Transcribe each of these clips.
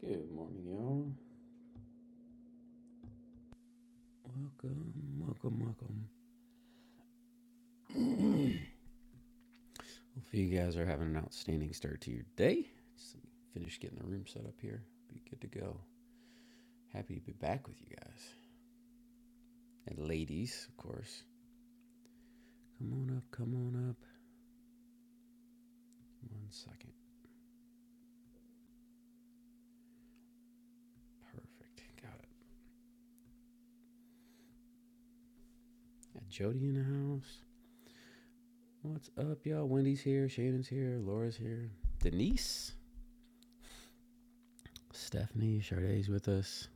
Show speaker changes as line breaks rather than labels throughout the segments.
Good morning, y'all. Welcome, welcome, welcome. Hopefully, you guys are having an outstanding start to your day. Just finish getting the room set up here. Be good to go. Happy to be back with you guys. And ladies, of course. Come on up, come on up. One second. Perfect. Got it. Got Jody in the house. What's up, y'all? Wendy's here, Shannon's here, Laura's here, Denise, Stephanie, Shardae's with us.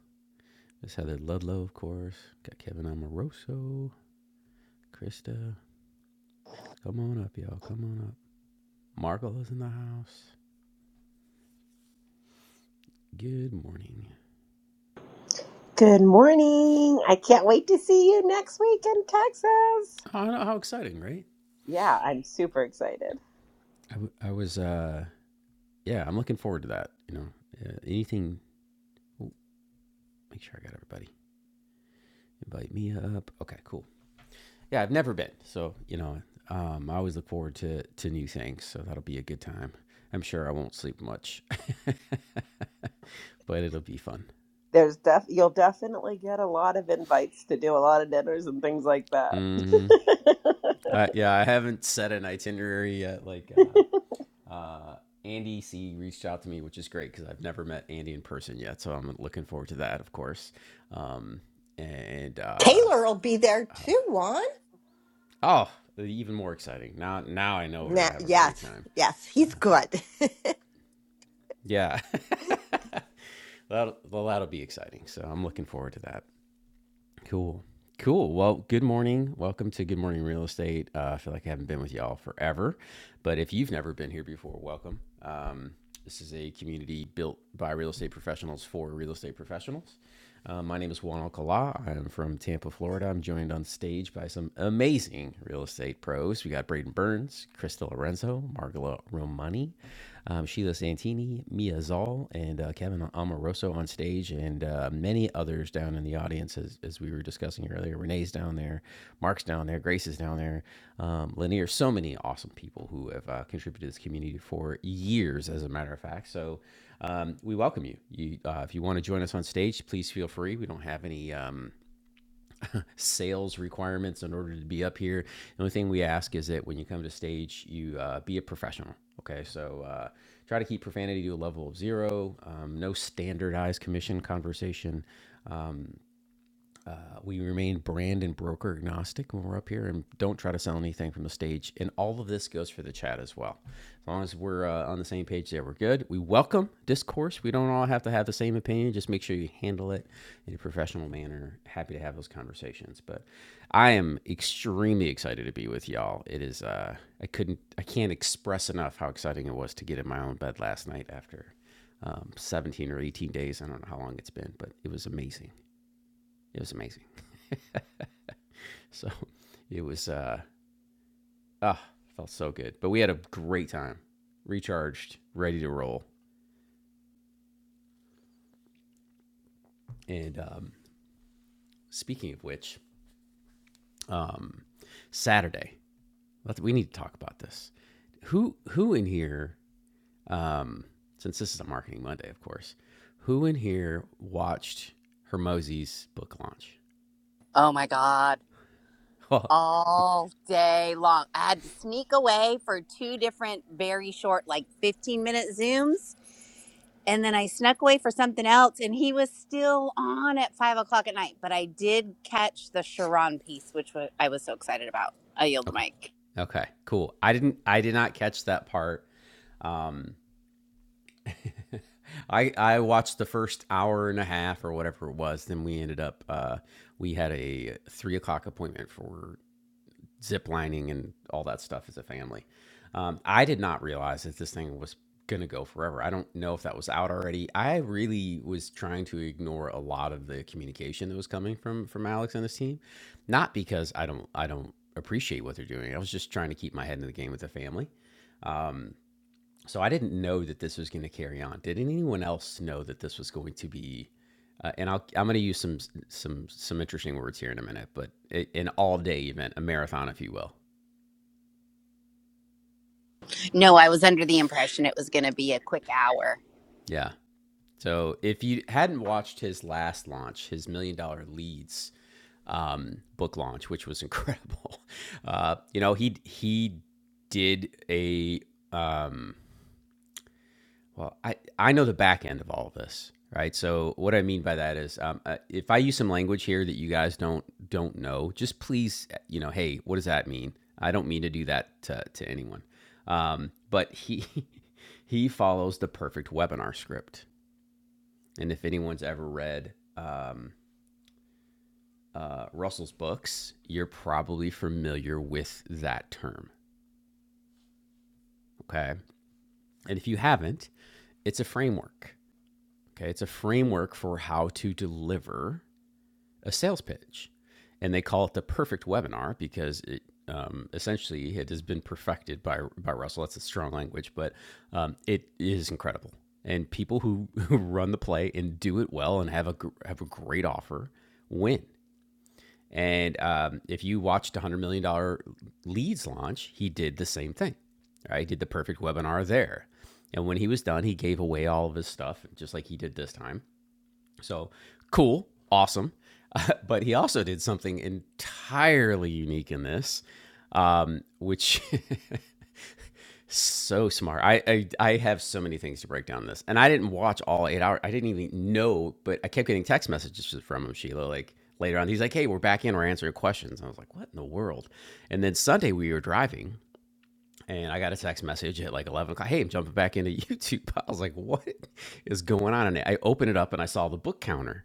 Miss Heather Ludlow, of course. Got Kevin Amoroso, Krista, Come on up, y'all. Come on up. Markle is in the house. Good morning.
Good morning. I can't wait to see you next week in Texas.
Oh, how exciting, right?
Yeah, I'm super excited.
I, w- I was, uh, yeah, I'm looking forward to that. You know, uh, anything, ooh, make sure I got everybody. Invite me up. Okay, cool. Yeah, I've never been. So, you know, um, I always look forward to, to new things. So that'll be a good time. I'm sure I won't sleep much, but it'll be fun.
There's def you'll definitely get a lot of invites to do a lot of dinners and things like that.
hmm Uh, yeah, I haven't set an itinerary yet. Like, uh, Uh, Andy C reached out to me, which is great because I've never met Andy in person yet, so I'm looking forward to that, of course. Um, and uh,
Taylor will be there too, Juan.
oh, even more exciting now! Now I know we're
Nah,
gonna have a great
yes,
time.
yes, he's good.
Yeah, that'll well, that'll be exciting. So I'm looking forward to that. Cool. Cool. Well, good morning. Welcome to Good Morning Real Estate. Uh, I feel like I haven't been with y'all forever, but if you've never been here before, welcome. Um, this is a community built by real estate professionals for real estate professionals. Uh, my name is Juan Alcala. I'm from Tampa, Florida. I'm joined on stage by some amazing real estate pros. We got Braden Burns, Krista Lorenzo, Margola Romani, um, Sheila Santini, Mia Zoll, and uh, Kevin Amoroso on stage, and uh, many others down in the audience, as, as we were discussing earlier. Renee's down there, Mark's down there, Grace is down there, um, Lanier, so many awesome people who have uh, contributed to this community for years, as a matter of fact. So um, we welcome you. you uh, if you want to join us on stage, please feel free. We don't have any. Um, sales requirements in order to be up here. The only thing we ask is that when you come to stage, you uh, be a professional. Okay, so uh, try to keep profanity to a level of zero. Um, no standardized commission conversation. We remain brand and broker agnostic when we're up here and don't try to sell anything from the stage. And all of this goes for the chat as well. As long as we're uh, on the same page there, we're good. We welcome discourse. We don't all have to have the same opinion. Just make sure you handle it in a professional manner. Happy to have those conversations. But I am extremely excited to be with y'all. It is, uh, I couldn't, I can't express enough how exciting it was to get in my own bed last night after um, 17 or 18 days. I don't know how long it's been, but it was amazing. It was amazing. So it was uh ah felt so good. But we had a great time, recharged, ready to roll. And um, speaking of which, um, Saturday, we need to talk about this. Who who in here? Um, since this is a marketing Monday, of course, who in here watched Hermosi's book launch?
Oh my God.
Oh,
All day long. I had to sneak away for two different, very short, like 15 minute Zooms. And then I snuck away for something else. And he was still on at five o'clock at night. But I did catch the Sharon piece, which wa- I was so excited about. I yield the
okay,
mic.
okay, cool. I didn't. I did not catch that part. Um, I I watched the first hour and a half or whatever it was. Then we ended up uh, we had a three o'clock appointment for zip lining and all that stuff as a family. Um, I did not realize that this thing was gonna go forever. I don't know if that was out already. I really was trying to ignore a lot of the communication that was coming from from Alex and his team, not because I don't I don't appreciate what they're doing. I was just trying to keep my head in the game with the family. Um, so I didn't know that this was going to carry on. Did anyone else know that this was going to be? Uh, and I'll, I'm going to use some some some interesting words here in a minute, but a- an all day event, a marathon, if you will.
No, I was under the impression it was going to be a quick hour.
Yeah. So if you hadn't watched his last launch, his million dollar leads um, book launch, which was incredible, uh, you know he he did a um, Well, I, I know the back end of all of this, right? So what I mean by that is, um, uh, if I use some language here that you guys don't don't know, just please, uh, you know, hey, what does that mean? I don't mean to do that to, to anyone, um, but he he follows the perfect webinar script, and if anyone's ever read um, uh, Russell's books, you're probably familiar with that term, okay? And if you haven't, it's a framework. Okay, it's a framework for how to deliver a sales pitch. And they call it the perfect webinar because it um, essentially it has been perfected by, by Russell. That's a strong language, but um, it is incredible. And people who, who run the play and do it well and have a, have a great offer win. And um, if you watched $100 million dollars leads launch, he did the same thing. Right? He did the perfect webinar there. And when he was done, he gave away all of his stuff, just like he did this time. So cool, awesome. But he also did something entirely unique in this, um, which so smart. I, I I have so many things to break down this, and I didn't watch all eight hours. I didn't even know, but I kept getting text messages from him, Sheila. Like later on, he's like, "Hey, we're back in. We're answering questions." And I was like, "What in the world?" And then Sunday we were driving, and I got a text message at like 11 o'clock. Hey, I'm jumping back into YouTube. I was like, what is going on? And I opened it up and I saw the book counter.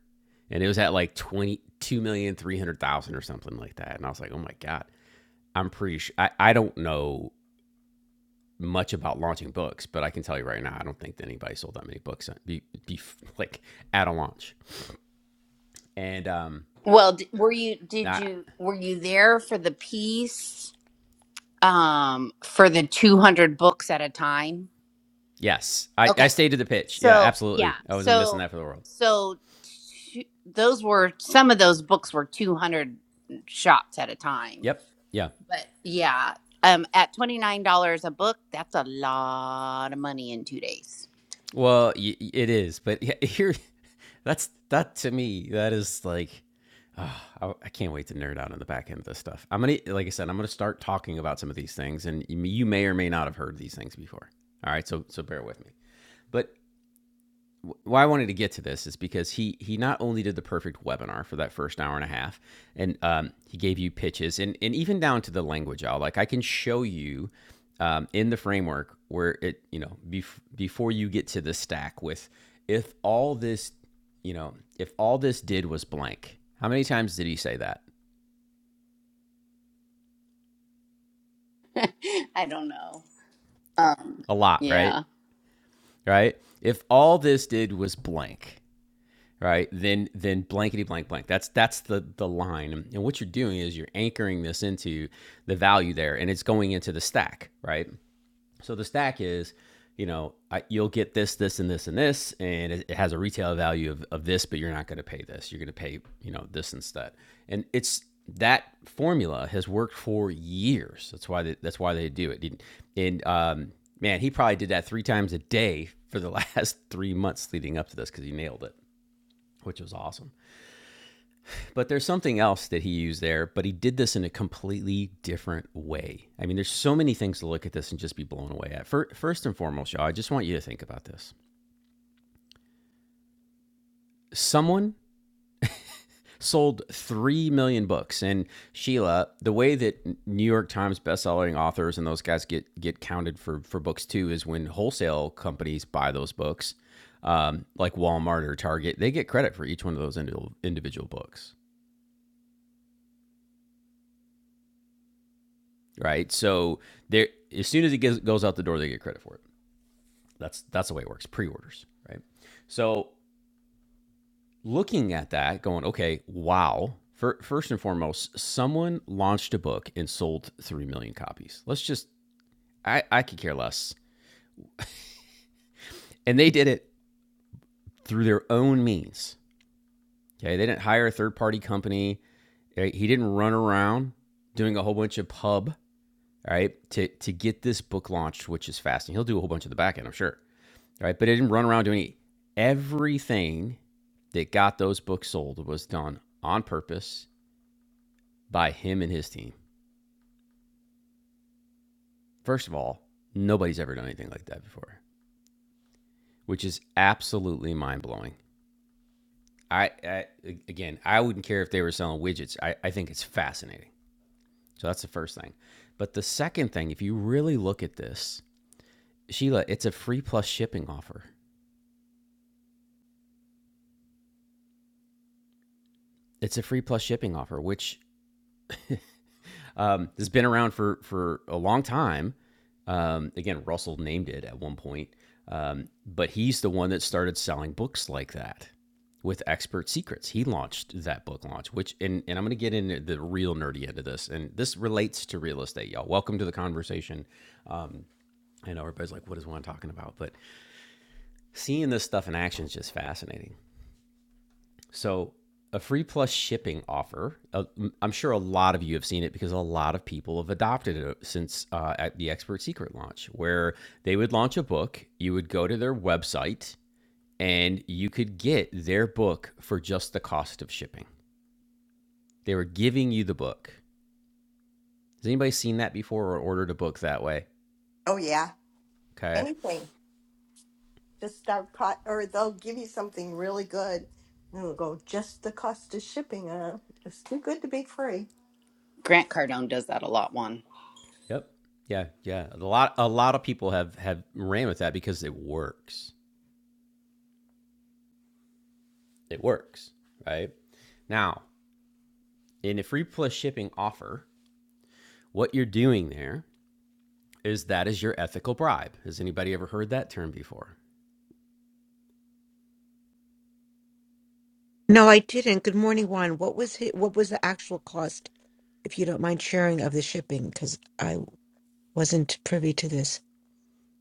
And it was at like 22,300,000 or something like that. And I was like, oh my God. I'm pretty sure. I, I don't know much about launching books, but I can tell you right now, I don't think that anybody sold that many books uh, be, be like at a launch. And um,
Well, d- were you, did
I,
you, were you there for the piece um, for the 200 books at a time?
yes, I, I
Okay.
stayed to the pitch. Yeah,
So yeah.
absolutely. I wasn't missing
So
that for the world.
so two, those were some of those books were two hundred shots at a time.
Yep. Yeah.
But yeah, um, at twenty nine dollars a book, that's a lot of money in two days.
Well, y- it is, but yeah, here, that's that to me. That is like, ah, I, I can't wait to nerd out on the back end of this stuff. I'm gonna, like I said, I'm gonna start talking about some of these things, and you may or may not have heard these things before. All right, so so bear with me. But why I wanted to get to this is because he he not only did the perfect webinar for that first hour and a half, and um, he gave you pitches and and even down to the language. I'll like I can show you um, in the framework where it you know bef- before you get to the stack with if all this you know if all this did was blank. How many times did he say that?
I don't know. Um,
A lot, right?
yeah,
Right? If all this did was blank. right then then blankety blank blank that's that's the the line and what you're doing is you're anchoring this into the value there and it's going into the stack right so the stack is you know I, you'll get this this and this and this and it, it has a retail value of, of this but you're not going to pay this you're going to pay you know this instead and it's that formula has worked for years that's why they, that's why they do it and um, man he probably did that three times a day for the last three months leading up to this because he nailed it which was awesome. But there's something else that he used there, but he did this in a completely different way. I mean, there's so many things to look at this and just be blown away at. First and foremost, y'all, I just want you to think about this. Someone sold 3 million books and Sheila, the way that New York Times best-selling authors and those guys get get counted for for books too is when wholesale companies buy those books. Um, like Walmart or Target, they get credit for each one of those individual books. right? So there, as soon as it gets, goes out the door, they get credit for it. That's that's the way it works. Pre-orders, right? So looking at that, going, okay, wow. Fir first and foremost, someone launched a book and sold three million copies. Let's just, I I could care less. And they did it through their own means. Okay, they didn't hire a third-party company. right? He didn't run around doing a whole bunch of pub, all right, to to get this book launched, which is fascinating. He'll do a whole bunch of the back end, I'm sure. right? But it didn't run around doing it. Everything that got those books sold was done on purpose by him and his team. First of all, nobody's ever done anything like that before, which is absolutely mind blowing. I, I again, I wouldn't care if they were selling widgets. I, I think it's fascinating. So that's the first thing. But the second thing, if you really look at this, Sheila, it's a free plus shipping offer. It's a free plus shipping offer, which Um, this has been around for for a long time. Um, again, Russell named it at one point, um, but he's the one that started selling books like that with expert secrets. He launched that book launch, which and and I'm going to get into the real nerdy end of this, and this relates to real estate, y'all. Welcome to the conversation. Um, I know everybody's like, "What is one talking about?" But seeing this stuff in action is just fascinating. So, a free plus shipping offer. Uh, m- I'm sure a lot of you have seen it because a lot of people have adopted it uh, since uh, at the Expert Secret launch, where they would launch a book, you would go to their website, and you could get their book for just the cost of shipping. They were giving you the book. Has anybody seen that before or ordered a book that way?
oh yeah,
Okay.
anything. Just start cut, or they'll give you something really good, and it'll go just the cost of shipping. Uh, it's too good to be free.
Grant Cardone does that a lot. One.
Yep. Yeah. Yeah. A lot. A lot of people have have ran with that because it works. It works. Right now, in a free plus shipping offer, what you're doing there is that is your ethical bribe. Has anybody ever heard that term before?
No, I didn't. Good morning, Juan. What was it, what was the actual cost, if you don't mind sharing, of the shipping? Because I wasn't privy to this.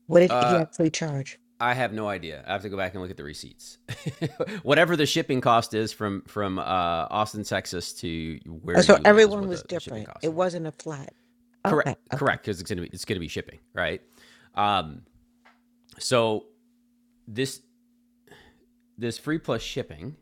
What did he
Uh,
actually charge?
I have no idea. I have to go back and look at the receipts. Whatever the shipping cost is from from uh, Austin, Texas to
Oh,
where
so
you live is
everyone
what
was
the, the shipping
different.
cost
It
is.
wasn't a flat.
Correct,
Okay, okay.
correct, because it's gonna be it's gonna be shipping, right? Um, so this there's free plus shipping,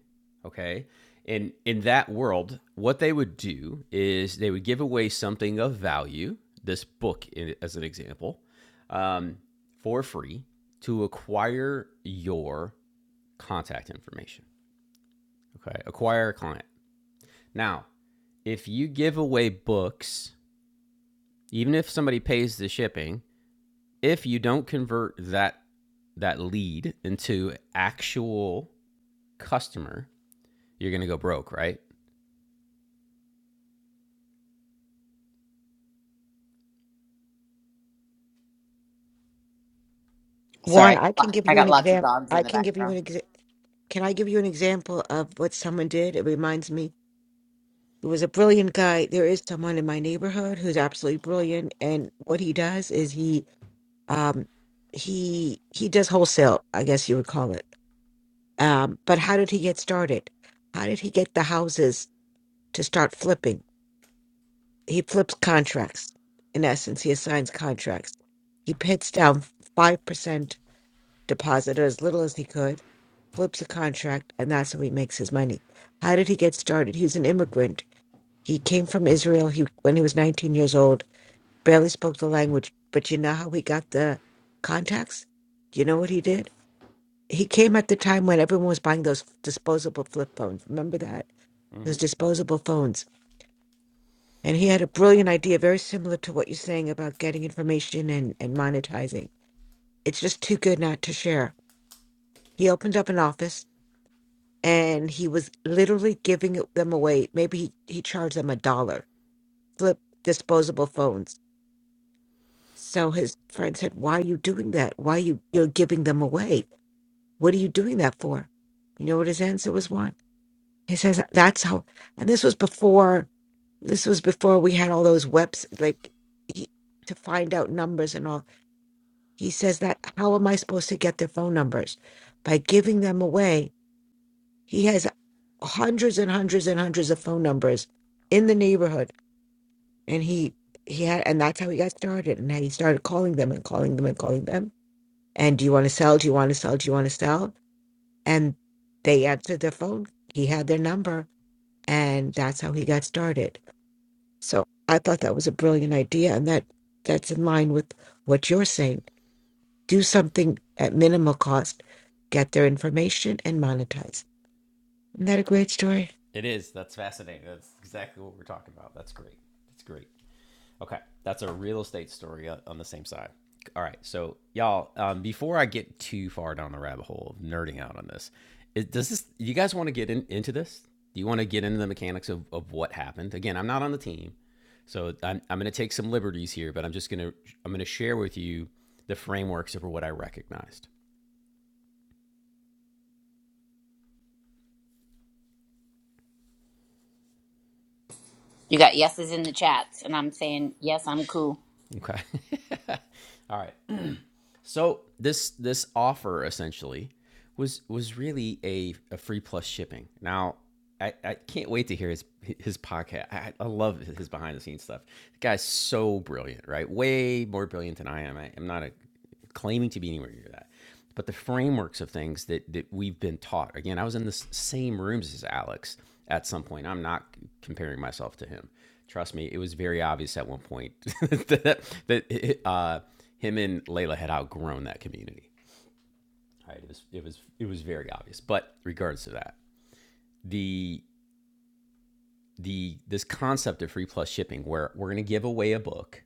okay? In in that world, what they would do is they would give away something of value, this book in, as an example, um, for free to acquire your contact information. Okay, acquire a client. Now, if you give away books, even if somebody pays the shipping, if you don't convert that that lead into actual customer, you're gonna go broke, right?
Juan,
Sorry,
I can give
I
you an
got lots of
exam.
dogs
I
in the
can give you
background.
an exa- Can I give you an example of what someone did? It reminds me. It was a brilliant guy. There is someone in my neighborhood who's absolutely brilliant, and what he does is he um he he does wholesale, I guess you would call it Um, but how did he get started? How did he get the houses to start flipping? He flips contracts. In essence, he assigns contracts. He pits down 5% deposit or as little as he could, flips a contract, and that's how he makes his money. How did he get started? He's an immigrant. He came from Israel he, when he was 19 years old, barely spoke the language. But you know how he got the contacts? Do you know what he did? He came at the time when everyone was buying those disposable flip phones. Remember that?
Mm-hmm.
those disposable phones. And he had a brilliant idea, very similar to what you're saying about getting information and, and monetizing. It's just too good not to share. He opened up an office and he was literally giving it- them away. Maybe he, he charged them a dollar, flip disposable phones. So his friend said, Why are you doing that? Why are you, you're giving them away? What are you doing that for? You know what his answer was, Juan? He says, That's how, and this was before This was before we had all those webs like he, to find out numbers and all. He says that how am I supposed to get their phone numbers? By giving them away. He has hundreds and hundreds and hundreds of phone numbers in the neighborhood, and he he had and that's how he got started. And he started calling them and calling them and calling them. And do you want to sell? Do you want to sell? Do you want to sell? And they answered their phone. He had their number, and that's how he got started. So I thought that was a brilliant idea, and that that's in line with what you're saying. Do something at minimal cost, get their information, and monetize. Isn't that a great story,
It is. That's fascinating. That's exactly what we're talking about. That's great. That's great. Okay, that's a real estate story uh, on the same side. All right, so y'all, um, before I get too far down the rabbit hole of nerding out on this, is, does this? You guys want to get in, into this? Do you want to get into the mechanics of, of what happened? Again, I'm not on the team, so I'm, I'm going to take some liberties here, but I'm just going to I'm going to share with you the frameworks over what I recognized.
You got yeses in the chats, and I'm saying yes, I'm cool.
Okay. All right. So this this offer essentially was was really a, a free plus shipping. Now I, I can't wait to hear his his podcast. I, I love his behind the scenes stuff. The guy's so brilliant, right? Way more brilliant than I am. I, I'm not a claiming to be anywhere near that. But the frameworks of things that that we've been taught. Again, I was in the same rooms as Alex at some point. I'm not comparing myself to him. Trust me, it was very obvious at one point that that uh, him and Layla had outgrown that community. All right, it was it was it was very obvious. But regardless of that, the the this concept of free plus shipping, where we're going to give away a book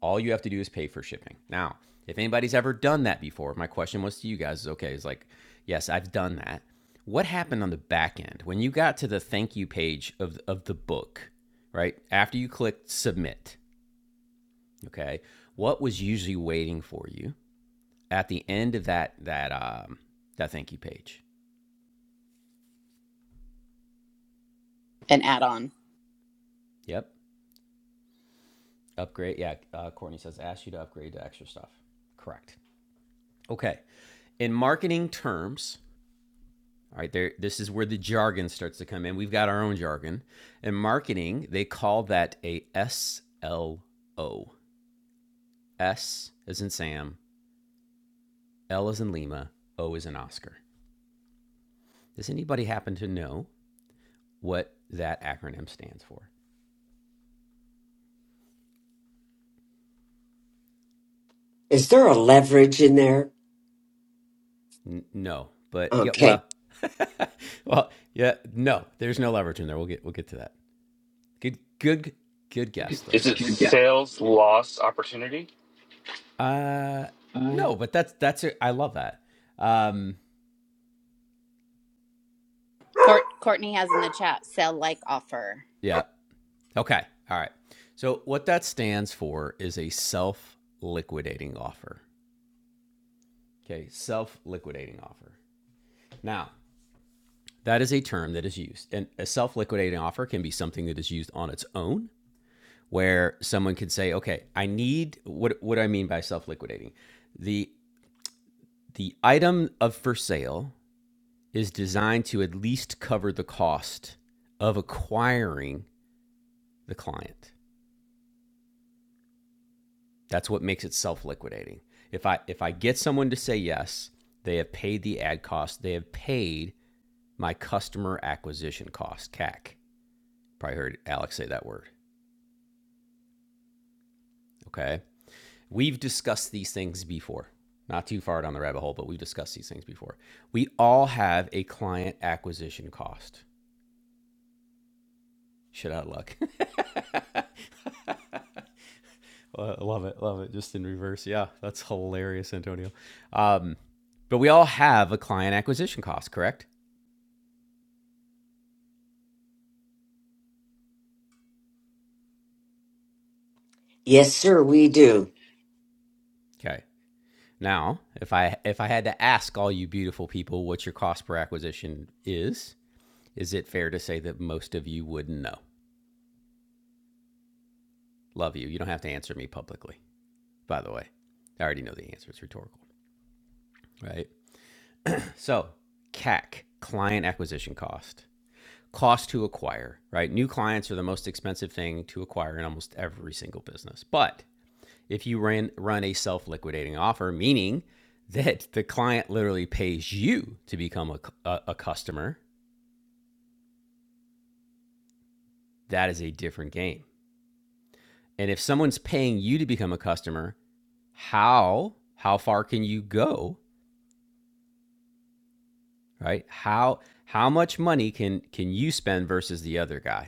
All you have to do is pay for shipping. Now, if anybody's ever done that before, my question was to you guys is okay, is like, yes, I've done that. What happened on the back end when you got to the thank you page of, of the book, right? After you clicked submit, okay, what was usually waiting for you at the end of that that um, that thank you page?
An add on.
Yep, upgrade. Yeah, uh, Courtney says ask you to upgrade to extra stuff. Correct. Okay, in marketing terms, All right, there this is where the jargon starts to come in. We've got our own jargon. In marketing, they call that a S L O. S as in Sam, L as in Lima, O is in Oscar. Does anybody happen to know what that acronym stands for?
Is there a leverage in there?
N- no, but yeah,
Okay.
well, well, yeah, no. There's no leverage in there. We'll get we'll get to that. Good, good, good guess though,
Is it
Cindy.
Can't sales loss opportunity?
Uh, no, but that's that's a, I love that. Um,
Court- Courtney has in the chat sell like offer.
yeah, Okay. All right. So what that stands for is a self-liquidating offer. Okay, self-liquidating offer. Now, that is a term that is used. And a self-liquidating offer can be something that is used on its own where someone can say, "Okay, I need what what do I mean by self-liquidating? The the item of for sale is designed to at least cover the cost of acquiring the client. That's what makes it self-liquidating. If I if I get someone to say yes, they have paid the ad cost. They have paid my customer acquisition cost, CAC. Probably heard Alex say that word. Okay. We've discussed these things before. Not too far down the rabbit hole, but we've discussed these things before. We all have a client acquisition cost. Shit out of luck. love it. Love it. Just in reverse. Yeah. That's hilarious, Antonio. Um, but we all have a client acquisition cost, correct?
Yes, sir, we do.
Okay. Now, if I if I had to ask all you beautiful people what your cost per acquisition is, is it fair to say that most of you wouldn't know? Love you. You don't have to answer me publicly. By the way, I already know the answer. It's rhetorical, right? So, CAC, client acquisition cost, cost to acquire, right? New clients are the most expensive thing to acquire in almost every single business. But if you ran, run a self liquidating offer, meaning that the client literally pays you to become a a a customer, that is a different game. And if someone's paying you to become a customer, how how far can you go, right? How how much money can can you spend versus the other guy?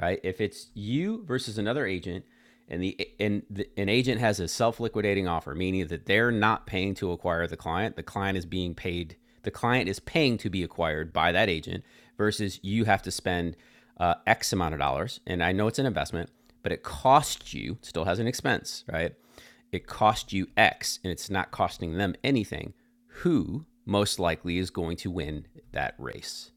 right? If it's you versus another agent, and the and the, an agent has a self-liquidating offer, meaning that they're not paying to acquire the client, the client is being paid, the client is paying to be acquired by that agent, versus you have to spend uh, X amount of dollars, and I know it's an investment, but it costs you, it still has an expense, right? It costs you X, and it's not costing them anything. Who most likely is going to win that race?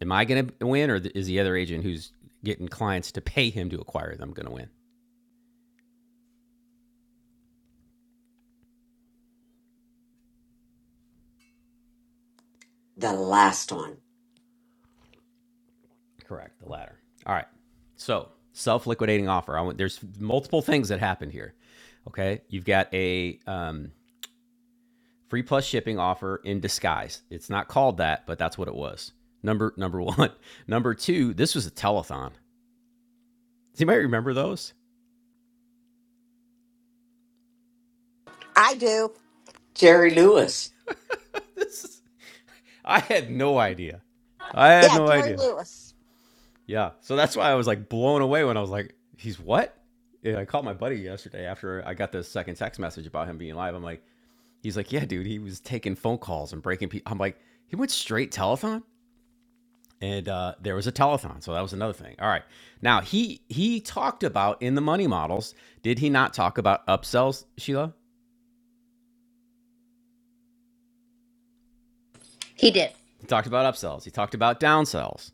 Am I going to win, or is the other agent who's getting clients to pay him to acquire them going to win?
The last one.
Correct, the latter. All right. So self-liquidating offer. I want, there's multiple things that happen here. Okay, you've got a um, free plus shipping offer in disguise. It's not called that, but that's what it was. Number number one. Number two. This was a telethon. Does anybody remember those?
I do.
Jerry Lewis.
I had no idea. I had
Yeah,
no
Jerry
idea.
Lewis,
Yeah. So that's why I was like blown away when I was like, he's what? And I called my buddy yesterday after I got the second text message about him being live. I'm like, he's like, yeah, dude, he was taking phone calls and breaking people. I'm like, he went straight telethon? And uh, there was a telethon, so that was another thing. All right, now he he talked about in the money models. Did he not talk about upsells, Sheila?
He did.
He talked about upsells. He talked about downsells.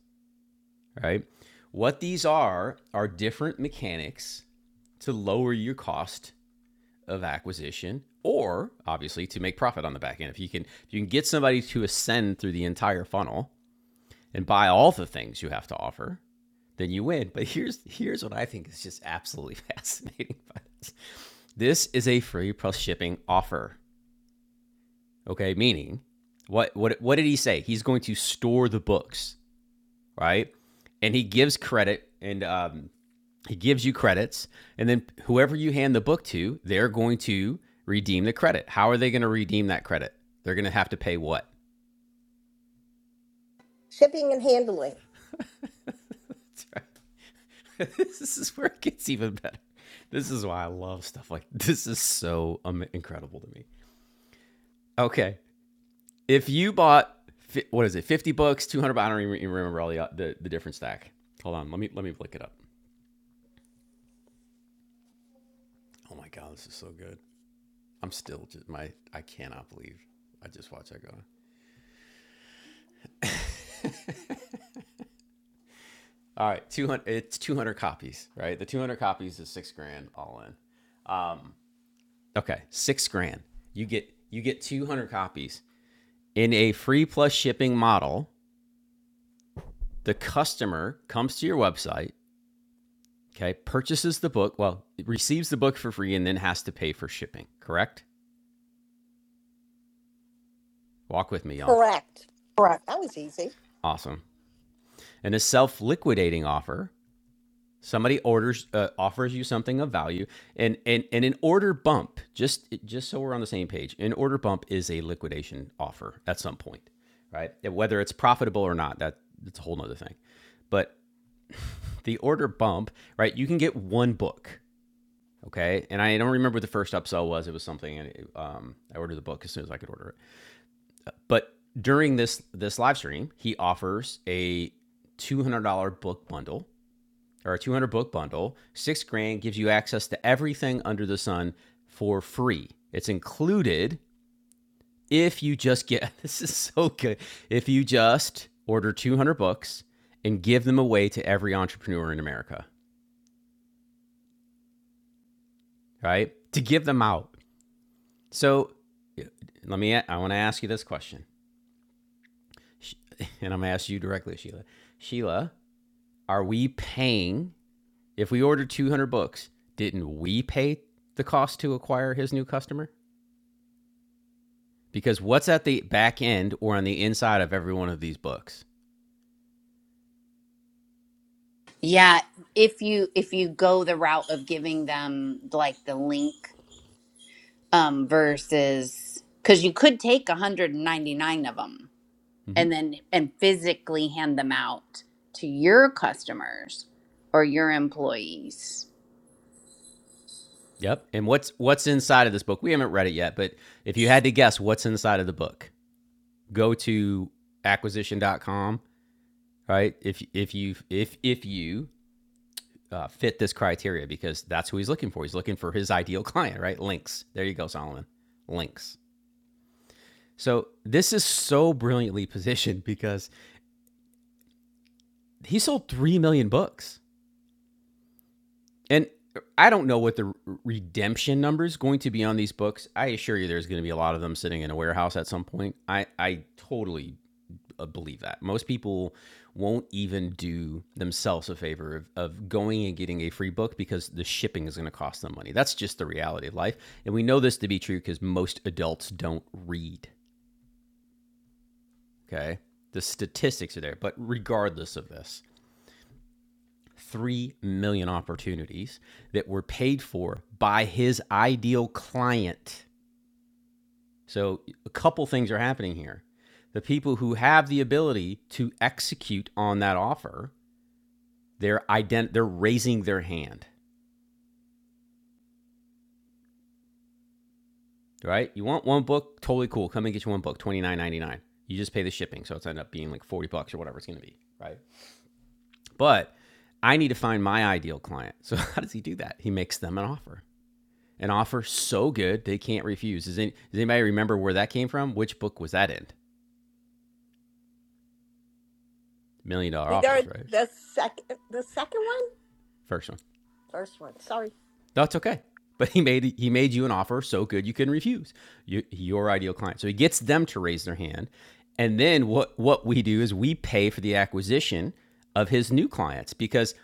Right. What these are are different mechanics to lower your cost of acquisition or obviously to make profit on the back end. If you can if you can get somebody to ascend through the entire funnel and buy all the things you have to offer, then you win. But here's here's what I think is just absolutely fascinating about this. This is a free plus shipping offer. Okay, meaning what what what did he say? He's going to store the books, right? And he gives credit and um, he gives you credits, and then whoever you hand the book to, they're going to redeem the credit. How are they going to redeem that credit? They're going to have to pay what?
shipping and handling.
this is where it gets even better. This is why I love stuff like this is so um, incredible to me. Okay, if you bought what is it, fifty books, two hundred? I don't even remember all the, uh, the the different stack. Hold on, let me let me look it up. Oh my god, this is so good. I'm still just my I cannot believe I just watched that go. on. All right, two hundred. It's two hundred copies, right? The two hundred copies is six grand all in. Um, okay, six grand. You get you get two hundred copies in a free plus shipping model. The customer comes to your website, okay, purchases the book. Well, receives the book for free and then has to pay for shipping. Correct? Walk with me, y'all.
Correct.
Correct.
That was easy.
Awesome. And a self liquidating offer Somebody orders uh, offers you something of value, and and and an order bump. Just just so we're on the same page, an order bump is a liquidation offer at some point, right? Whether it's profitable or not, that that's a whole nother thing. But the order bump, right? You can get one book, okay? And I don't remember what the first upsell was. It was something, and it, um, I ordered the book as soon as I could order it. But during this this live stream, he offers a two hundred dollar book bundle or a 200 book bundle, six grand gives you access to everything under the sun for free. It's included if you just get this is so good. If you just order 200 books and give them away to every entrepreneur in America, right? To give them out. So let me, I want to ask you this question. And I'm going to ask you directly, Sheila. Sheila, are we paying, if we ordered 200 books, didn't we pay the cost to acquire his new customer? because what's at the back end or on the inside of every one of these books?
Yeah, if you if you go the route of giving them like the link um versus cuz you could take 199 of them
Mhm.
and then and physically hand them out to your customers or your employees.
Yep. And what's what's inside of this book? We haven't read it yet, but if you had to guess what's inside of the book, go to acquisition dot com. right? If if you if if you uh, fit this criteria because that's who he's looking for. He's looking for his ideal client, right? Links. There you go, Solomon. Links. So this is so brilliantly positioned because he sold 3 million books. And I don't know what the redemption number is going to be on these books. I assure you, there's going to be a lot of them sitting in a warehouse at some point. I I totally uh, believe that most people won't even do themselves a favor of, of going and getting a free book because the shipping is going to cost them money. That's just the reality of life, and we know this to be true because most adults don't read. Okay, the statistics are there. But regardless of this, 3 million opportunities that were paid for by his ideal client. So, a couple things are happening here. The people who have the ability to execute on that offer, they're ident- they're raising their hand, right? You want one book, totally cool. Come and get you one book, twenty nine ninety nine. You just pay the shipping, so it's end up being like 40 bucks or whatever it's going to be, right? But I need to find my ideal client. So how does he do that? He makes them an offer. an offer so good they can't refuse. Does, any, does anybody remember where that came from? Which book was that in? Million Dollar
Either
Offers, right?
the second, the second one,
First one.
first one. Sorry.
That's okay. But he made he made you an offer so good you couldn't refuse. You, your ideal client. So he gets them to raise their hand, and then what what we do is we pay for the acquisition of his new clients because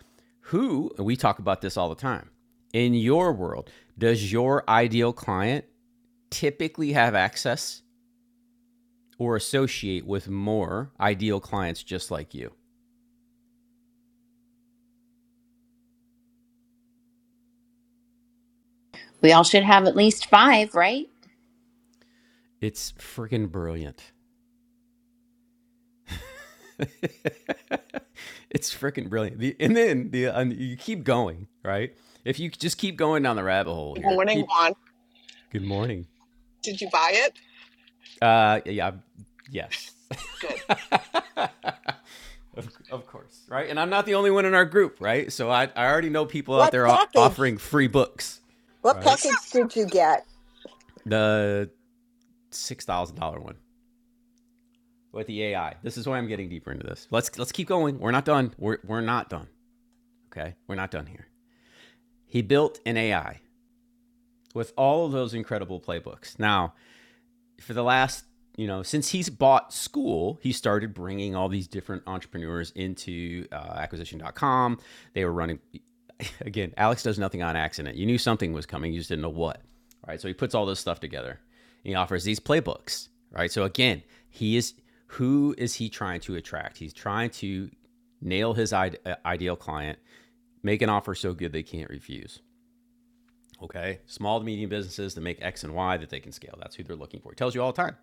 who and we talk about this all the time in your world does your ideal client typically have access or associate with more ideal clients just like you.
We all should have at least 5, right?
It's freaking brilliant. it's freaking brilliant. The, and then the and you keep going, right? If you just keep going down the rabbit hole
Good
here.
morning,
He,
Juan.
good morning.
Did you buy it?
Uh, yeah, yes,
Good.
of, of course, right? And I'm not the only one in our group, right? So I, I already know people out
What
there
package?
offering free books,
What
right?
Listen,
package did you get?
The six thousand dollar one. with the AI. This is why I'm getting deeper into this. Let's let's keep going. We're not done. We're we're not done. Okay? We're not done here. He built an AI with all of those incredible playbooks. Now, for the last you know since he's bought school he started bringing all these different entrepreneurs into uh, acquisition dot com. they were running again alex does nothing on accident you knew something was coming you just didn't know what all right so he puts all this stuff together and he offers these playbooks right so again he is who is he trying to attract he's trying to nail his ideal client make an offer so good they can't refuse okay small to medium businesses that make x and y that they can scale that's who they're looking for he tells you all the time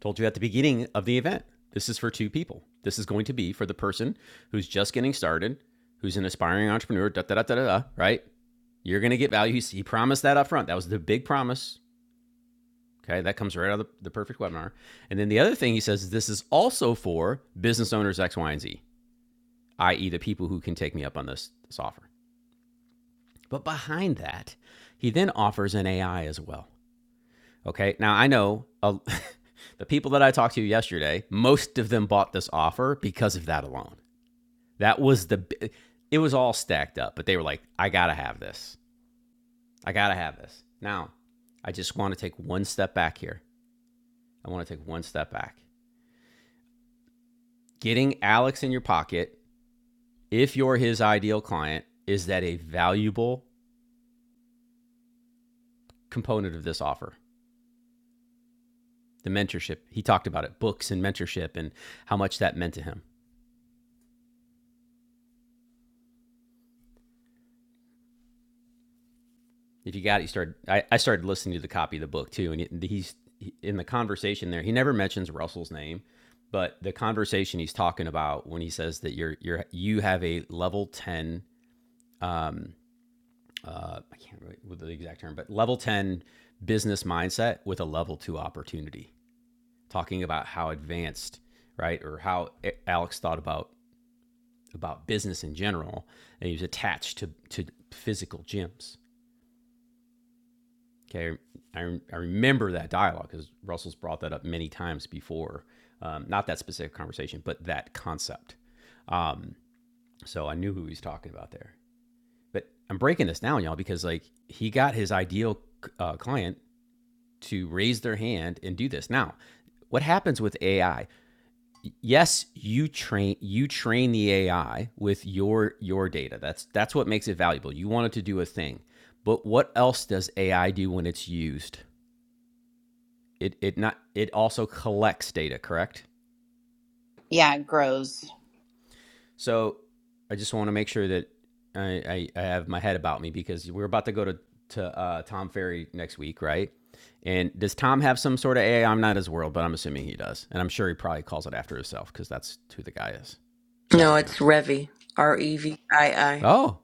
Told you at the beginning of the event, this is for two people. This is going to be for the person who's just getting started, who's an aspiring entrepreneur, da da da da da, right? You're going to get value. He promised that up front. That was the big promise. Okay, that comes right out of the, the perfect webinar. And then the other thing he says is this is also for business owners X, Y, and Z, i.e., the people who can take me up on this, this offer. But behind that, he then offers an AI as well. Okay. Now I know uh, the people that I talked to yesterday, most of them bought this offer because of that alone. That was the, it was all stacked up, but they were like, I got to have this. I got to have this. Now, I just want to take one step back here. I want to take one step back. Getting Alex in your pocket, if you're his ideal client, is that a valuable component of this offer? The mentorship. He talked about it, books and mentorship and how much that meant to him. if you got it, you started. I, I started listening to the copy of the book too, and he's in the conversation there. He never mentions Russell's name, but the conversation he's talking about when he says that you're you're you have a level ten. Um, uh, I can't remember the exact term, but level ten business mindset with a level two opportunity. Talking about how advanced, right, or how Alex thought about about business in general, and he was attached to to physical gyms Okay, I, I remember that dialogue because Russell's brought that up many times before. Um, not that specific conversation, but that concept. Um, so I knew who he was talking about there. But I'm breaking this down, y'all, because like he got his ideal uh, client to raise their hand and do this. Now, what happens with AI? Yes, you train you train the AI with your your data. That's that's what makes it valuable. You want it to do a thing, but what else does AI do when it's used? it it not it also collects data, correct?
Yeah, it grows.
So I just want to make sure that I, I, I have my head about me because we're about to go to to uh, Tom Ferry next week, right? And does Tom have some sort of AI? I'm not his world, but I'm assuming he does, and I'm sure he probably calls it after himself because that's who the guy is. Shout
No,
out to him.
it's Revi. R E V I I.
Oh,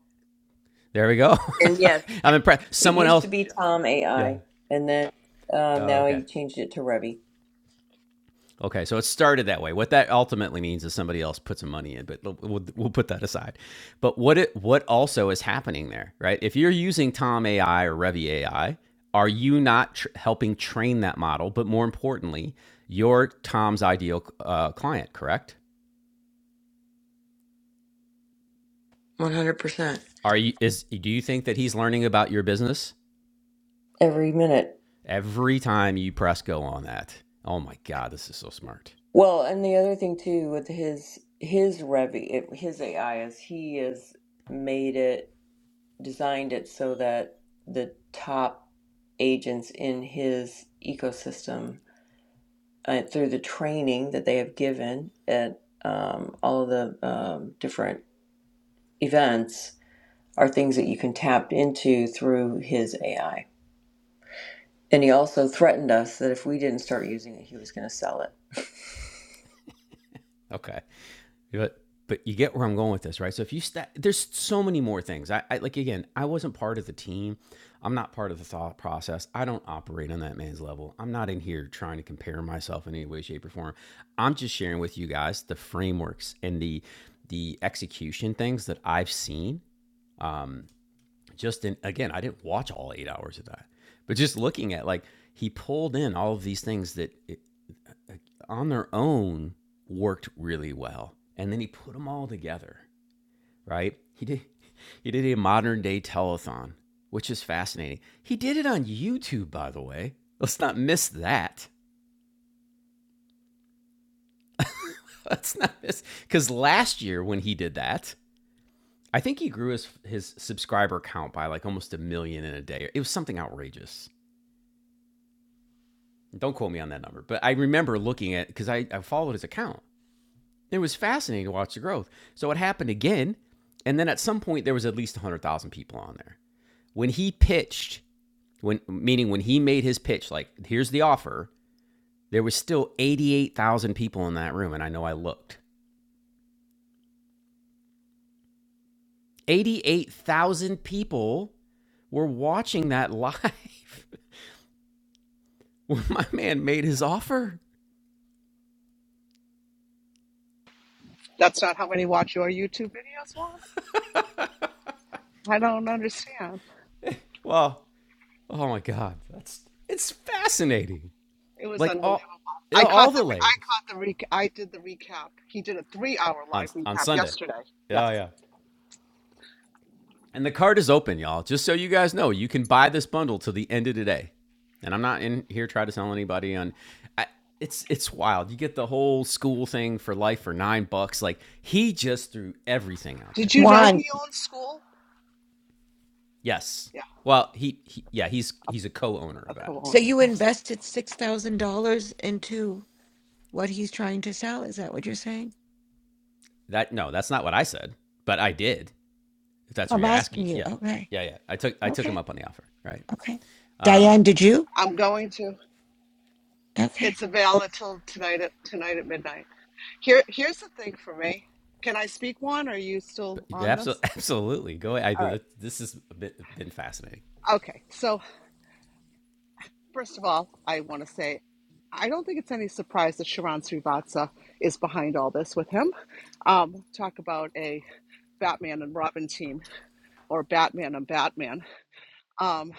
there we go.
And yes,
I'm impressed.
it
Someone
used to
else.
be Tom
Yeah.
AI, and then um,
Oh,
now
okay.
he changed it to Revi.
Okay, so it started that way. What that ultimately means is somebody else put some money in, but we'll, we'll put that aside. But what it what also is happening there, right? If you're using Tom AI or Revy AI, are you not tr- helping train that model? But more importantly, you're Tom's ideal uh, client, correct?
One hundred percent.
Are you is do you think that he's learning about your business
Every minute.
every time you press go on that? Oh my God, this is so smart.
Well, and the other thing too with his his Revi, it, his AI is he has made it, designed it so that the top agents in his ecosystem uh, through the training that they have given at um, all of the um, different events are things that you can tap into through his AI. And he also threatened us that if we didn't start using it, he was going to sell it.
Okay. But but you get where I'm going with this, right? So if you sta there's so many more things. I, I like again, I wasn't part of the team. I'm not part of the thought process. I don't operate on that man's level. I'm not in here trying to compare myself in any way, shape, or form. I'm just sharing with you guys the frameworks and the the execution things that I've seen. Um, just in again, I didn't watch all eight hours of that, but just looking at like he pulled in all of these things that it, on their own worked really well, and then he put them all together right? He did he did a modern day telethon, which is fascinating. He did it on YouTube, by the way. Let's not miss that. Let's not miss because last year when he did that, I think he grew his his subscriber count by like almost a million in a day. It was something outrageous. Don't quote me on that number, but I remember looking at because I, I followed his account. It was fascinating to watch the growth. So it happened again, and then at some point there was at least one hundred thousand people on there when he pitched when meaning when he made his pitch, like here's the offer, there was still 88,000 people in that room, and I know I looked. 88,000 people were watching that live when my man made his offer.
that's not how many watch your YouTube videos, Juan. I don't understand.
Well, oh my God, that's it's fascinating.
It was
Like
unbelievable.
all
I
all
caught the
the
I
layers
caught the rec- I did the recap. He did a three hour
on
live
on
recap
Sunday.
yesterday. Yeah.
Yeah, yeah. And the card is open, y'all. Just so you guys know, you can buy this bundle till the end of today. And I'm not in here trying to sell anybody on. I, it's it's wild. You get the whole school thing for life for nine bucks. Like he just threw everything out
Did
there.
you know
Juan?
he owns school?
Yes.
Yeah,
Well, he, he yeah he's he's a co-owner
I'll
of that.
come
So
over.
you
Yes,
invested six thousand dollars into what he's trying to sell. Is that what you're saying?
That no, that's not what I said, but I did. If that's what
I'm
you're
asking
asking,
you.
yeah,
Okay,
yeah, yeah. I took I took him
okay,
up on the offer, right?
okay. Diane, did you?
I'm going to.
Okay,
It's available till tonight at tonight at midnight. Here, here's the thing for me. Can I speak, Juan? Are you
But
still on
absolutely,
this?
absolutely. Go ahead.
All right.
I, this has been been fascinating.
Okay. So. First of all, I want to say I don't think it's any surprise that Sharon Srivatsa is behind all this with him. Um, talk about a Batman and Robin team or Batman and Batman. Um,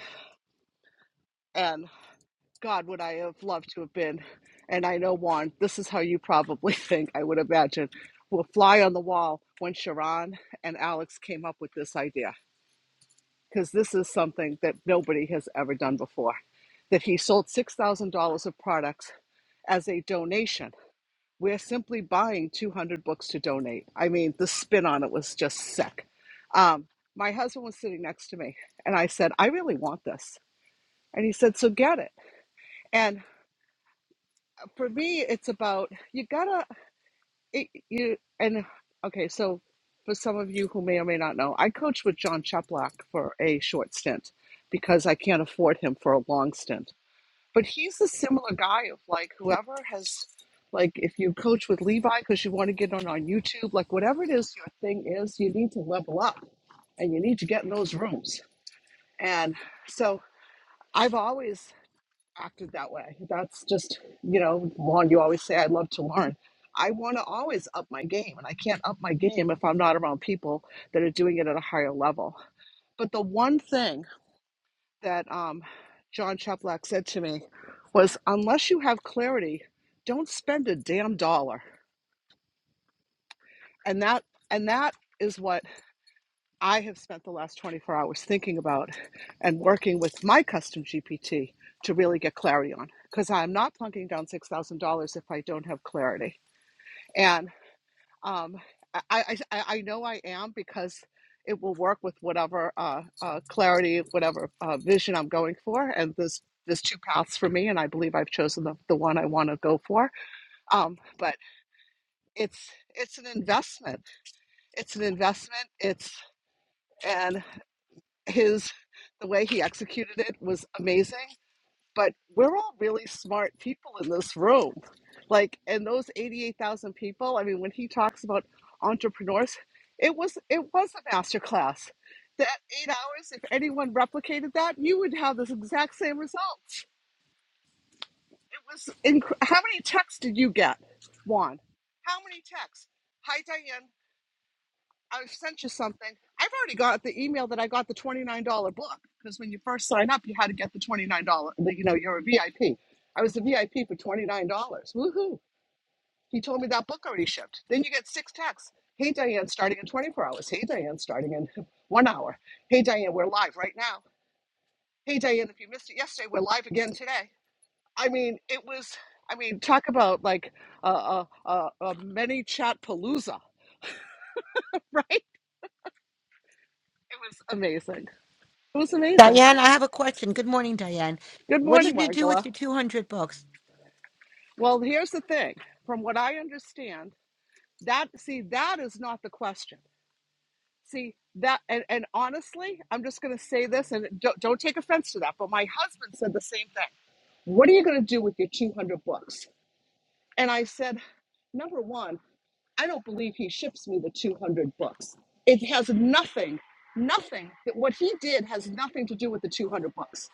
and God, would I have loved to have been. And I know, Juan, this is how you probably think, I would imagine, will fly on the wall when Sharon and Alex came up with this idea. Because this is something that nobody has ever done before. That he sold $6,000 of products as a donation we're simply buying 200 books to donate. I mean, the spin on it was just sick. Um, my husband was sitting next to me, and I said, I really want this. And he said, So get it. And for me, it's about you gotta, it, you, and okay, so for some of you who may or may not know, I coached with John Cheplack for a short stint because I can't afford him for a long stint. but he's a similar guy of like whoever has like if you coach with levi because you want to get on on youtube like whatever it is your thing is you need to level up and you need to get in those rooms and so i've always acted that way that's just you know juan you always say i love to learn i want to always up my game and i can't up my game if i'm not around people that are doing it at a higher level but the one thing that um, John Chaplack said to me was, unless you have clarity, don't spend a damn dollar. And that and that is what I have spent the last 24 hours thinking about and working with my custom GPT to really get clarity on. Because I'm not plunking down $6,000 if I don't have clarity. And Um, I, I, I I know I am because it will work with whatever uh, uh, clarity, whatever uh, vision I'm going for. And there's, there's two paths for me, and I believe I've chosen the, the one I want to go for. Um, but it's it's an investment. It's an investment. It's and his the way he executed it was amazing but we're all really smart people in this room. Like, and those 88,000 people, I mean, when he talks about entrepreneurs, it was it was a masterclass. That eight hours, if anyone replicated that, you would have this exact same results. It was inc- how many texts did you get, Juan? How many texts? Hi, Diane. I've sent you something. I've already got the email that I got the $29 book because when you first sign up, you had to get the $29. You know, you're a VIP. I P. I was a VIP for $29. Woohoo. He told me that book already shipped. Then you get six texts. Hey, Diane, starting in 24 hours. Hey, Diane, starting in one hour. Hey, Diane, we're live right now. Hey, Diane, if you missed it yesterday, we're live again today. I mean, it was, I mean, talk about like a, a, a, a many chat palooza, right? It was amazing. It was amazing.
Diane, I have a question. Good morning, Diane.
Good
What are you
morning,
going to do with
Margola.
your two hundred books?
Well, here's the thing. From what I understand, that see, that is not the question. See that, and, and honestly, I'm just going to say this, and don't, don't take offense to that. But my husband said the same thing. What are you going to do with your 200 books? And I said, number one, I don't believe he ships me the 200 books. It has nothing, nothing that what he did has nothing to do with the 200 books.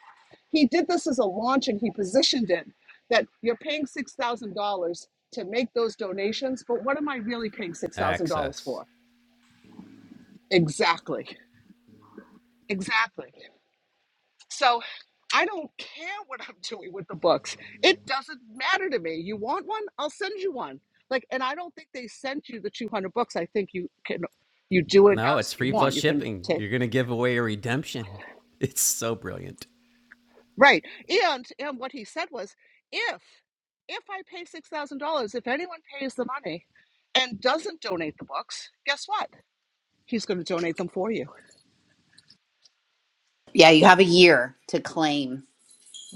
He did this as a launch and he positioned it that you're paying $6,000 to make those donations, but what am I really paying $6,000
Access.
for? Exactly. Exactly. So I don't care what I'm doing with the books. It doesn't matter to me. You want one? I'll send you one. Like, and I don't think they sent you the 200 books. I think you can, you do it
No, it's
as you
free plus
want. You can
shipping.
take.
You're gonna give away a redemption. It's so brilliant.
Right. And and what he said was, if if I pay six thousand dollars, if anyone pays the money and doesn't donate the books, guess what? He's going to donate them for you.
Yeah, you have a year to claim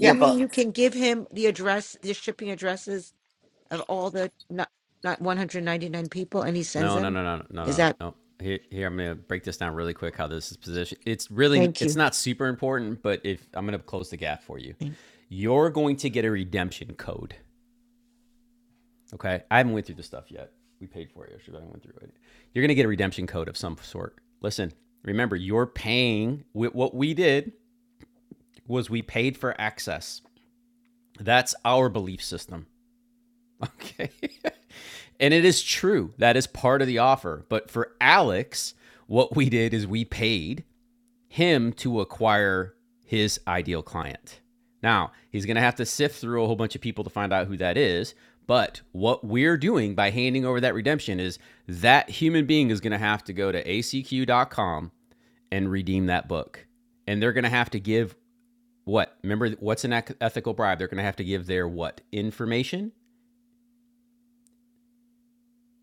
You mean
book.
you can give him the address, the shipping addresses of all the not, not 199 people and he sends
No, no,
them?
no, no, no, no,
Is
no.
that
Nope. Here, here, I'm gonna break this down really quick. How this is positioned. It's really,
thank
it's
you.
not super important, but if I'm gonna close the gap for you,
Thank-
you're going to get a redemption code. Okay, I haven't went through the stuff yet. We paid for it yesterday. but I went through it. You're gonna get a redemption code of some sort. Listen, remember, you're paying. What we did was we paid for access. That's our belief system. Okay. And it is true. That is part of the offer. But for Alex, what we did is we paid him to acquire his ideal client. Now, he's going to have to sift through a whole bunch of people to find out who that is. But what we're doing by handing over that redemption is that human being is going to have to go to acq dot com and redeem that book. And they're going to have to give what? Remember, what's an ethical bribe? They're going to have to give their what? Information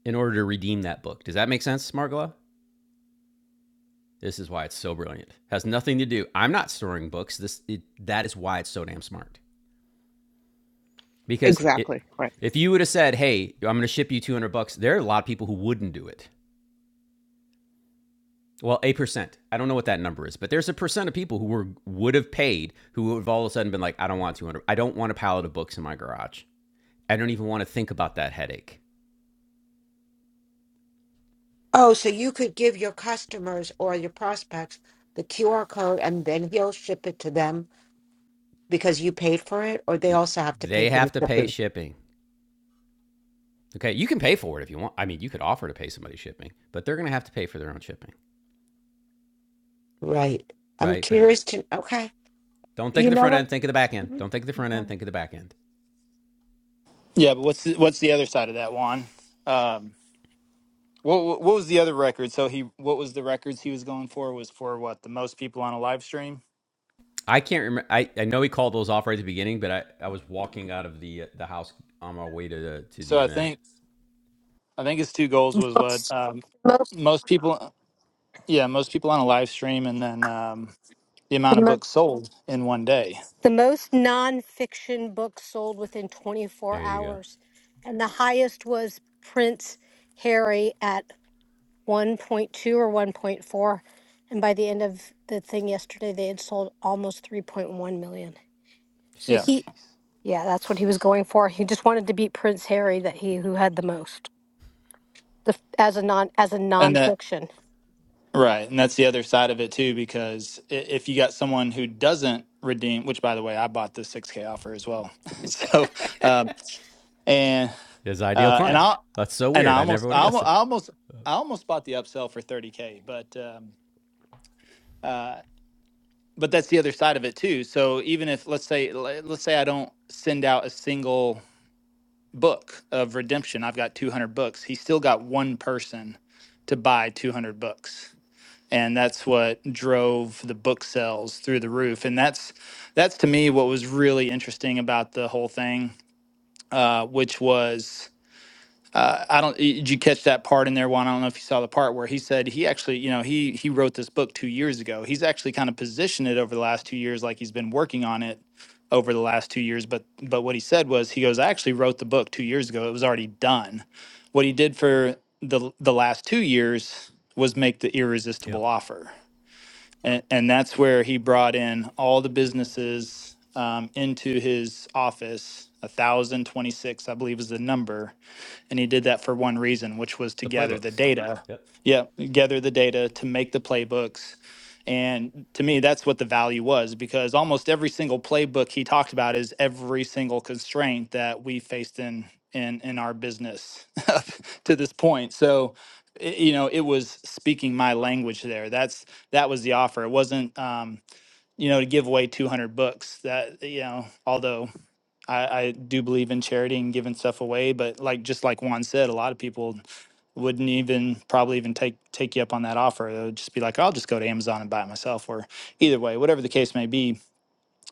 in order to redeem that book. Does that make sense, Margola? This is why it's so brilliant. Has nothing to do. I'm not storing books. This it, that is why it's so damn smart. Because it,
exactly. Right.
if you would have said, "Hey, I'm going to ship you 200 bucks," there are a lot of people who wouldn't do it. Well, a percent. I don't know what that number is, but there's a percent of people who were would have paid who would have all of a sudden been like, "I don't want 200. I don't want a pallet of books in my garage. I don't even want to think about that headache."
Oh, so you could give your customers or your prospects the QR code and then he'll ship it to them because you paid for it, or they also have to pay
They
for the
have to pay
shipping.
shipping. Okay, you can pay for it if you want. I mean, you could offer to pay somebody shipping, but they're going to have to pay for their own shipping,
Right. I'm
right? But
curious to, okay.
Don't think
You
of the
know
front
what?
end, think of the back end.
Mhm.
Don't think of the front end,
Okay.
think of the back end.
Yeah, but what's the, what's the other side of that, Juan? Um, what what what was the other record? So he what was the records he was going for? Was for what the most people on a live stream?
I can't remember. I, I know he called those off right at the beginning, but I, I was walking out of the uh, the house on my way to the, to the
So I
event.
think I think his two goals was what
books
um,
the most
most people. Yeah, most people on a live stream, and then um, the
the
amount of
most
books sold in one day.
the most nonfiction books sold within 24
There you go.
hours and the highest was prince harry at 1.2 or 1.4 and by the end of the thing yesterday they had sold almost 3.1 million so
Yeah,
Jeez.
he yeah that's what he was going for he just wanted to beat prince harry that he who had the most the, as a non as a
and that
nonfiction
right, and that's the other side of it too, because i- if you got someone who doesn't redeem, which by the way, I bought the six K offer as well, so um, and
His ideal
Uh, and
client.
I
That's so
and
weird.
I
I never
almost
would
I
have guessed
almost
it.
I almost, I almost bought the upsell for 30k, but um, uh, but that's the other side of it too. So even if let's say le- let's say I don't send out a single book of redemption, I've got 200 books. He still got one person to buy 200 books. And that's what drove the book sales through the roof. And that's that's to me what was really interesting about the whole thing, uh, which was uh, I don't. Did you catch that part in there, Juan? I don't know if you saw the part where he said he actually, you know, he he wrote this book two years ago. He's actually kind of positioned it over the last two years, like he's been working on it over the last two years. But but what he said was, he goes, I actually wrote the book two years ago. It was already done. What he did for the the last two years was make the
Yep.
irresistible offer, and and that's where he brought in all the businesses um, into his office. A thousand twenty six, I believe, is the number and he did that for one reason, which was to
The
gather the
playbooks.
data.
Yep.
Yeah, gather the data to make the playbooks. And to me, that's what the value was because almost every single playbook he talked about is every single constraint that we faced in in in our business up to this point. So i- you know, it was speaking my language there. That's that was the offer. It wasn't um, you know, to give away 200 books that you know, although I, I do believe in charity and giving stuff away, but like just like Juan said, a lot of people wouldn't even probably even take take you up on that offer. They would just be like, "Oh, I'll just go to Amazon and buy it myself, or either way, whatever the case may be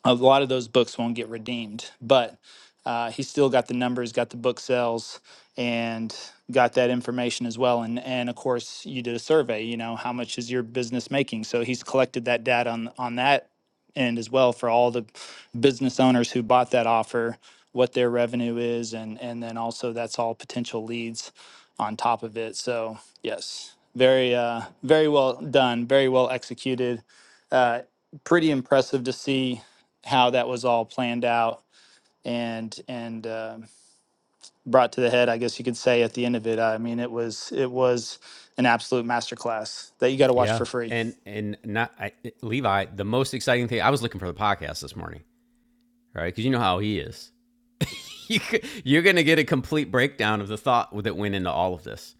a lot of those books won't get redeemed, but uh, he still got the numbers, got the book sales, and got that information as well. And and of course, you did a survey. You know, how much is your business making? So he's collected that data on on that end as well for all the business owners who bought that offer, what their revenue is, and and then also that's all potential leads on top of it. So yes, very uh, very well done, very well executed. Uh, pretty impressive to see how that was all planned out and and uh, brought to the head. I guess you could say at the end of it. I mean, it was it was an absolute masterclass that you got to watch
Yeah.
for free.
And and not I, Levi. The most exciting thing I was looking for the podcast this morning, right? Because you know how he is. you, you're going to get a complete breakdown of the thought that went into all of this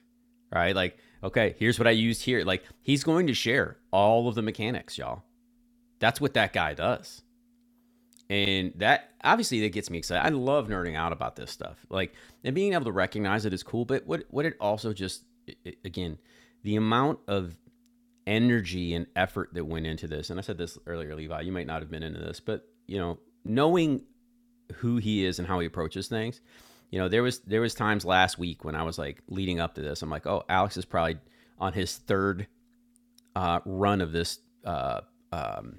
right? Like, okay, here's what I used here. Like, he's going to share all of the mechanics, y'all. That's what that guy does. And that obviously that gets me excited. I love nerding out about this stuff. Like, and being able to recognize it is cool, but what what it also just i- again, the amount of energy and effort that went into this. And I said this earlier, Levi, you might not have been into this, but you know, knowing who he is and how he approaches things. You know, there was there was times last week when I was like leading up to this, I'm like, oh, Alex is probably on his third uh, run of this uh, um,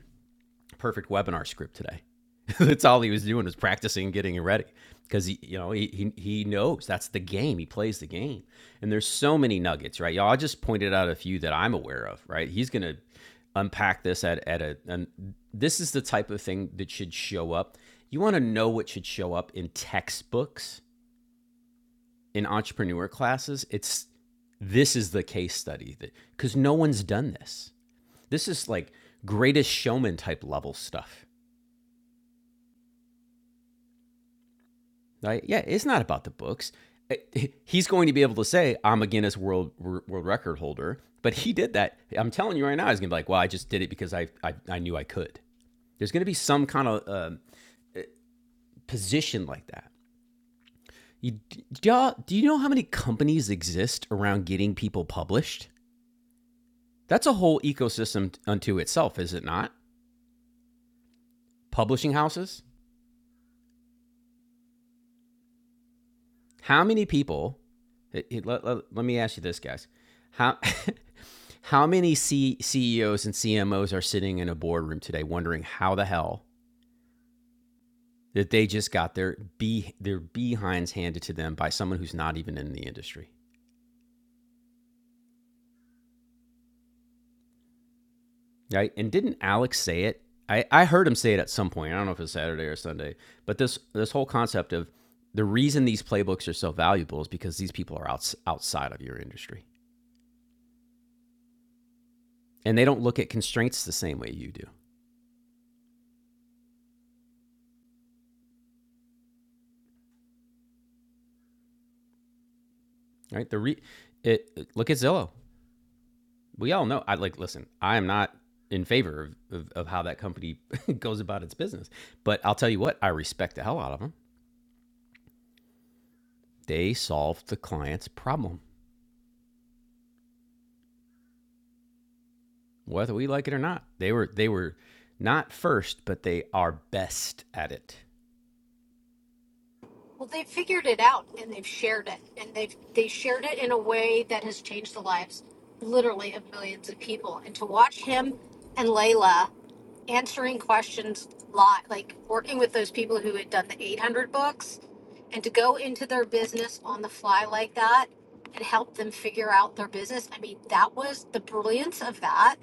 perfect webinar script today. that's all he was doing was practicing getting ready because he you know he, he he knows that's the game he plays the game and there's so many nuggets right y'all i just pointed out a few that i'm aware of right he's gonna unpack this at, at a and this is the type of thing that should show up you want to know what should show up in textbooks in entrepreneur classes it's this is the case study that because no one's done this this is like greatest showman type level stuff Right? yeah, it's not about the books. He's going to be able to say, "I'm a Guinness World World Record holder," but he did that. I'm telling you right now, he's gonna be like, "Well, I just did it because I I, I knew I could." There's gonna be some kind of um position like that. You, do, y'all, do you know how many companies exist around getting people published? That's a whole ecosystem unto itself, is it not? Publishing houses, How many people? eh, eh, let, let- let me ask you this, guys. How how many C, CEOs and CMOs are sitting in a boardroom today, wondering how the hell that they just got their be their behinds handed to them by someone who's not even in the industry, right? And didn't Alex say it? I, I heard him say it at some point. I don't know if it's Saturday or Sunday, but this this whole concept of the reason these playbooks are so valuable is because these people are out outside of your industry and they don't look at constraints the same way you do. right? The re- it, it- look at Zillow. We all know. I like listen. I am not in favor of, of, of how that company goes about its business, but I'll tell you what. I respect the hell out of them. They solved the client's problem, whether we like it or not. They were they were not first, but they are best at it.
Well, they figured it out and they've shared it, and they've they shared it in a way that has changed the lives, literally, of millions of people. And to watch him and Layla answering questions live, like working with those people who had done the 800 books, and to go into their business on the fly like that and help them figure out their business. I mean, that was the brilliance of that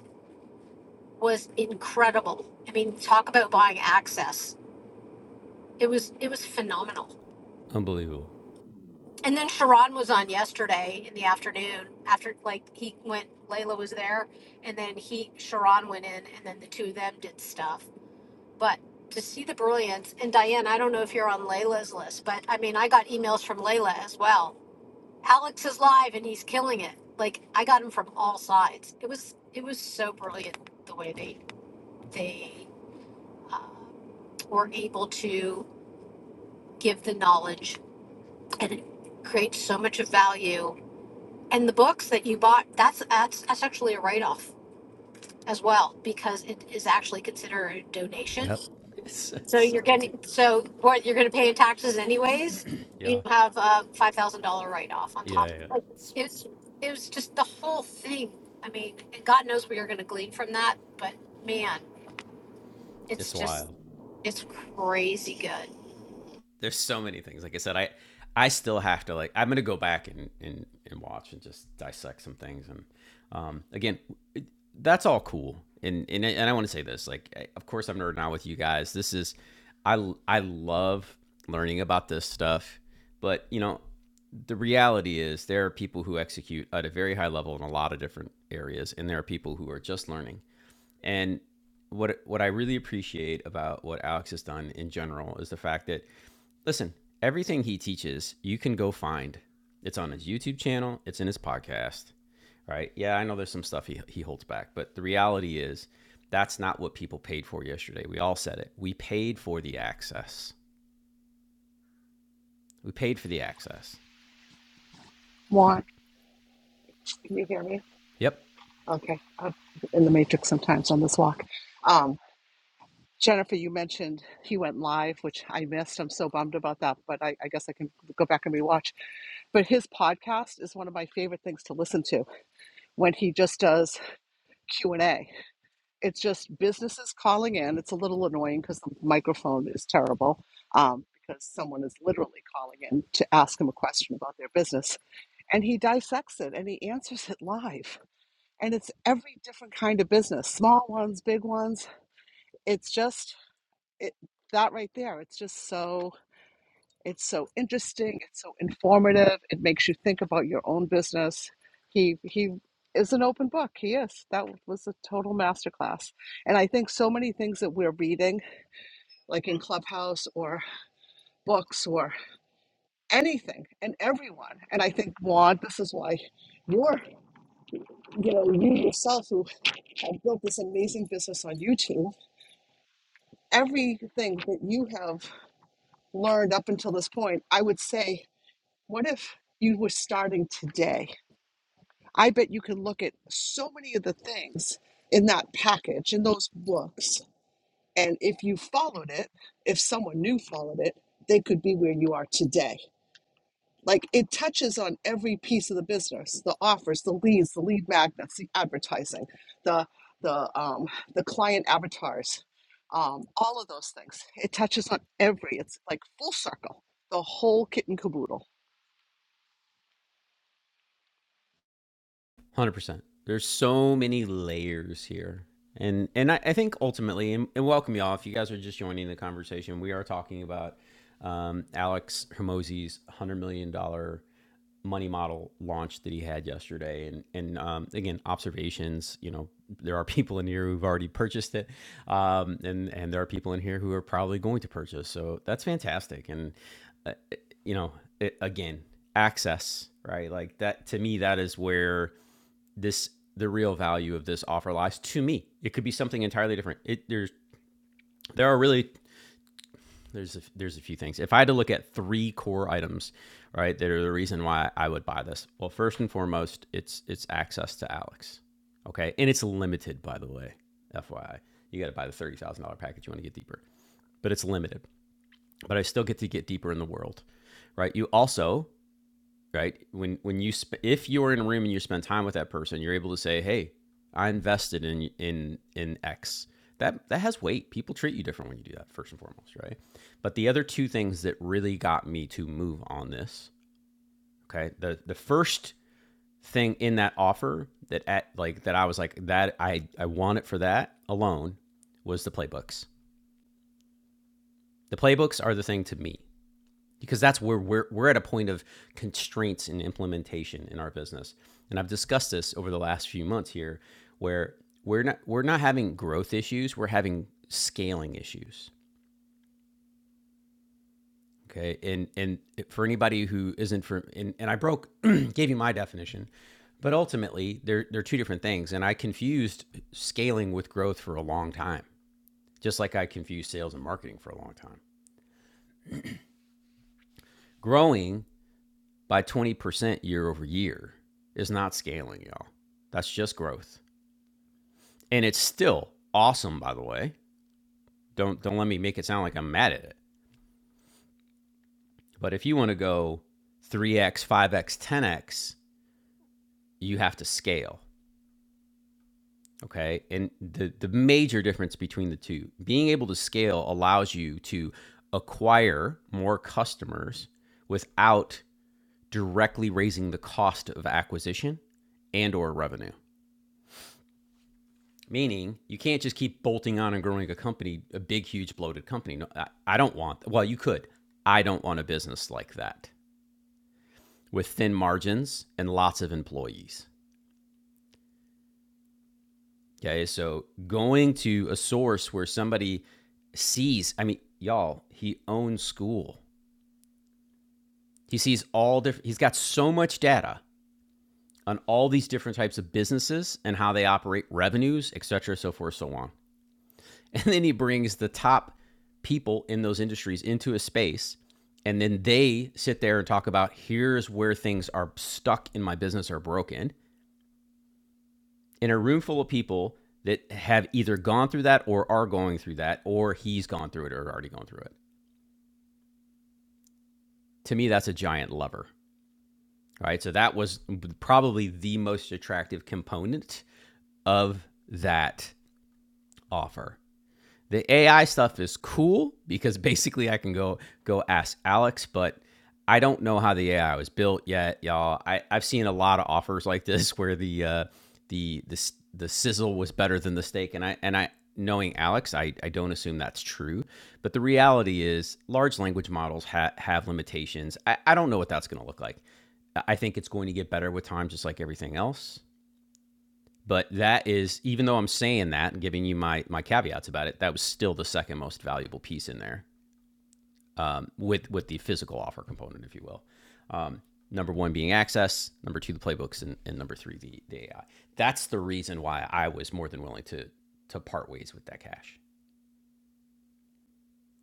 was incredible. I mean, talk about buying access. It was it was phenomenal.
Unbelievable.
And then Sharon was on yesterday in the afternoon after like he went Layla was there and then he Sharon went in and then the two of them did stuff. But to see the brilliance and Diane, I don't know if you're on Layla's list, but I mean I got emails from Layla as well. Alex is live and he's killing it. Like I got him from all sides. It was it was so brilliant the way they they uh, were able to give the knowledge and it creates so much of value And the books that you bought, that's that's that's actually a write off as well because it is actually considered a donation.
Yep. It's, it's so brilliant.
So what you're going to pay in taxes anyways, you
Yeah.
have a five thousand dollar write off on top. of
Yeah. yeah. It's,
It was it was just the whole thing. I mean, and God knows what you're going to glean from that, but man, it's
it's
just
wild.
it's crazy good.
there's so many things. Like I said, I I still have to like I'm gonna go back and and, and watch and just dissect some things. And um, again, that's all cool. And and I- and I want to say this. Like, of course, I'm nerding out with you guys. This is I I love learning about this stuff. But you know, the reality is there are people who execute at a very high level in a lot of different areas, and there are people who are just learning. And what what I really appreciate about what Alex has done in general is the fact that Listen, everything he teaches, you can go find. It's on his YouTube channel, it's in his podcast, right? Yeah, I know there's some stuff he, he holds back, but the reality is that's not what people paid for yesterday. We all said it. We paid for the access. We paid for the access.
Juan, can you hear me?
Yep,
Okay, I'm in the matrix sometimes on this walk. Um, Jennifer, you mentioned he went live, which I missed. I'm so bummed about that, but I, I guess I can go back and rewatch but his podcast is one of my favorite things to listen to when he just does q&a it's just businesses calling in. It's a little annoying because the microphone is terrible um, because someone is literally calling in to ask him a question about their business. And he dissects it and he answers it live. And it's every different kind of business small ones, big ones. It's just it, that right there. It's just so. It's so interesting. It's so informative. It makes you think about your own business. He he is an open book. He is. That was a total masterclass. And I think so many things that we're reading, like in Clubhouse or books or anything, and everyone. And I think Juan, this is why you're, you know, you yourself who have built this amazing business on YouTube. Everything that you have learned up until this point, I would say, what if you were starting today? I bet you can look at so many of the things in that package, in those books. And if you followed it, if someone new followed it, they could be where you are today. Like it touches on every piece of the business, the offers, the leads, the lead magnets, the advertising, the the um, the client avatars, um, all of those things. It touches on every. It's like full circle, the whole kit and caboodle.
100%. There's so many layers here. And and I, I think ultimately, and, and welcome y'all, if you guys are just joining the conversation, we are talking about um, Alex Hermosi's $100 million dollars money model launch that he had yesterday and and um, again observations you know there are people in here who've already purchased it um, and and there are people in here who are probably going to purchase so that's fantastic and uh, you know it, again access right like that to me that is where this the real value of this offer lies to me it could be something entirely different it there's there are really there's a, there's a few things. If I had to look at three core items, right, that are the reason why I would buy this. Well, first and foremost, it's it's access to Alex, okay, and it's limited, by the way. FYI, you got to buy the thirty thousand dollar package. You want to get deeper, but it's limited. But I still get to get deeper in the world, right? You also right? When when you sp- if you're in a room and you spend time with that person, you're able to say, "Hey, I invested in in in X." That that has weight. People treat you different when you do that first and foremost, right? But the other two things that really got me to move on this, okay? The the first thing in that offer that at like that I was like that I I want it for that alone was the playbooks. The playbooks are the thing to me. because that's where we're, we're at a point of constraints in implementation in our business and i've discussed this over the last few months here where we're not we're not having growth issues we're having scaling issues okay and and for anybody who isn't for and, and i broke gave you my definition but ultimately they're they're two different things and i confused scaling with growth for a long time just like i confused sales and marketing for a long time growing by 20% year over year is not scaling, y'all. That's just growth. And it's still awesome, by the way. Don't don't let me make it sound like I'm mad at it. But if you want to go 3x, 5x, 10x, you have to scale. Okay. And the, the major difference between the two, being able to scale allows you to acquire more customers without directly raising the cost of acquisition and or revenue. Meaning, you can't just keep bolting on and growing a company, a big, huge, bloated company. No, I, I don't want. Well, you could. I don't want a business like that with thin margins and lots of employees. Okay, so going to a source where somebody sees. I mean, y'all, he owns school. He sees all different. He's got so much data on all these different types of businesses and how they operate, revenues, et cetera, so forth, so on. And then he brings the top people in those industries into a space. And then they sit there and talk about here's where things are stuck in my business or broken in a room full of people that have either gone through that or are going through that, or he's gone through it or already gone through it. To me, that's a giant lever, right? So that was probably the most attractive component of that offer. The AI stuff is cool because basically I can go go ask Alex, but I don't know how the AI was built yet, y'all. I, I've seen a lot of offers like this where the uh, the the the sizzle was better than the steak, and I and I knowing Alex, I, I don't assume that's true. But the reality is, large language models ha- have limitations. I, I don't know what that's going to look like. I think it's going to get better with time, just like everything else. But that is, even though I'm saying that and giving you my my caveats about it, that was still the second most valuable piece in there, um, with with the physical offer component, if you will. Um, number one being access, number two the playbooks, and, and number three the, the AI. That's the reason why I was more than willing to to part ways with that cash.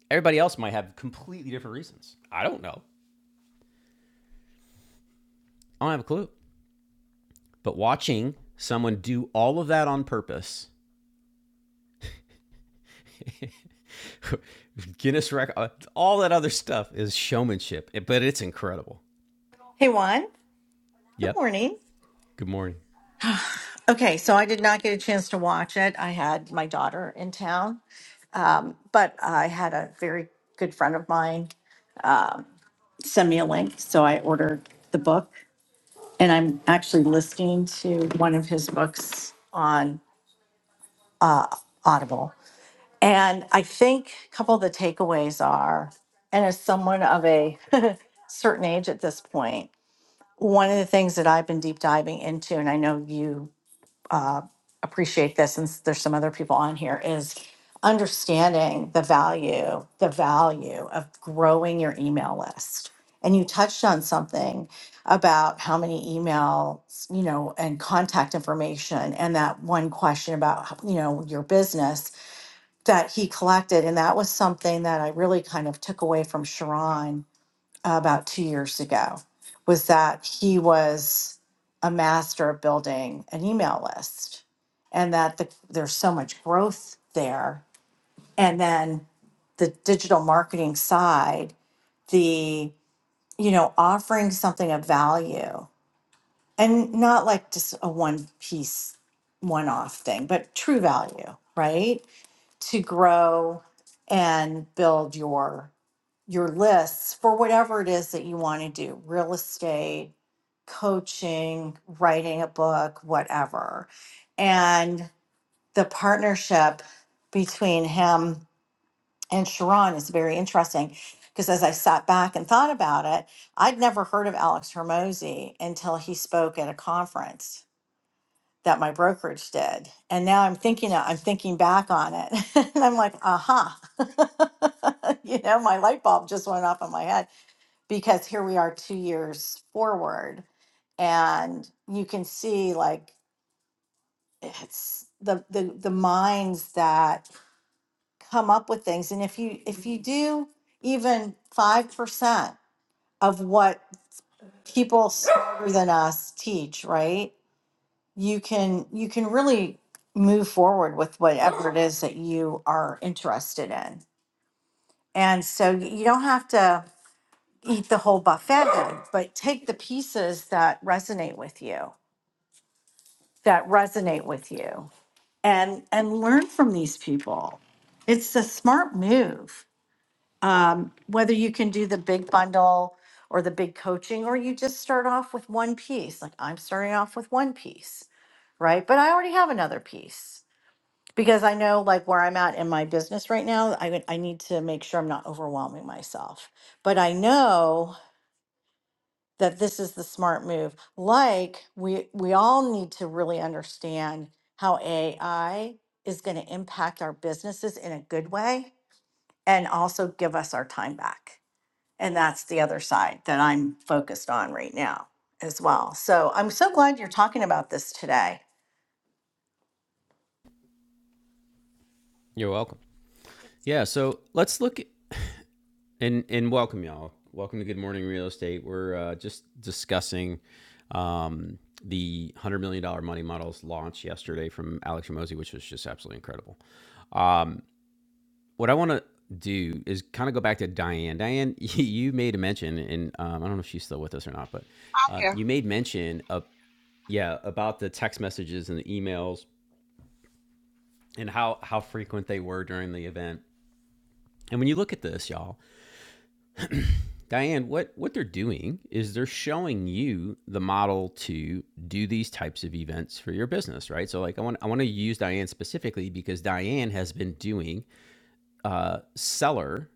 Everybody else might have completely different reasons. I don't know. I don't have a clue. But watching someone do all of that on purpose Guinness record, uh, all that other stuff is showmanship, but it's incredible.
Hey, Juan. Good
Yep.
morning.
Good morning.
Okay, so I did not get a chance to watch it. I had my daughter in town, but I had a very good friend of mine send me a link, so I ordered the book, and I'm actually listening to one of his books on Audible. And I think a couple of the takeaways are, and as someone of a certain age at this point, one of the things that I've been deep diving into, and I know you uh, appreciate this since there's some other people on here is understanding the value the value of growing your email list and you touched on something about how many emails you know and contact information and that one question about you know your business that he collected and that was something that i really kind of took away from sharon about two years ago was that he was a master of building an email list and that the, there's so much growth there and then the digital marketing side the you know offering something of value and not like just a one piece one off thing but true value right to grow and build your your lists for whatever it is that you want to do real estate, coaching, writing a book, whatever. And the partnership between him and Sharon is very interesting because as I sat back and thought about it, I'd never heard of Alex Hermosi until he spoke at a conference that my brokerage did. And now I'm thinking I'm thinking back on it. and I'm like, aha. you know, my light bulb just went off in my head because here we are two years forward and you can see like it's the the, the minds that come up with things and if you if you do even 5% of what people smarter than us teach right you can you can really move forward with whatever it is that you are interested in and so you don't have to eat the whole buffet but take the pieces that resonate with you that resonate with you and and learn from these people it's a smart move um, whether you can do the big bundle or the big coaching or you just start off with one piece like i'm starting off with one piece right but i already have another piece because i know like where i'm at in my business right now i, would- I need to make sure i'm not overwhelming myself but i know that this is the smart move. Like we we all need to really understand how AI is going to impact our businesses in a good way and also give us our time back. And that's the other side that I'm focused on right now as well. So I'm so glad you're talking about this today.
You're welcome. Yeah. So let's look at, and and welcome y'all. Welcome to Good Morning Real Estate. We're uh, just discussing um, the one hundred million dollar money models launch yesterday from Alex Ramosi, which was just absolutely incredible. Um, what I want to do is kind of go back to Diane. Diane, you made a mention, and um, I don't know if she's still with us or not, but
I'm
uh,
here.
you made mention of yeah, about the text messages and the emails and how how frequent they were during the event. And when you look at this, y'all, Diane, what what they're doing is they're showing you the model to do these types of events for your business, right? So like I want I want to use Diane specifically because Diane has been doing uh, seller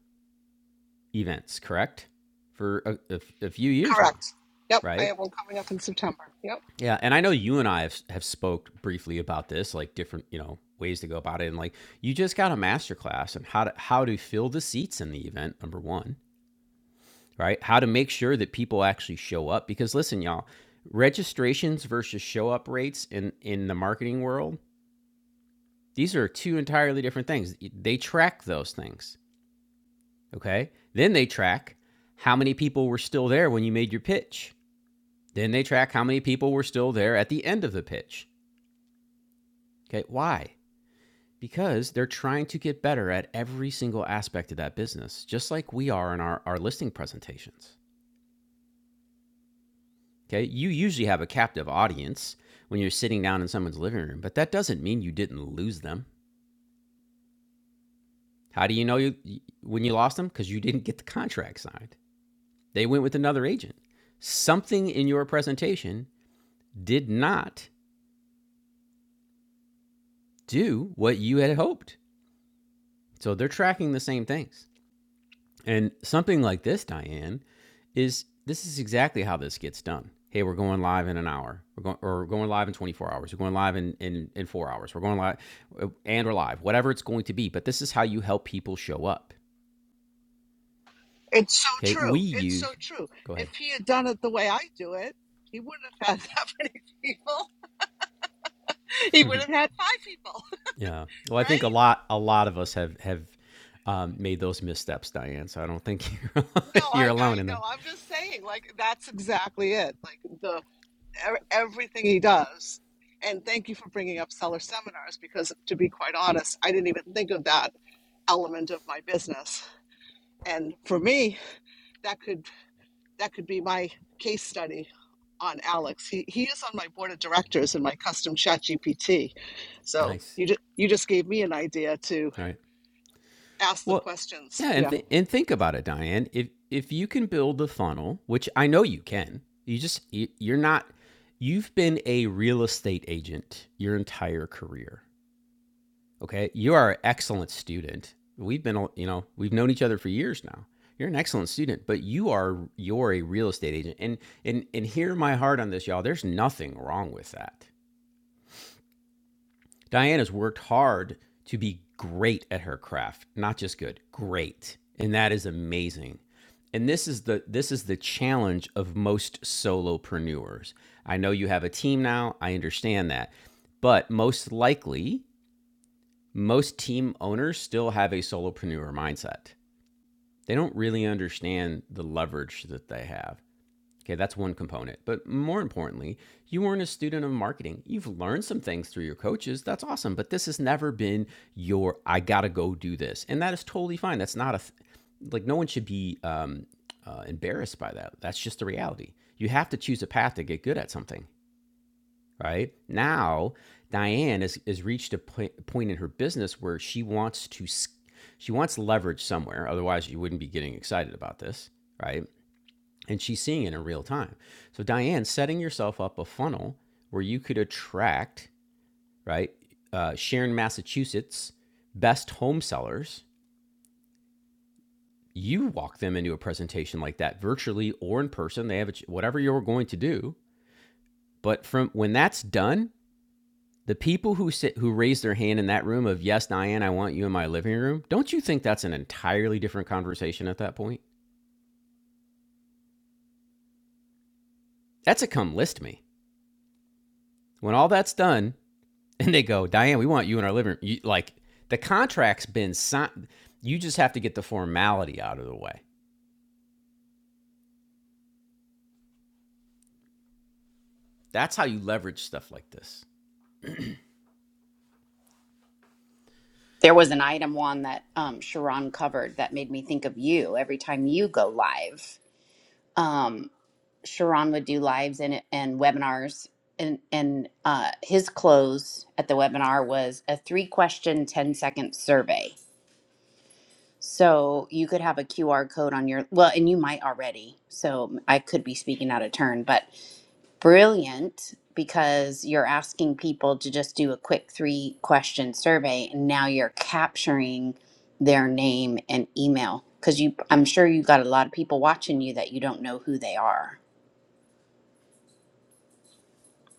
events, correct, for a, a, a few years now,
Correct. Yep, I
right?
have one coming up in September. Yep.
Yeah, and I know you and I have have spoke briefly about this, like different, you know, ways to go about it, and like you just got a masterclass on how to how to fill the seats in the event. Number one, right? How to make sure that people actually show up because listen, y'all, registrations versus show up rates in in the marketing world, these are two entirely different things. They track those things, okay? Then they track how many people were still there when you made your pitch. Then they track how many people were still there at the end of the pitch. Okay, why? Because they're trying to get better at every single aspect of that business, just like we are in our, our listing presentations. Okay. You usually have a captive audience when you're sitting down in someone's living room, but that doesn't mean you didn't lose them. How do you know you, when you lost them? Because you didn't get the contract signed. They went with another agent. Something in your presentation did not do what you had hoped. So they're tracking the same things. And something like this, Diane, is this is exactly how this gets done. Hey, we're going live in an hour. We're going or we're going live in 24 hours. We're going live in, in in four hours. We're going live and we're live, whatever it's going to be. But this is how you help people show up.
It's so
Okay. We
true. It's so
use
true.
go
If
ahead.
he had done it the way I do it, he wouldn't have had that many people. He would have had five people,
Yeah. Well, I think a
right?
lot a lot of us have have um, made those missteps, Diane. So I don't think you're,
No, I,
you're alone
I
in
know.
that.
I'm just saying, like, that's exactly it. Like, the e- everything he does. And thank you for bringing up seller seminars because, to be quite honest, I didn't even think of that element of my business. And for me, that could that could be my case study on Alex. He he is on my board of directors in my custom chat GPT. So
Nice.
you just you just gave me an idea to
All right.
ask the
Well,
questions.
yeah, and
Yeah.
th- and think about it, Diane. If if you can build a funnel, which I know you can, you just you're not. You've been a real estate agent your entire career. Okay, you are an excellent student. We've been, you know, we've known each other for years now. You're an excellent student, but you are you're a real estate agent, and and and hear my heart on this, y'all. There's nothing wrong with that. Diana's worked hard to be great at her craft, not just good, great. And that is amazing. And this is the this is the challenge of most solopreneurs. I know you have a team now, I understand that. But most likely, most team owners still have a solopreneur mindset. They don't really understand the leverage that they have. Okay, that's one component. But more importantly, you weren't a student of marketing. You've learned some things through your coaches. That's awesome. But this has never been your, I got to go do this. And that is totally fine. That's not a, th- like, no one should be um, uh, embarrassed by that. That's just the reality. You have to choose a path to get good at something, right? Now, Diane has, has reached a point, point in her business where she wants to, she wants leverage somewhere. Otherwise, you wouldn't be getting excited about this, right? and she's seeing it in real time. So Diane, setting yourself up a funnel where you could attract right uh, Sharon, Massachusetts, best home sellers. You walk them into a presentation like that, virtually or in person. They have a, whatever you're going to do, but from when that's done, the people who sit who raise their hand in that room of yes, Diane, I want you in my living room. Don't you think that's an entirely different conversation at that point? That's a come list me. When all that's done, and they go, Diane, we want you in our living room. You, like the contract's been signed. You just have to get the formality out of the way. That's how you leverage stuff like this.
There was an item one that um Sharon covered that made me think of you every time you go live. Um, Sharon would do lives and and webinars, and and uh, his close at the webinar was a three question 10 second survey. So you could have a QR code on your well, and you might already. So I could be speaking out of turn, but brilliant because you're asking people to just do a quick three question survey, and now you're capturing their name and email because you i'm sure you have got a lot of people watching you that you don't know who they are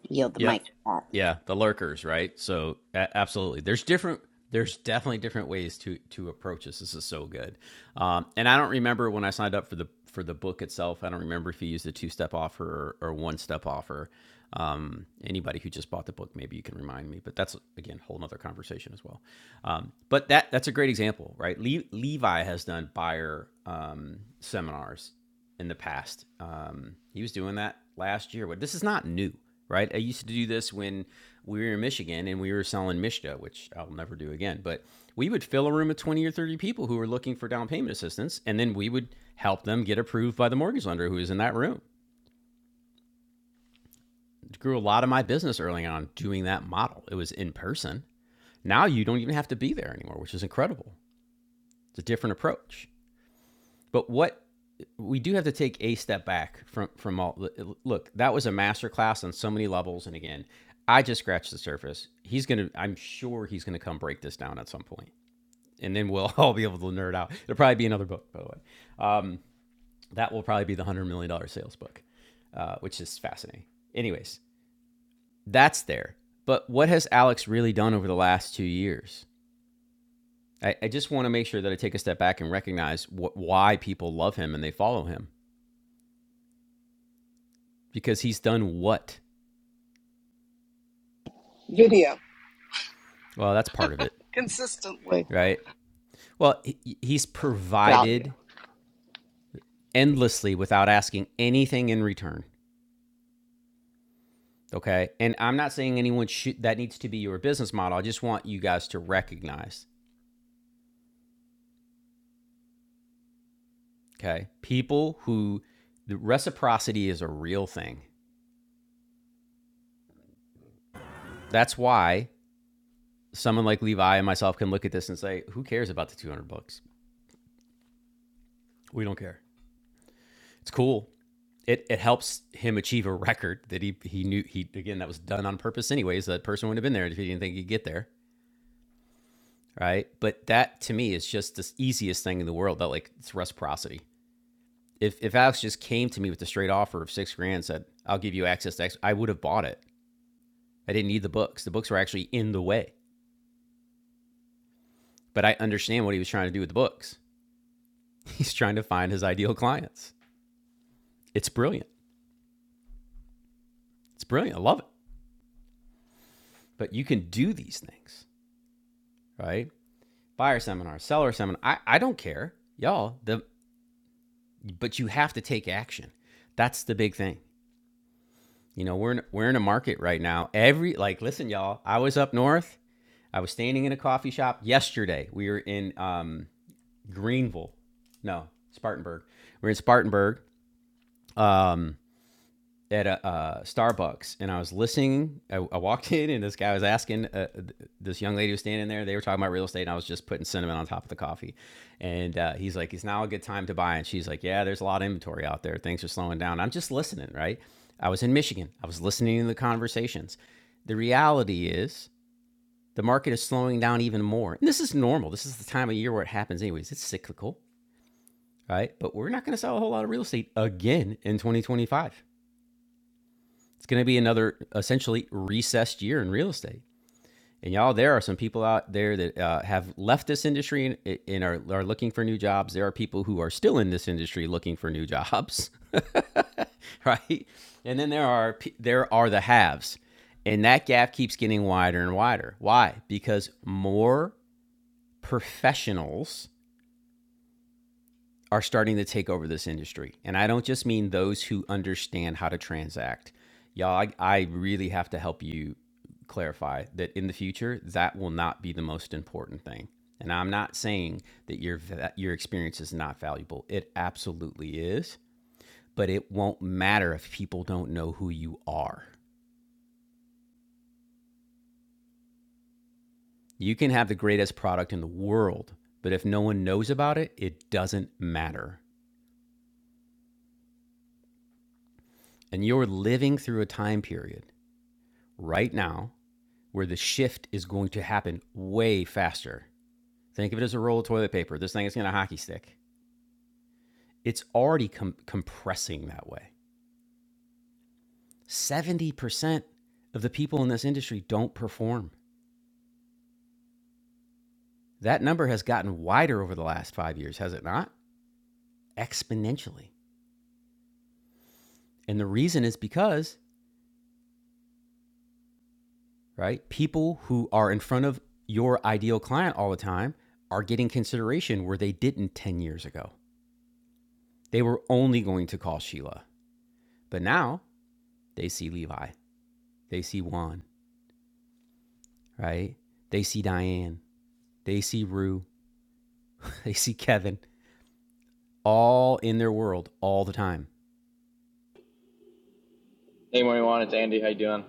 yield the
Yep.
mic to that.
Yeah, the lurkers, right? So a- absolutely, there's different. There's definitely different ways to to approach this. This is so good, um, and I don't remember when I signed up for the for the book itself. I don't remember if you used a two step offer or, or one step offer. Um, anybody who just bought the book, maybe you can remind me. But that's again a whole nother conversation as well. Um, but that that's a great example, right? Le- Levi has done buyer um, seminars in the past. Um, he was doing that last year, but this is not new, right? I used to do this when we were in Michigan and we were selling Mishta, which I'll never do again. But we would fill a room of 20 or 30 people who were looking for down payment assistance, and then we would help them get approved by the mortgage lender who was in that room. It grew a lot of my business early on doing that model. It was in person. Now you don't even have to be there anymore, which is incredible. It's a different approach. But what we do have to take a step back from from all. Look, that was a masterclass on so many levels. And again, I just scratched the surface. He's gonna. I'm sure he's gonna come break this down at some point, and then we'll all be able to nerd out. It'll probably be another book, by the way. Um, that will probably be the one hundred million dollar sales book, uh, which is fascinating. Anyways, that's there. But what has Alex really done over the last two years? I, I just want to make sure that I take a step back and recognize wh- why people love him and they follow him. because he's done what?
Video.
Well, that's part of it,
Consistently.
right? Well, he's
Value.
provided endlessly without asking anything in return. Okay. And I'm not saying anyone should, that needs to be your business model. I just want you guys to recognize, okay, people who the reciprocity is a real thing. That's why someone like Levi and myself can look at this and say, who cares about the 200 bucks? We don't care. It's cool. it, it helps him achieve a record that he he knew he again that was done on purpose anyways. That person wouldn't have been there if he didn't think he'd get there, right? But that to me is just the easiest thing in the world. That like it's reciprocity. If if Alex just came to me with a straight offer of six grand, and said I'll give you access to X, I would have bought it. I didn't need the books. The books were actually in the way, but I understand what he was trying to do with the books. He's trying to find his ideal clients. It's brilliant. It's brilliant. I love it. But you can do these things, right? buyer seminar, seller seminar. I, I don't care, y'all. The but you have to take action. That's the big thing. You know, we're in, we're in a market right now. Every like, listen, y'all. I was up north. I was standing in a coffee shop yesterday. We were in um, Greenville, no Spartanburg. We are in Spartanburg. Um, at a uh, Starbucks, and I was listening. I, I walked in, and this guy was asking uh, th- this young lady was standing there. They were talking about real estate, and I was just putting cinnamon on top of the coffee. And uh, he's like, "It's now a good time to buy?" And she's like, "Yeah, there's a lot of inventory out there. Things are slowing down." I'm just listening, right? I was in Michigan. I was listening to the conversations. The reality is, the market is slowing down even more. And this is normal. This is the time of year where it happens, anyways. It's cyclical, right? But we're not going to sell a whole lot of real estate again in 2025. It's going to be another essentially recessed year in real estate. And y'all, there are some people out there that uh, have left this industry and, and are, are looking for new jobs. There are people who are still in this industry looking for new jobs, right? And then there are there are the haves, and that gap keeps getting wider and wider. Why? Because more professionals are starting to take over this industry. And I don't just mean those who understand how to transact. Y'all, I, I really have to help you clarify that in the future, that will not be the most important thing. And I'm not saying that your your experience is not valuable. It absolutely is, but it won't matter if people don't know who you are. You can have the greatest product in the world, but if no one knows about it, it doesn't matter. And you're living through a time period right now where the shift is going to happen way faster. Think of it as a roll of toilet paper. This thing is going to hockey stick. It's already com- compressing that way. 70% of the people in this industry don't perform. That number has gotten wider over the last five years, has it not? Exponentially. And the reason is because, right, people who are in front of your ideal client all the time are getting consideration where they didn't 10 years ago. They were only going to call Sheila, but now they see Levi. They see Juan, right? They see Diane. They see Rue. They see Kevin. All in their world all the time.
Hey, morning, Juan. It's Andy. How you doing?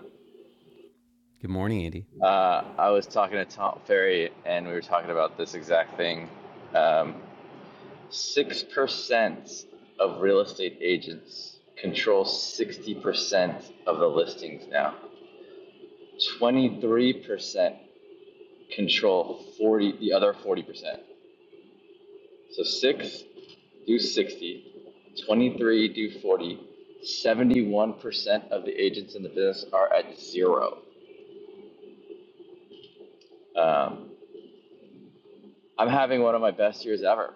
Good morning, Andy.
Uh, I was talking to Tom Ferry, and we were talking about this exact thing. Um, Six percent of real estate agents control sixty percent of the listings now. Twenty-three percent control forty, the other forty percent. So six do 60, 23 do 40, 71% of the agents in the business are at zero. Um, I'm having one of my best years ever,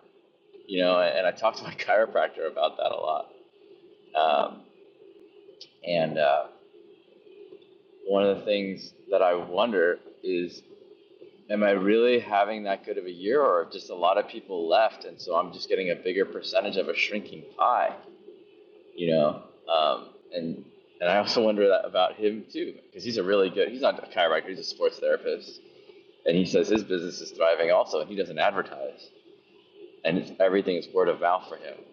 you know, and I talk to my chiropractor about that a lot. Um, and uh, one of the things that I wonder is, am I really having that good of a year, or just a lot of people left, and so I'm just getting a bigger percentage of a shrinking pie, you know? Um, and and I also wonder that about him too, because he's a really good. He's not a chiropractor; he's a sports therapist, and he says his business is thriving also, and he doesn't advertise, and it's, everything is word of mouth for him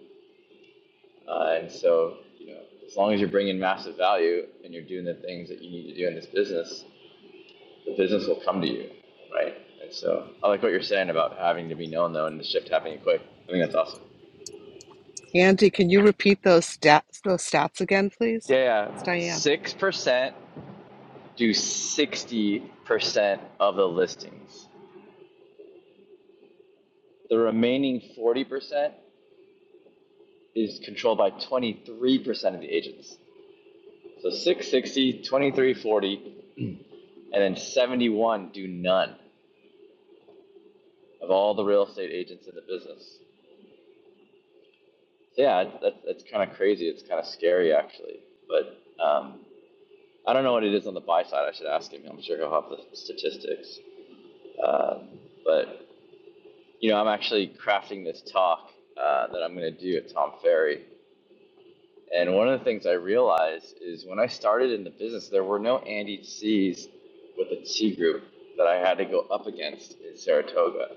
Uh, and so, you know, as long as you're bringing massive value and you're doing the things that you need to do in this business, the business will come to you, right? And so, I like what you're saying about having to be known though, and the shift happening quick. I think that's awesome.
Andy, can you repeat those stats those stats again, please?
Yeah,
It's
yeah.
Diane.
six percent do sixty percent of the listings. The remaining forty percent is controlled by twenty-three percent of the agents. So six, sixty, twenty-three, forty, and then seventy-one do none. of all the real estate agents in the business. So yeah, that's that's kind of crazy. It's kind of scary actually. But um, I don't know what it is on the buy side. I should ask him. I'm sure he'll have the statistics. Um, but you know, I'm actually crafting this talk uh, that I'm going to do at Tom Ferry. And one of the things I realized is when I started in the business, there were no Andy C's with a T group that I had to go up against in Saratoga.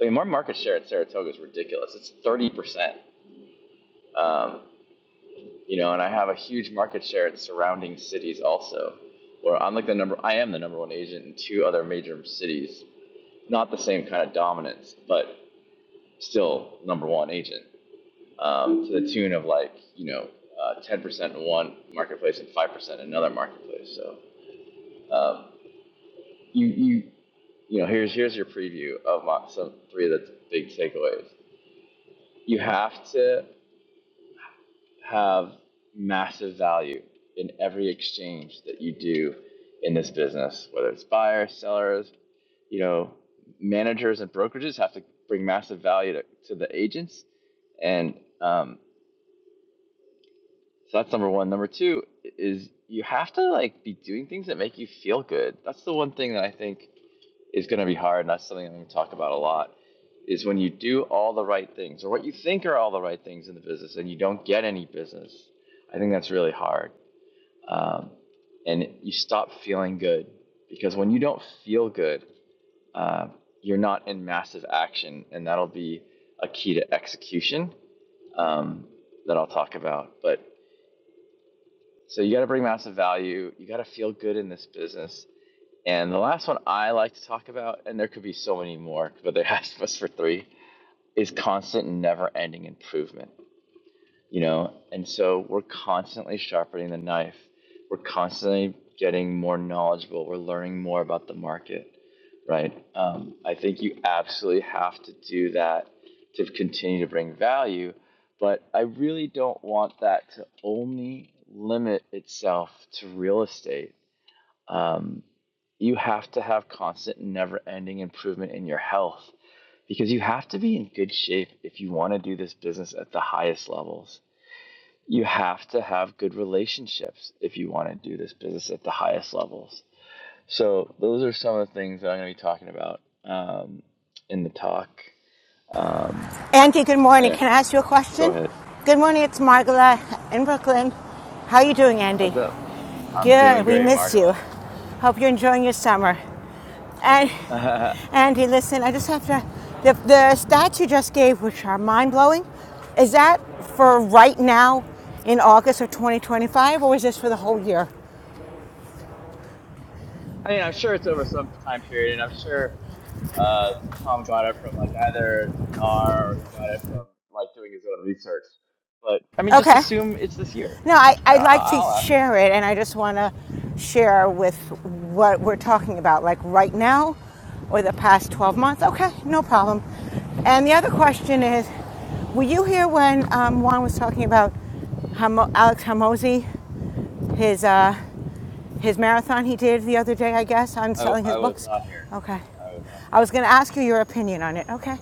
I mean, our market share at Saratoga is ridiculous. It's 30%. Um, you know, and I have a huge market share in surrounding cities also, where I'm like the number, I am the number one agent in two other major cities. Not the same kind of dominance, but still number one agent um, to the tune of like, you know, uh, 10% in one marketplace and 5% in another marketplace. So um, you, you, you know, here's, here's your preview of my, some three of the big takeaways. You have to have massive value in every exchange that you do in this business, whether it's buyers, sellers, you know, managers and brokerages have to bring massive value to, to the agents. And um, so that's number one. Number two is you have to like be doing things that make you feel good. That's the one thing that I think is going to be hard. And that's something I'm going to talk about a lot is when you do all the right things or what you think are all the right things in the business and you don't get any business. I think that's really hard. um, and you stop feeling good because when you don't feel good, uh, you're not in massive action, and that'll be a key to execution um, that I'll talk about. But so you got to bring massive value, you got to feel good in this business. And the last one I like to talk about, and there could be so many more, but they asked us for three, is constant and never ending improvement. you know and so we're constantly sharpening the knife we're constantly getting more knowledgeable we're learning more about the market right um, i think you absolutely have to do that to continue to bring value but i really don't want that to only limit itself to real estate um, you have to have constant never ending improvement in your health because you have to be in good shape if you want to do this business at the highest levels you have to have good relationships if you want to do this business at the highest levels. So those are some of the things that I'm going to be talking about um, in the talk. Um,
Andy, good morning.
anyway,
Can I ask you a
go
question?
ahead.
Good morning, it's Margola in Brooklyn. How are you doing, Andy?
What's up? I'm doing
Good, we
great,
miss you.
Margola.
Hope you're enjoying your summer. And.
I
Andy, listen, I just have to. The, the stats you just gave, which are mind blowing, is that for right now in August of 2025, or is this for the whole year?
mean, I'm sure it's over some time period, and I'm sure uh, Tom got it from like either NAR or he got it from like doing his own research. But I mean, just
Okay.
assume it's this year.
No, I,
I, mean,
I'd
I-
like to
I'll ask him.
share it, and I just want to share with what we're talking about, like right now or the past 12 months. Okay, no problem. And the other question is were you here when um, Juan was talking about Hamo- Alex Hamosi, his. Uh, his marathon he did the other day, I guess, on
Yeah.
selling
I
his
I was
books.
not here.
Okay.
I was not here.
I was going to ask you your opinion on it. Okay.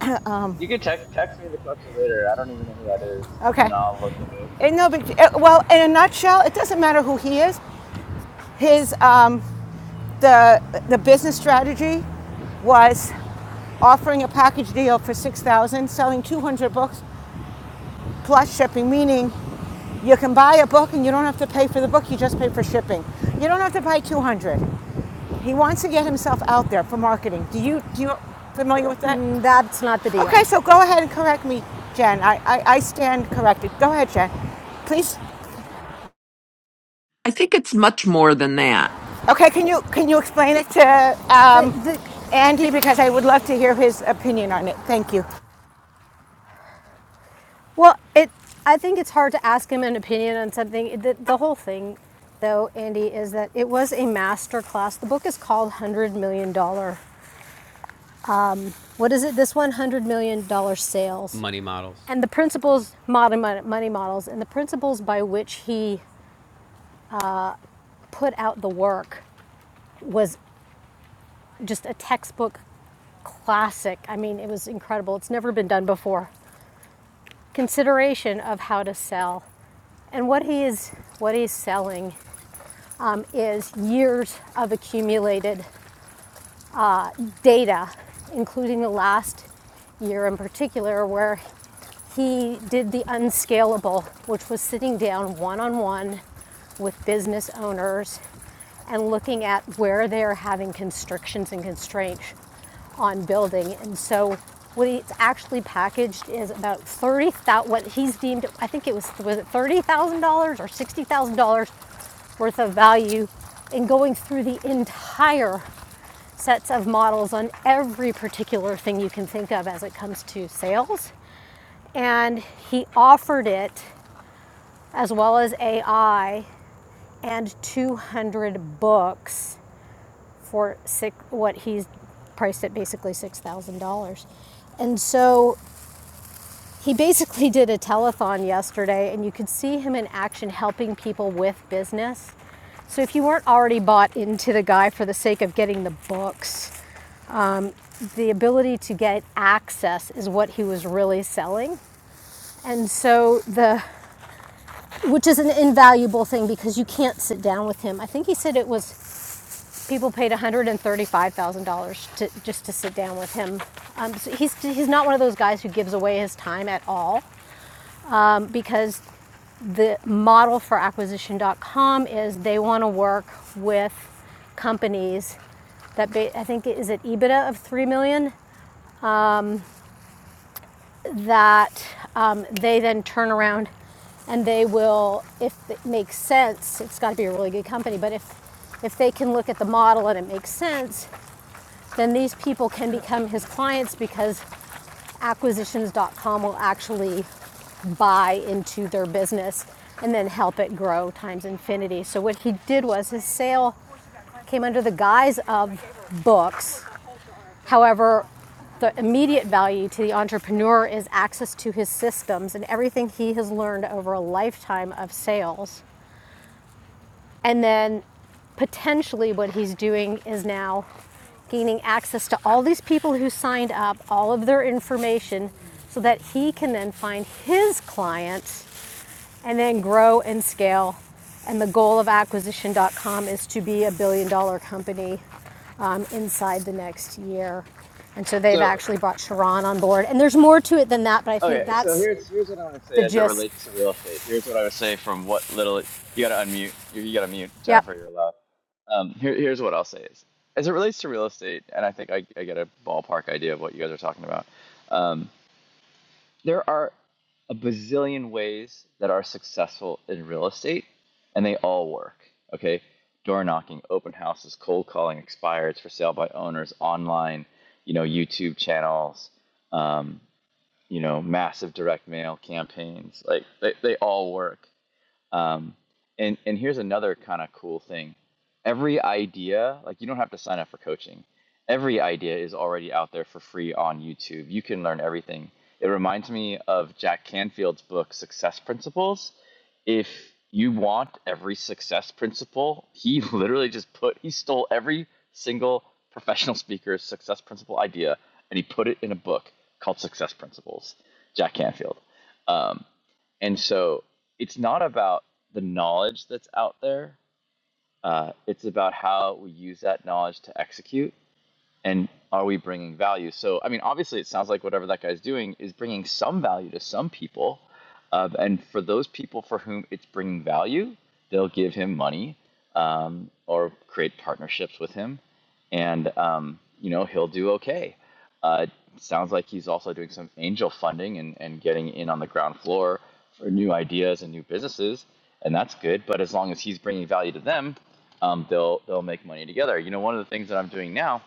um,
You could text text me the question later. I don't even know who that is, and
okay.
then I'll look into it.
It, no big. It, well, in a nutshell, it doesn't matter. His his um, the the business strategy was offering a package deal for six thousand, dollars, selling two hundred books plus shipping. Meaning, you can buy a book and you don't have to pay for the book. You just pay for shipping. You don't have to buy two hundred. He wants to get himself out there for marketing. Do you do you familiar with that?
Mm, That's not the
Okay,
deal.
so go ahead and correct me, Jen. I, I, I stand corrected. Go ahead, Jen. Please.
I think it's much more than that.
Okay, can you can you explain it to
The,
um,
the,
Andy because I would love to hear his opinion on it. Thank you.
Well, it. I think it's hard to ask him an opinion on something. The, the whole thing, though, Andy, is that it was a master class. The book is called one Hundred Million Dollar. What is it? This one one hundred million dollar sales
Money models.
and the principles modern money models and the principles by which he put out the work was just a textbook classic. I mean, it was incredible. It's never been done before. Consideration of how to sell. And what he is what he's selling um, is years of accumulated data, including the last year in particular, where he did the unscalable, which was sitting down one on one with business owners and looking at where they're having constrictions and constraints on building. And so what it's actually packaged is about 30,000 what he's deemed I think it was was it $30,000 or $60,000 worth of value in going through the entire sets of models on every particular thing you can think of as it comes to sales. And he offered it as well as AI and 200 books for six, what he's priced at basically $6,000. And so he basically did a telethon yesterday, and you could see him in action helping people with business. So if you weren't already bought into the guy for the sake of getting the books, The ability to get access is what he was really selling. And so the which is an invaluable thing because you can't sit down with him. I think he said it was people paid $135,000 to just to sit down with him. Um, so he's he's not one of those guys who gives away his time at all um, because the model for acquisition.com is they want to work with companies that ba- I think is it EBITDA of 3 million dollars? that um, they then turn around and they will, if it makes sense, it's got to be a really good company, but if, if they can look at the model and it makes sense, then these people can become his clients because acquisitions.com will actually buy into their business and then help it grow times infinity. So what he did was his sale came under the guise of books However, the immediate value to the entrepreneur is access to his systems and everything he has learned over a lifetime of sales. And then potentially what he's doing is now gaining access to all these people who signed up, all of their information, so that he can then find his clients and then grow and scale. And the goal of acquisition.com is to be a billion dollar company um, inside the next year. And so they've
So
actually brought Sharon on board. And there's more to it than that, but I think
okay, so
that's
here's here's what I want to say
the
as it
gist.
relates to real estate. Here's what I would say from what little you gotta unmute. You, you gotta mute
Yep.
Jennifer. You're allowed. Um, here, here's what I'll say is as it relates to real estate, and I think I, I get a ballpark idea of what you guys are talking about. Um, there are a bazillion ways that are successful in real estate, and they all work. Okay, door knocking, open houses, cold calling, expireds for sale by owners, online, you know, YouTube channels, um, you know, massive direct mail campaigns. Like they, they all work. Um, and and here's another kind of cool thing. Every idea, like you don't have to sign up for coaching. Every idea is already out there for free on YouTube. You can learn everything. It reminds me of Jack Canfield's book Success Principles. If you want every success principle, he literally just put he stole every single professional speaker's success principle idea and he put it in a book called Success Principles. Jack Canfield. Um, and so it's not about the knowledge that's out there. Uh, it's about how we use that knowledge to execute and are we bringing value so i mean obviously it sounds like whatever that guy's doing is bringing some value to some people uh, and for those people for whom it's bringing value they'll give him money um, or create partnerships with him and um, you know he'll do okay uh, it sounds like he's also doing some angel funding and, and getting in on the ground floor for new ideas and new businesses and that's good but as long as he's bringing value to them um, they'll they'll make money together you know one of the things that i'm doing now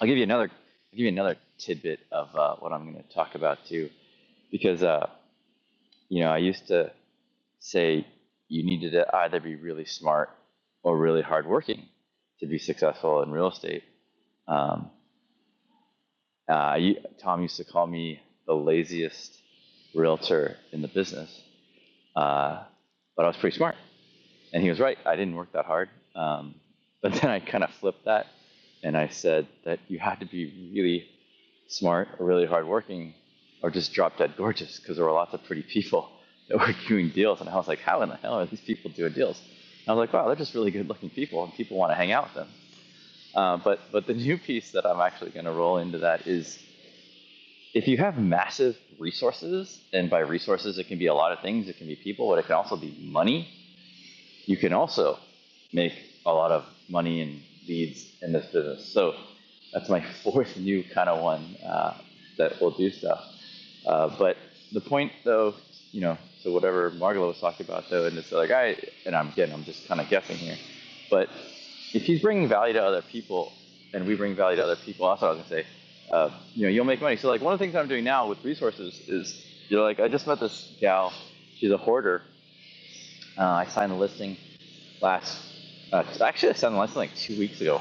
I'll give you another I'll give you another tidbit of uh, what I'm going to talk about too, because uh, you know I used to say you needed to either be really smart or really hardworking to be successful in real estate. Um, uh, you, Tom used to call me the laziest realtor in the business, uh, but I was pretty smart. And he was right. I didn't work that hard. Um, but then I kind of flipped that and I said that you had to be really smart or really hardworking or just drop dead gorgeous because there were lots of pretty people that were doing deals. And I was like, how in the hell are these people doing deals? And I was like, wow, they're just really good looking people and people want to hang out with them. Uh, but, but the new piece that I'm actually going to roll into that is if you have massive resources, and by resources, it can be a lot of things, it can be people, but it can also be money you can also make a lot of money and leads in this business. So that's my fourth new kind of one uh, that will do stuff. Uh, but the point, though, you know, so whatever Margolo was talking about, though, and it's like I and I'm again, I'm just kind of guessing here, but if he's bringing value to other people, and we bring value to other people, that's what I was gonna say. Uh, you know, you'll make money. So like one of the things I'm doing now with resources is, you know, like I just met this gal. She's a hoarder. Uh, I signed a listing last, uh, so actually, this happened less than like two weeks ago.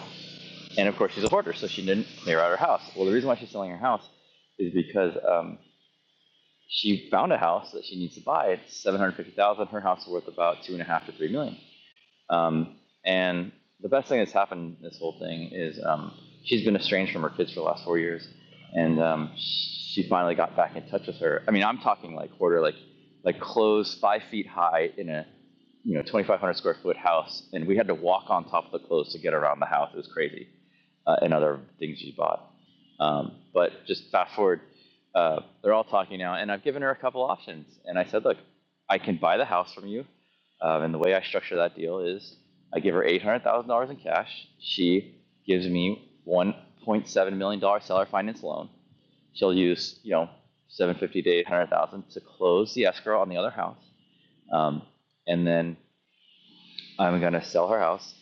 And of course, she's a hoarder, so she didn't clear out her house. Well, the reason why she's selling her house is because um, she found a house that she needs to buy. It's seven hundred fifty thousand. dollars. Her house is worth about two and a half to three million. dollars. Um, and the best thing that's happened in this whole thing is um, she's been estranged from her kids for the last four years, and um, she finally got back in touch with her. I mean, I'm talking like quarter, like like clothes five feet high in a you know 2,500 square foot house, and we had to walk on top of the clothes to get around the house. It was crazy, uh, and other things she bought. Um, but just fast forward, uh, they're all talking now, and I've given her a couple options, and I said, look, I can buy the house from you um, and the way I structure that deal is I give her $800,000 in cash. She gives me $1.7 million dollars seller finance loan. She'll use, you know, 750 to 800,000 to close the escrow on the other house. Um, and then I'm going to sell her house.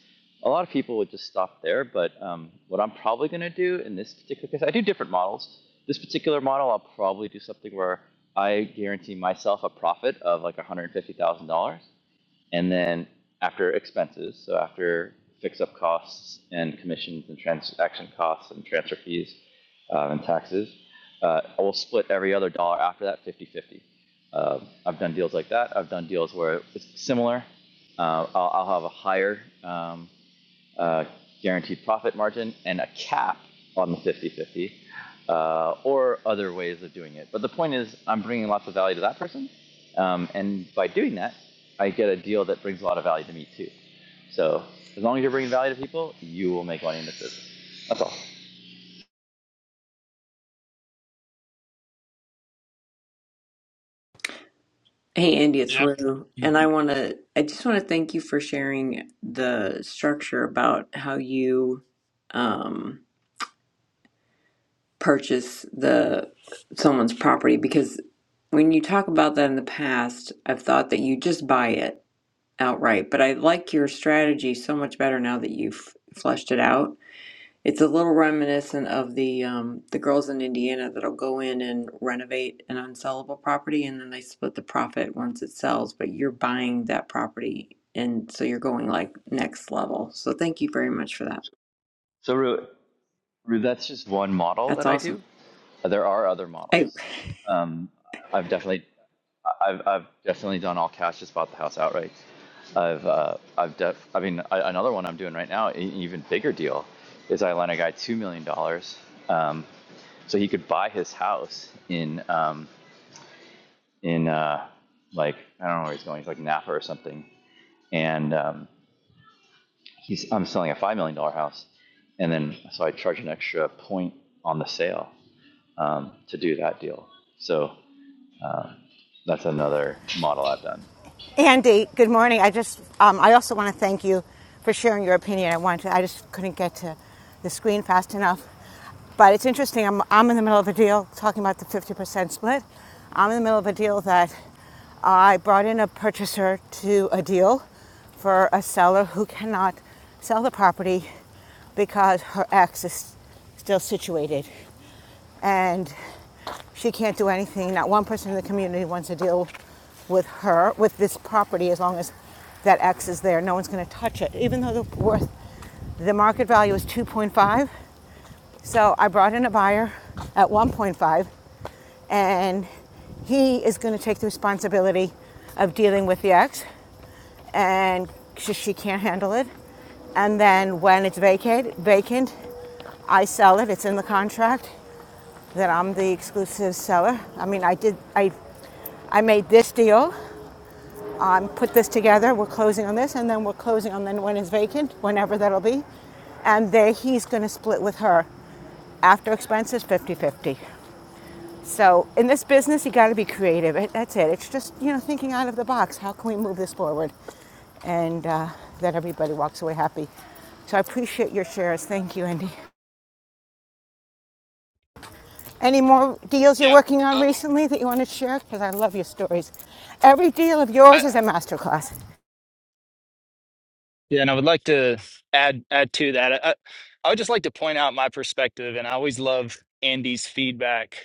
A lot of people would just stop there, but um, what I'm probably going to do in this particular case, I do different models. This particular model, I'll probably do something where I guarantee myself a profit of like $150,000 and then after expenses, so after fix-up costs and commissions and transaction costs and transfer fees um, and taxes, uh, I will split every other dollar after that 50-50. Um, I've done deals like that. I've done deals where it's similar. Uh, I'll, I'll have a higher um, uh, guaranteed profit margin and a cap on the 50 50 uh, or other ways of doing it. But the point is, I'm bringing lots of value to that person. Um, and by doing that, I get a deal that brings a lot of value to me too. So as long as you're bringing value to people, you will make money in this business. That's all.
Hey, Andy, it's
Yeah.
Rue. And I want to, I just want to thank you for sharing the structure about how you um, purchase the someone's property because when you talk about that in the past, I've thought that you just buy it outright. But I like your strategy so much better now that you've fleshed it out It's a little reminiscent of the um, the girls in Indiana that'll go in and renovate an unsellable property, and then they split the profit once it sells. But you're buying that property, and so you're going like next level. So thank you very much for that.
So, Ru, That's just one model
That's
that I do.
awesome.
There are other
I
models. Um, I've definitely, I've, I've definitely done all cash. Just bought the house outright. I've, uh, I've def. I mean, I, another one I'm doing right now, an even bigger deal, is I lent a guy two million dollars, um, so he could buy his house in, um, in uh, like I don't know where he's going. He's like Napa or something, and um, he's I'm selling a five million dollar house, and then so I charge an extra point on the sale um, to do that deal. So um, that's another model I've done.
Andy, good morning. I just, um, I also want to thank you for sharing your opinion. I wanted, to, I just couldn't get to the screen fast enough. But it's interesting. I'm, I'm in the middle of a deal talking about the 50% split. I'm in the middle of a deal that I brought in a purchaser to a deal for a seller who cannot sell the property because her ex is still situated and she can't do anything. Not one person in the community wants to deal with her, with this property, as long as that X is there. No one's going to touch it, even though the worth, the market value is 2.5. So I brought in a buyer at 1.5, and he is going to take the responsibility of dealing with the X, and she, she can't handle it. And then when it's vacate, vacant, I sell it. It's in the contract that I'm the exclusive seller. I mean, I did, I, I made this deal, um, put this together. We're closing on this, and then we're closing on then when it's vacant, whenever that'll be. And there he's going to split with her after expenses fifty-fifty. So in this business, you got to be creative. It, that's it. It's just you know thinking out of the box. How can we move this forward, and uh, that everybody walks away happy. So I appreciate your shares. Thank you, Andy. Any more deals you're
Yeah.
working on
Um,
recently that you want to share? Because I love your stories. Every deal of
I,
yours is a masterclass.
yeah. To add add to that, I, I would just like to point out my perspective, and I always love Andy's feedback.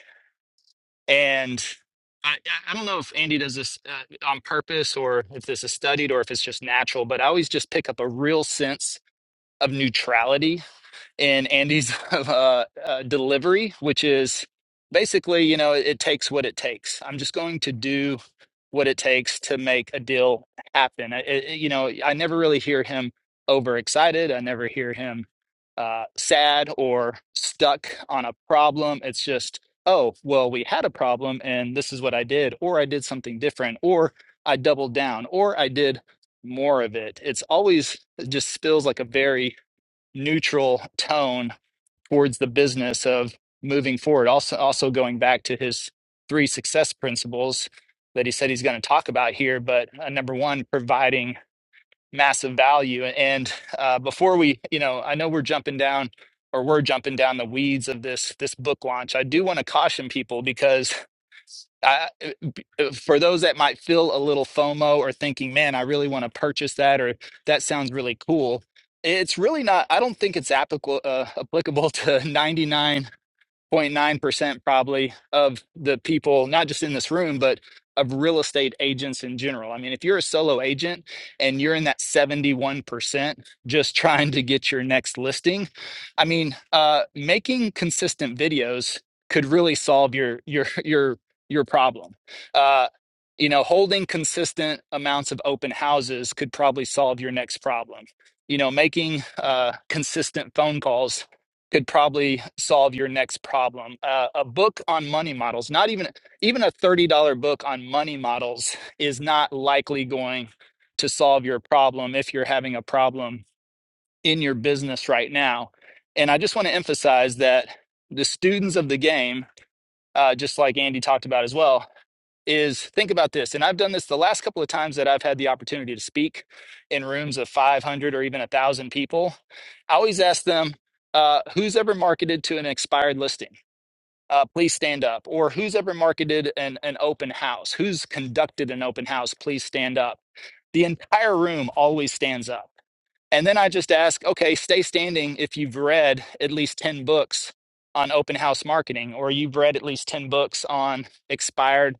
And I, I don't know if Andy does this uh, on purpose, or if this is studied, or if it's just natural. But I always just pick up a real sense of neutrality in Andy's uh, uh, delivery, which is basically, you know, it, it takes what it takes. I'm just going to do what it takes to make a deal happen. I I- you know, I never really hear him overexcited. I never hear him uh, sad or stuck on a problem. It's just, oh, well, we had a problem and this is what I did, or I did something different, or I doubled down, or I did more of it. It's always it just spills like a very neutral tone towards the business of moving forward. Also, also going back to his three success principles that he said he's going to talk about here, but uh, number one, providing massive value. And uh, before we, you know, I know we're jumping down or we're jumping down the weeds of this this book launch. I do want to caution people because I, for those that might feel a little FOMO or thinking, man, I really want to purchase that or that sounds really cool, it's really not, I don't think it's applicable, uh, applicable to 99. 0.9% probably of the people, not just in this room, but of real estate agents in general. I mean, if you're a solo agent and you're in that 71% just trying to get your next listing, I mean, uh, making consistent videos could really solve your your your your problem. Uh, you know, holding consistent amounts of open houses could probably solve your next problem. You know, making uh, consistent phone calls could probably solve your next problem. Uh, a book on money models, not even even a thirty dollar book on money models, is not likely going to solve your problem if you're having a problem in your business right now. And I just want to emphasize that the students of the game, uh, just like Andy talked about as well, is think about this and i've done this the last couple of times that i've had the opportunity to speak in rooms of 500 or even 1000 people i always ask them uh, who's ever marketed to an expired listing uh, please stand up or who's ever marketed an, an open house who's conducted an open house please stand up the entire room always stands up and then I just ask, okay, stay standing if you've read at least 10 books on open house marketing, or you've read at least 10 books on expired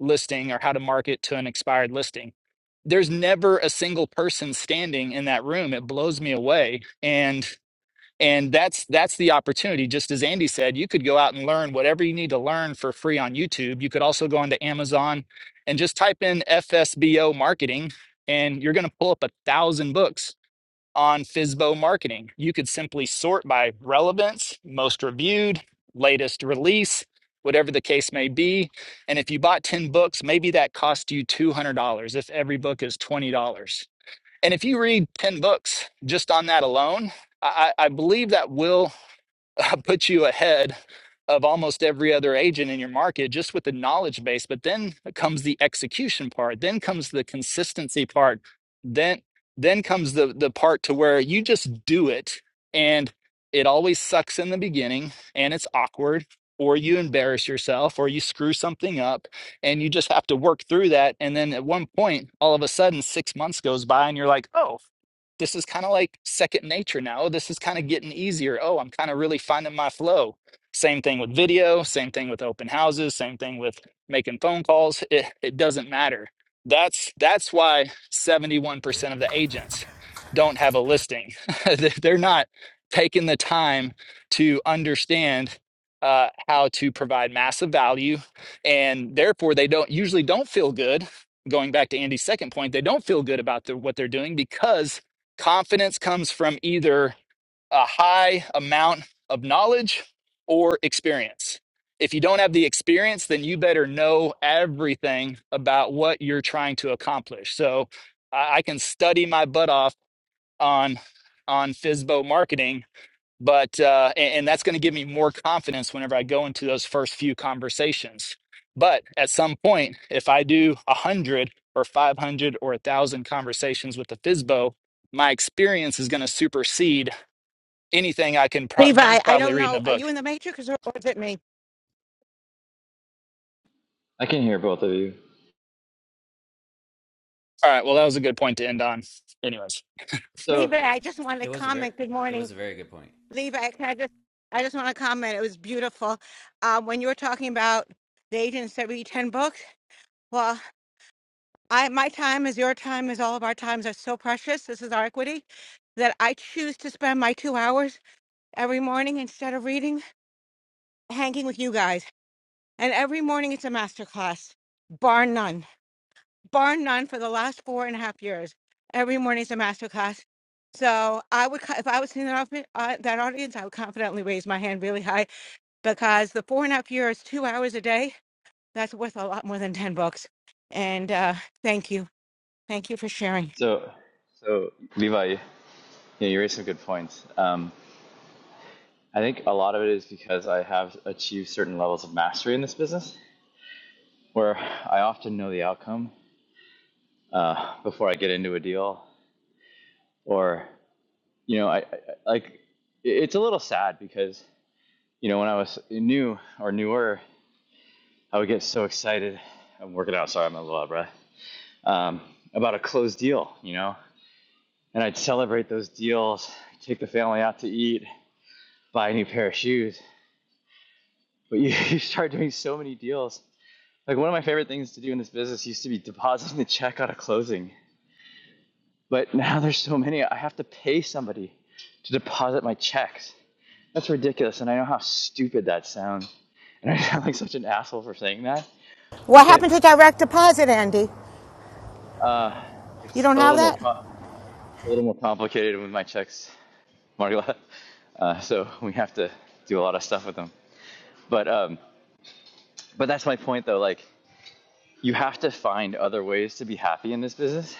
listing or how to market to an expired listing. There's never a single person standing in that room. It blows me away. And and that's that's the opportunity. Just as Andy said, you could go out and learn whatever you need to learn for free on YouTube. You could also go onto Amazon and just type in FSBO marketing, and you're going to pull up a thousand books on Fizbo marketing. You could simply sort by relevance, most reviewed, latest release, whatever the case may be. And if you bought 10 books, maybe that cost you $200 if every book is $20. And if you read 10 books just on that alone, I I believe that will uh, put you ahead of almost every other agent in your market just with the knowledge base but then comes the execution part then comes the consistency part then then comes the the part to where you just do it and it always sucks in the beginning and it's awkward or you embarrass yourself or you screw something up and you just have to work through that and then at one point all of a sudden 6 months goes by and you're like oh this is kind of like second nature now. Oh, This is kind of getting easier. Oh, I'm kind of really finding my flow. Same thing with video, same thing with open houses, same thing with making phone calls. It, it doesn't matter. That's that's why 71% of the agents don't have a listing. They- They're not taking the time to understand uh, how to provide massive value, and therefore they don't usually don't feel good. Going back to Andy's second point, they don't feel good about the, what they're doing because Confidence comes from either a high amount of knowledge or experience. If you don't have the experience, then you better know everything about what you're trying to accomplish. So I I can study my butt off on on Fizbo marketing but uh, and, and that's going to give me more confidence whenever I go into those first few conversations. But at some point, if I do a hundred or five hundred or a thousand conversations with the FISBO, my experience is going to supersede anything I can prob
Levi, I
probably
don't
read in a
know. Are
book.
you in the matrix or, or is it me?
I can hear both of you.
All right, well, that was a good point to end on. Anyways,
So,
Levi, I just wanted to
It was a very
comment. Good
it was
morning,
a very good point.
Levi. Can I just, I just want to comment. It was beautiful. Um, when you were talking about the agents that read ten books, well, I my time is your time is all of our times are so precious. This is our equity that I choose to spend my two hours every morning instead of reading, hanging with you guys. And every morning it's a master class, bar none, bar none for the last four and a half years. Every morning it's a master class. So I would, co- if I was in that, outfit- uh, that audience, I would confidently raise my hand really high because the four and a half years, two hours a day, that's worth a lot more than 10 books. And uh, thank you. Thank you for sharing.
so, so, Levi, you, know, you raised some good points. Um, I think a lot of it is because I have achieved certain levels of mastery in this business, where I often know the outcome uh, before I get into a deal, or you know, I, I like it's a little sad because you know when I was new or newer, I would get so excited. I'm working out. Sorry, I'm a little out of breath. um, about a closed deal, you know. And I'd celebrate those deals, take the family out to eat, buy a new pair of shoes. But you, you start doing so many deals. Like one of my favorite things to do in this business used to be depositing the check out of closing. But now there's so many, I have to pay somebody to deposit my checks. That's ridiculous. And I know how stupid that sounds. And I sound like such an asshole for saying that.
What
But
happened to direct deposit, Andy?
uh,
You
it's
don't
a
have
little more
that?
com- it's a little more complicated with my checks Marla. Uh, so we have to do a lot of stuff with them. But um, but that's my point though. Like you have to find other ways to be happy in this business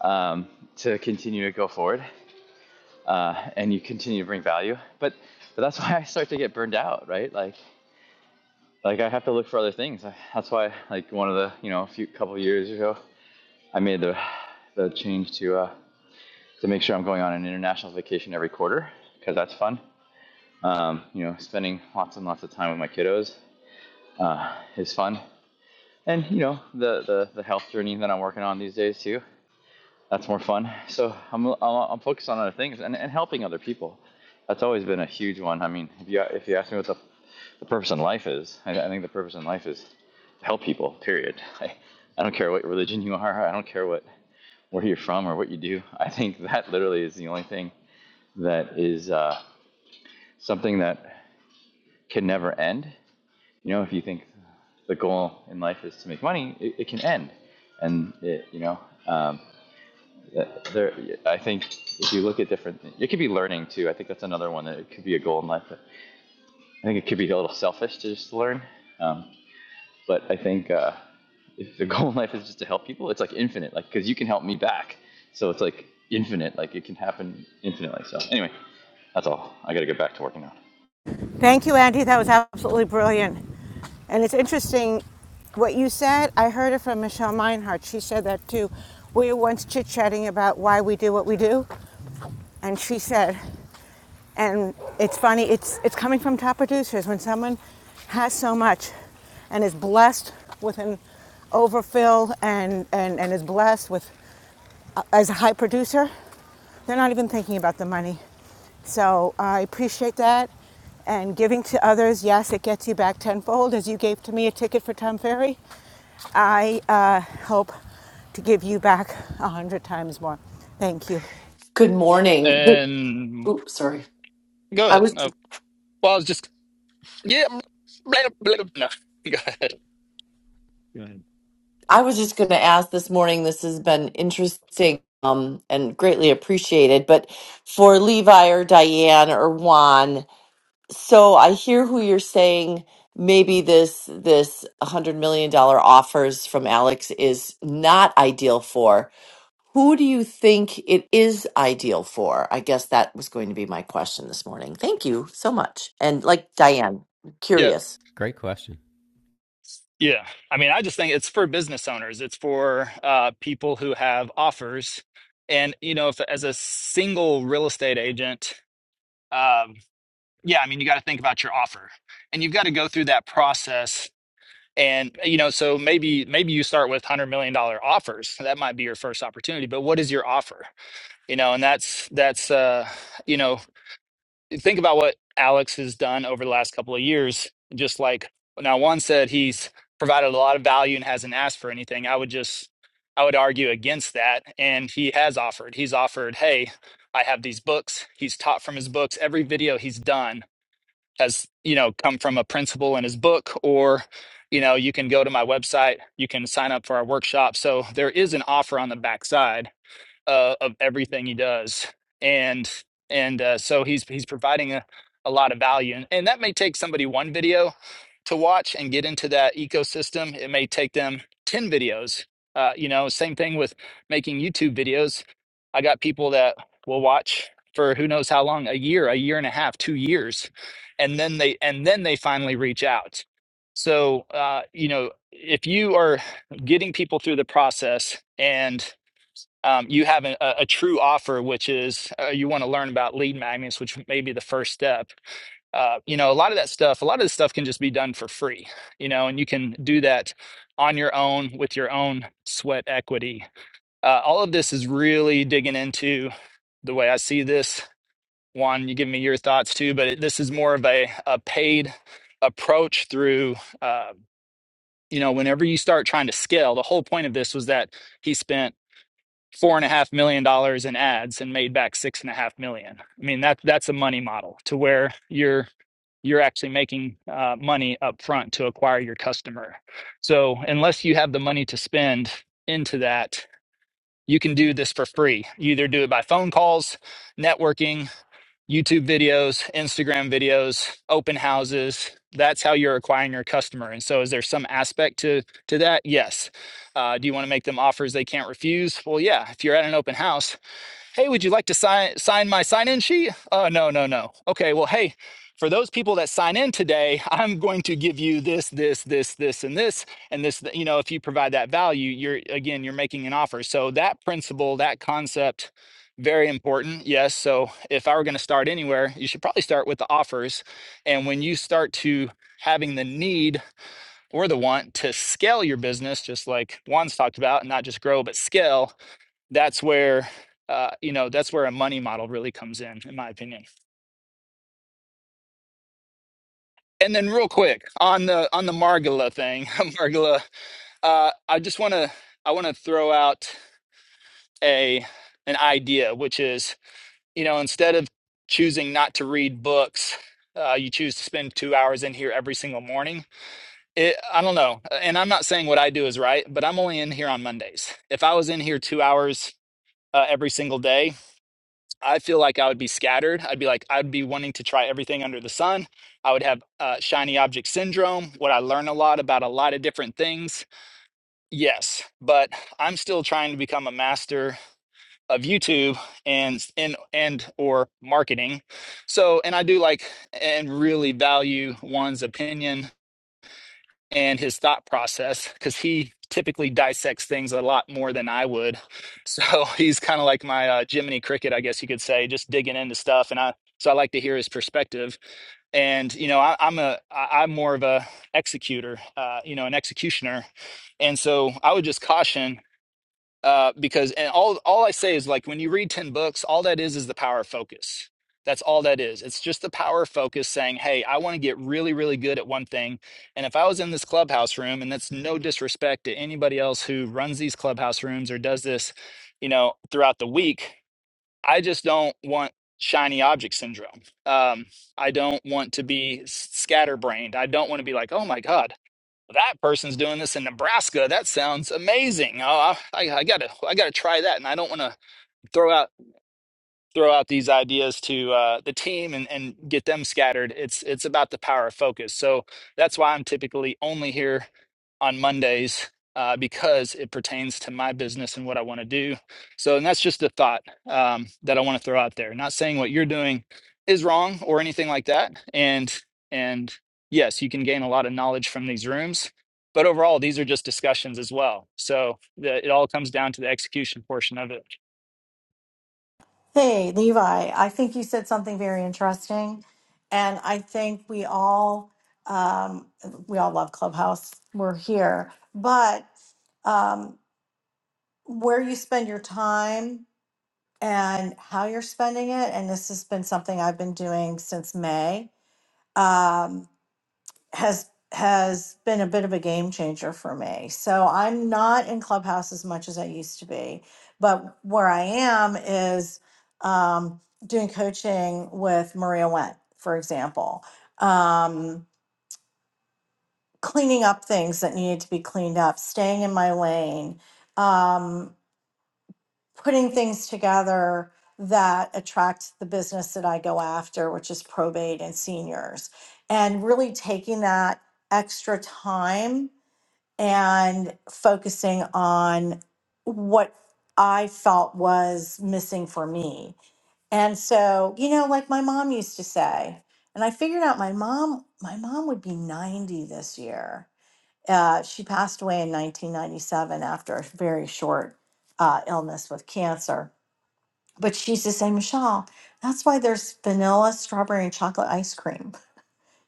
um, to continue to go forward, uh, and you continue to bring value. But but that's why I start to get burned out, right? Like like I have to look for other things. that's why like one of the you know a few couple years ago I made the the change to uh, to make sure I'm going on an international vacation every quarter because that's fun. Um, you know, spending lots and lots of time with my kiddos uh, is fun. And you know the, the the health journey that I'm working on these days too. That's more fun. So I'm I'm, I'm focused on other things and, and helping other people. That's always been a huge one. I mean, if you if you ask me what the the purpose in life is, I, I think the purpose in life is to help people. Period. I, I don't care what religion you are. I don't care what where you're from or what you do. I think that literally is the only thing that is uh, something that can never end you know, if you think the goal in life is to make money, it, it can end. And it, you know, um, there, I think if you look at different, it could be learning too. I think that's another one that it could be a goal in life. But I think it could be a little selfish to just learn. Um, but I think uh, if the goal in life is just to help people, it's like infinite, like because you can help me back. So it's like infinite, like it can happen infinitely. So anyway, that's all. I got to get back to working now.
Thank you, Andy. That was absolutely brilliant. And it's interesting what you said. I heard it from Michelle Meinhardt. She said that too. We were once chit chatting about why we do what we do, and she said, and it's funny. It's it's coming from top producers when someone has so much and is blessed with an overfill and and and is blessed with uh, as a high producer. They're not even thinking about the money. So I appreciate that. And giving to others, yes, it gets you back tenfold, as you gave to me a ticket for Tom Ferry. I uh, hope to give you back a hundred times more. Thank you.
and go ahead. Oh, well, I was just yeah. Blah, blah, blah. No, go ahead. Yeah.
Great question.
Yeah. I mean, I just think it's for business owners. It's for uh, people who have offers. And, you know, if as a single real estate agent, um, yeah, I mean, you got to think about your offer and you've got to go through that process. And, uh, you know, so maybe, maybe you start with $100 million dollar offers. That might be your first opportunity, but what is your offer? You know, and that's, that's, uh, you know, think about what Alex has done over the last couple of years. Just like now, one said he's provided a lot of value and hasn't asked for anything. I would just, I would argue against that. And he has offered. He's offered, hey, I have these books. He's taught from his books. Every video he's done has, you know, come from a principle in his book or you know you can go to my website you can sign up for our workshop so there is an offer on the backside uh, of everything he does, and and uh, so he's he's providing a, a lot of value, and, and that may take somebody one video to watch and get into that ecosystem. It may take them ten videos. Uh, you know, same thing with making YouTube videos. I got people that will watch for who knows how long, a year, a year and a half, two years, and then they and then they finally reach out. So uh, you know, if you are getting people through the process and um, you have a, a true offer, which is uh, you want to learn about lead magnets, which may be the first step. Uh, you know, a lot of that stuff, a lot of the stuff can just be done for free, you know, and you can do that on your own with your own sweat equity. Uh, all of this is really digging into the way I see this. Juan, you give me your thoughts too, but it, this is more of a, a paid approach through, uh, you know, whenever you start trying to scale, the whole point of this was that he spent four and a half million dollars in ads and made back six and a half million. I mean, that that's a money model to where you're you're actually making uh, money up front to acquire your customer. So unless you have the money to spend into that, you can do this for free. You either do it by phone calls, networking, YouTube videos, Instagram videos, open houses. That's how you're acquiring your customer. And so, is there some aspect to to that? Yes. Uh, do you want to make them offers they can't refuse? Well, yeah. If you're at an open house hey, would you like to sign sign my sign in sheet? Oh, uh, no, no, no. Okay, well, hey, for those people that sign in today, I'm going to give you this, this, this, this, and this, and this. You know, if you provide that value, you're again, you're making an offer. So that principle, that concept, very important. Yes. So if I were going to start anywhere, you should probably start with the offers. And when you start to having the need or the want to scale your business, just like Juan's talked about, and not just grow, but scale, that's where uh, you know that's where a money model really comes in in my opinion and then real quick on the on the margula thing margula uh, i just want to i want to throw out a an idea which is you know instead of choosing not to read books uh, you choose to spend two hours in here every single morning it, i don't know uh, and i'm not saying what i do is right but i'm only in here on mondays if i was in here two hours uh, every single day I feel like I would be scattered. I'd be like, I'd be wanting to try everything under the sun. I would have uh, shiny object syndrome. Would I learn a lot about a lot of different things? Yes, but I'm still trying to become a master of YouTube and and and or marketing. So, and I do like and really value one's opinion and his thought process because he typically dissects things a lot more than I would. So he's kind of like my uh, Jiminy Cricket, I guess you could say, just digging into stuff. And I so I like to hear his perspective. And you know, I, I'm a I, I'm more of a executor, uh, you know, an executioner. And so I would just caution uh, because and all all I say is like when you read ten books, all that is is the power of focus. That's all that is. It's just the power of focus saying, "Hey, I want to get really, really good at one thing." And if I was in this clubhouse room, and that's no disrespect to anybody else who runs these clubhouse rooms or does this, you know, throughout the week, I just don't want shiny object syndrome. Um, I don't want to be s- scatterbrained. I don't want to be like, "Oh my God." that person's doing this in Nebraska. That sounds amazing. Oh, I, I gotta, I gotta try that. And I don't want to throw out throw out these ideas to uh, the team and, and get them scattered. It's it's about the power of focus. So that's why I'm typically only here on Mondays uh, because it pertains to my business and what I want to do. So and that's just a thought um, that I want to throw out there. Not saying what you're doing is wrong or anything like that. And and yes, you can gain a lot of knowledge from these rooms. But overall, these are just discussions as well. So the, it all comes down to the execution portion of it.
Hey, Levi, I think you said something very interesting. And I think we all um, we all love Clubhouse. We're here, but um, where you spend your time and how you're spending it and this has been something i've been doing since may um, has has been a bit of a game changer for me so i'm not in clubhouse as much as i used to be but where i am is um, doing coaching with maria went for example um, cleaning up things that needed to be cleaned up staying in my lane um, putting things together that attract the business that I go after, which is probate and seniors, and really taking that extra time and focusing on what I felt was missing for me. And so, you know, like my mom used to say, and I figured out my mom, my mom would be 90 this year. Uh, she passed away in 1997 after a very short uh, illness with cancer but she used to say, Michelle, that's why there's vanilla, strawberry, and chocolate ice cream.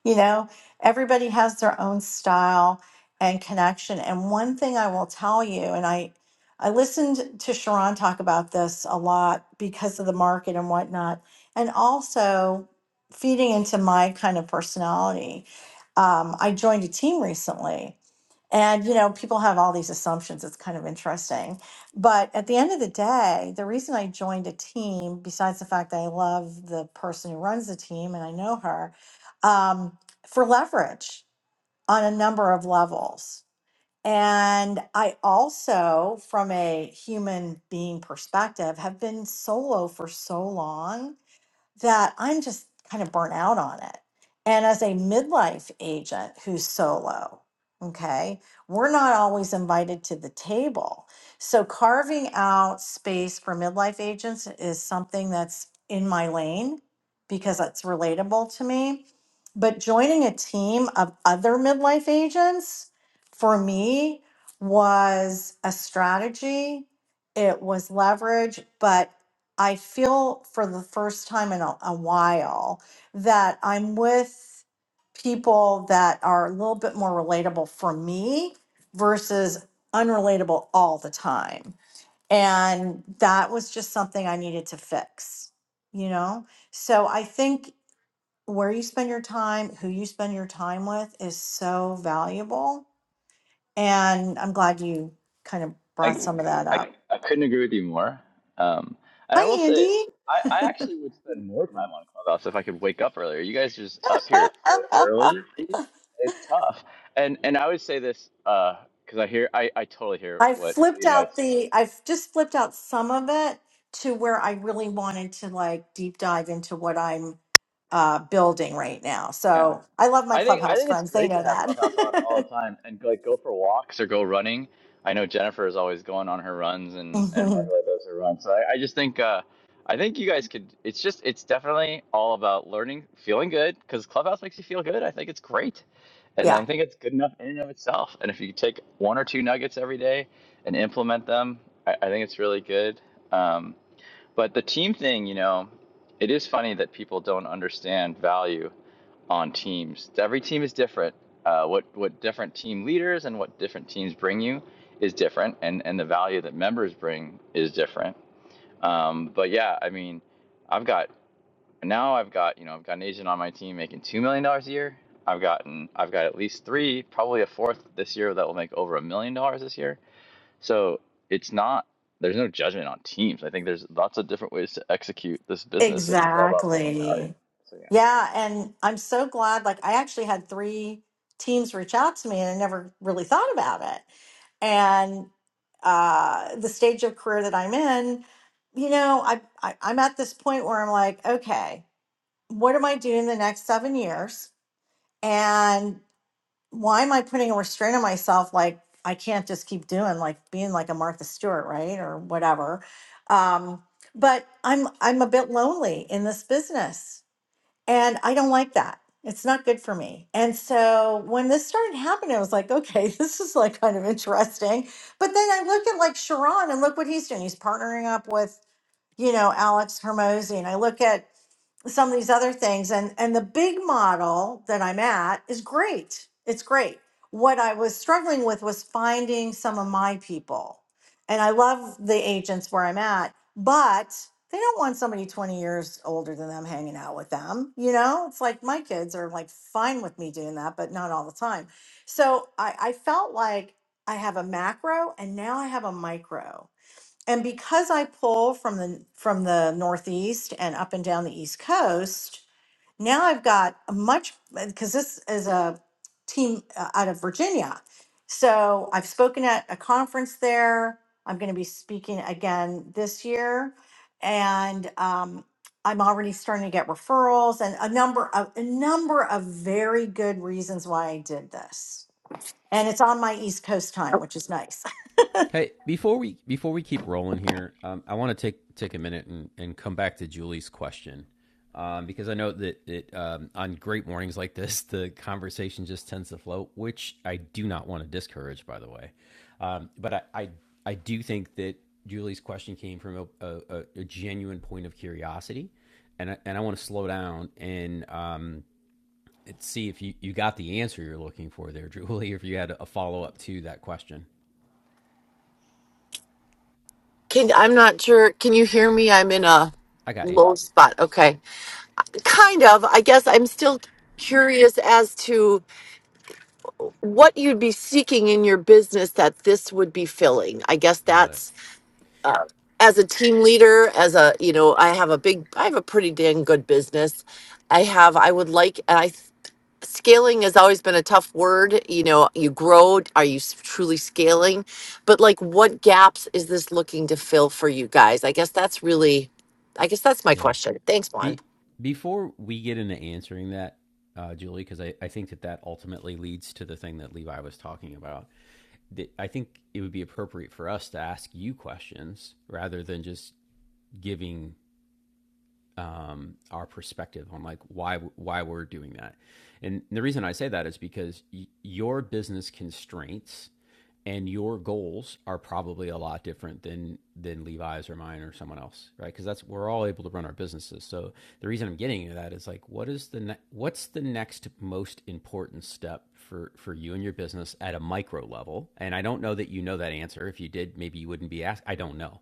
You know, everybody has their own style and connection. And one thing I will tell you, and I, I listened to Sharon talk about this a lot because of the market and whatnot, and also feeding into my kind of personality. Um, I joined a team recently and, you know, people have all these assumptions. It's kind of interesting. But at the end of the day, the reason I joined a team, besides the fact that I love the person who runs the team and I know her, um, for leverage on a number of levels. And I also, from a human being perspective, have been solo for so long that I'm just kind of burnt out on it. And as a midlife agent who's solo, okay, we're not always invited to the table. So carving out space for midlife agents is something that's in my lane because it's relatable to me. But joining a team of other midlife agents for me was a strategy. It was leverage, but I feel for the first time in a, a while that I'm with people that are a little bit more relatable for me versus unrelatable all the time. And that was just something I needed to fix, you know? So I think where you spend your time, who you spend your time with is so valuable. And I'm glad you kind of
I,
brought some of that
I,
up.
I couldn't agree with you more. Um, and I will
Hi,
say,
Andy.
I, I actually would spend more time on Clubhouse if I could wake up earlier. You guys are just up here so early. It's tough. And and I would say this because uh, I hear I, I totally hear
I
what
flipped
Levi's
out
saying.
the, I've just flipped out some of it to where I really wanted to like deep dive into what I'm uh, building right now.
Yeah.
So I love my
I think I
clubhouse
think it's
friends. They
great
know
to have Clubhouse on all
that.
the time and like go for walks or go running. I know Jennifer is always going on her runs and and
Mhm.
Margaret does her runs. So I, I just think uh, I think you guys could. It's just it's definitely all about learning, feeling good because Clubhouse makes you feel good. I think it's great, and
Yeah,
I think it's good enough in and of itself. And if you take one or two nuggets every day and implement them, I, I think it's really good. Um, but the team thing, you know, it is funny that people don't understand value on teams. Every team is different. Uh, what what different team leaders and what different teams bring you is different, and and the value that members bring is different. Um, but yeah, I mean, I've got now I've got you know I've got an agent on my team making two million dollars a year. I've gotten I've got at least three, probably a fourth this year that will make over a million dollars this year. So it's not there's no judgment on teams. I think there's lots of different ways to execute this business, and it's all about bringing value.
exactly.
So yeah.
Yeah, and I'm so glad. Like, I actually had three teams reach out to me, and I never really thought about it. And uh, the stage of career that I'm in, you know, I, I I'm at this point where I'm like, okay. what am I doing the next seven years? And why am I putting a restraint on myself? Like, I can't just keep doing like being like a Martha Stewart, right? Or whatever. Um, but I'm I'm a bit lonely in this business and I don't like that. It's not good for me. And so when this started happening, I was like, okay, this is like kind of interesting. But then I look at like Sharon and look what he's doing. He's partnering up with, you know, Alex Hermosi. And I look at some of these other things and and the big model that i'm at is great it's great what i was struggling with was finding some of my people and i love the agents where i'm at but they don't want somebody 20 years older than them hanging out with them you know it's like my kids are like fine with me doing that but not all the time so i, I felt like i have a macro and now i have a micro and because I pull from the from the northeast and up and down the east coast, now I've got a much because this is a team uh, out of Virginia. So I've spoken at a conference there. I'm going to be speaking again this year, and um, I'm already starting to get referrals and a number of a number of very good reasons why I did this. And it's on my East Coast time, which is nice.
Hey, before we before we keep rolling here, um, I want to take take a minute and, and come back to Julie's question um, because I know that it, um, on great mornings like this, the conversation just tends to flow, which I do not want to discourage, by the way. Um, but I, I I do think that Julie's question came from a, a, a genuine point of curiosity, and I, and I want to slow down and um, and see if you, you got the answer you're looking for there, Julie. If you had a follow up to that question, I got you. Got it. Yeah. Be before we get into answering that, uh, Julie, because I, I think that that ultimately leads to the thing that Levi was talking about. I think it would be appropriate for us to ask you questions rather than just giving um, our perspective on like why why we're doing that. And the reason I say that is because y- your business constraints and your goals are probably a lot different than than Levi's or mine or someone else, right? Because that's we're all able to run our businesses. So the reason I'm getting into that is like, what is the ne- what's the next most important step for for you and your business at a micro level? And I don't know that you know that answer. If you did, maybe you wouldn't be asked. I don't know,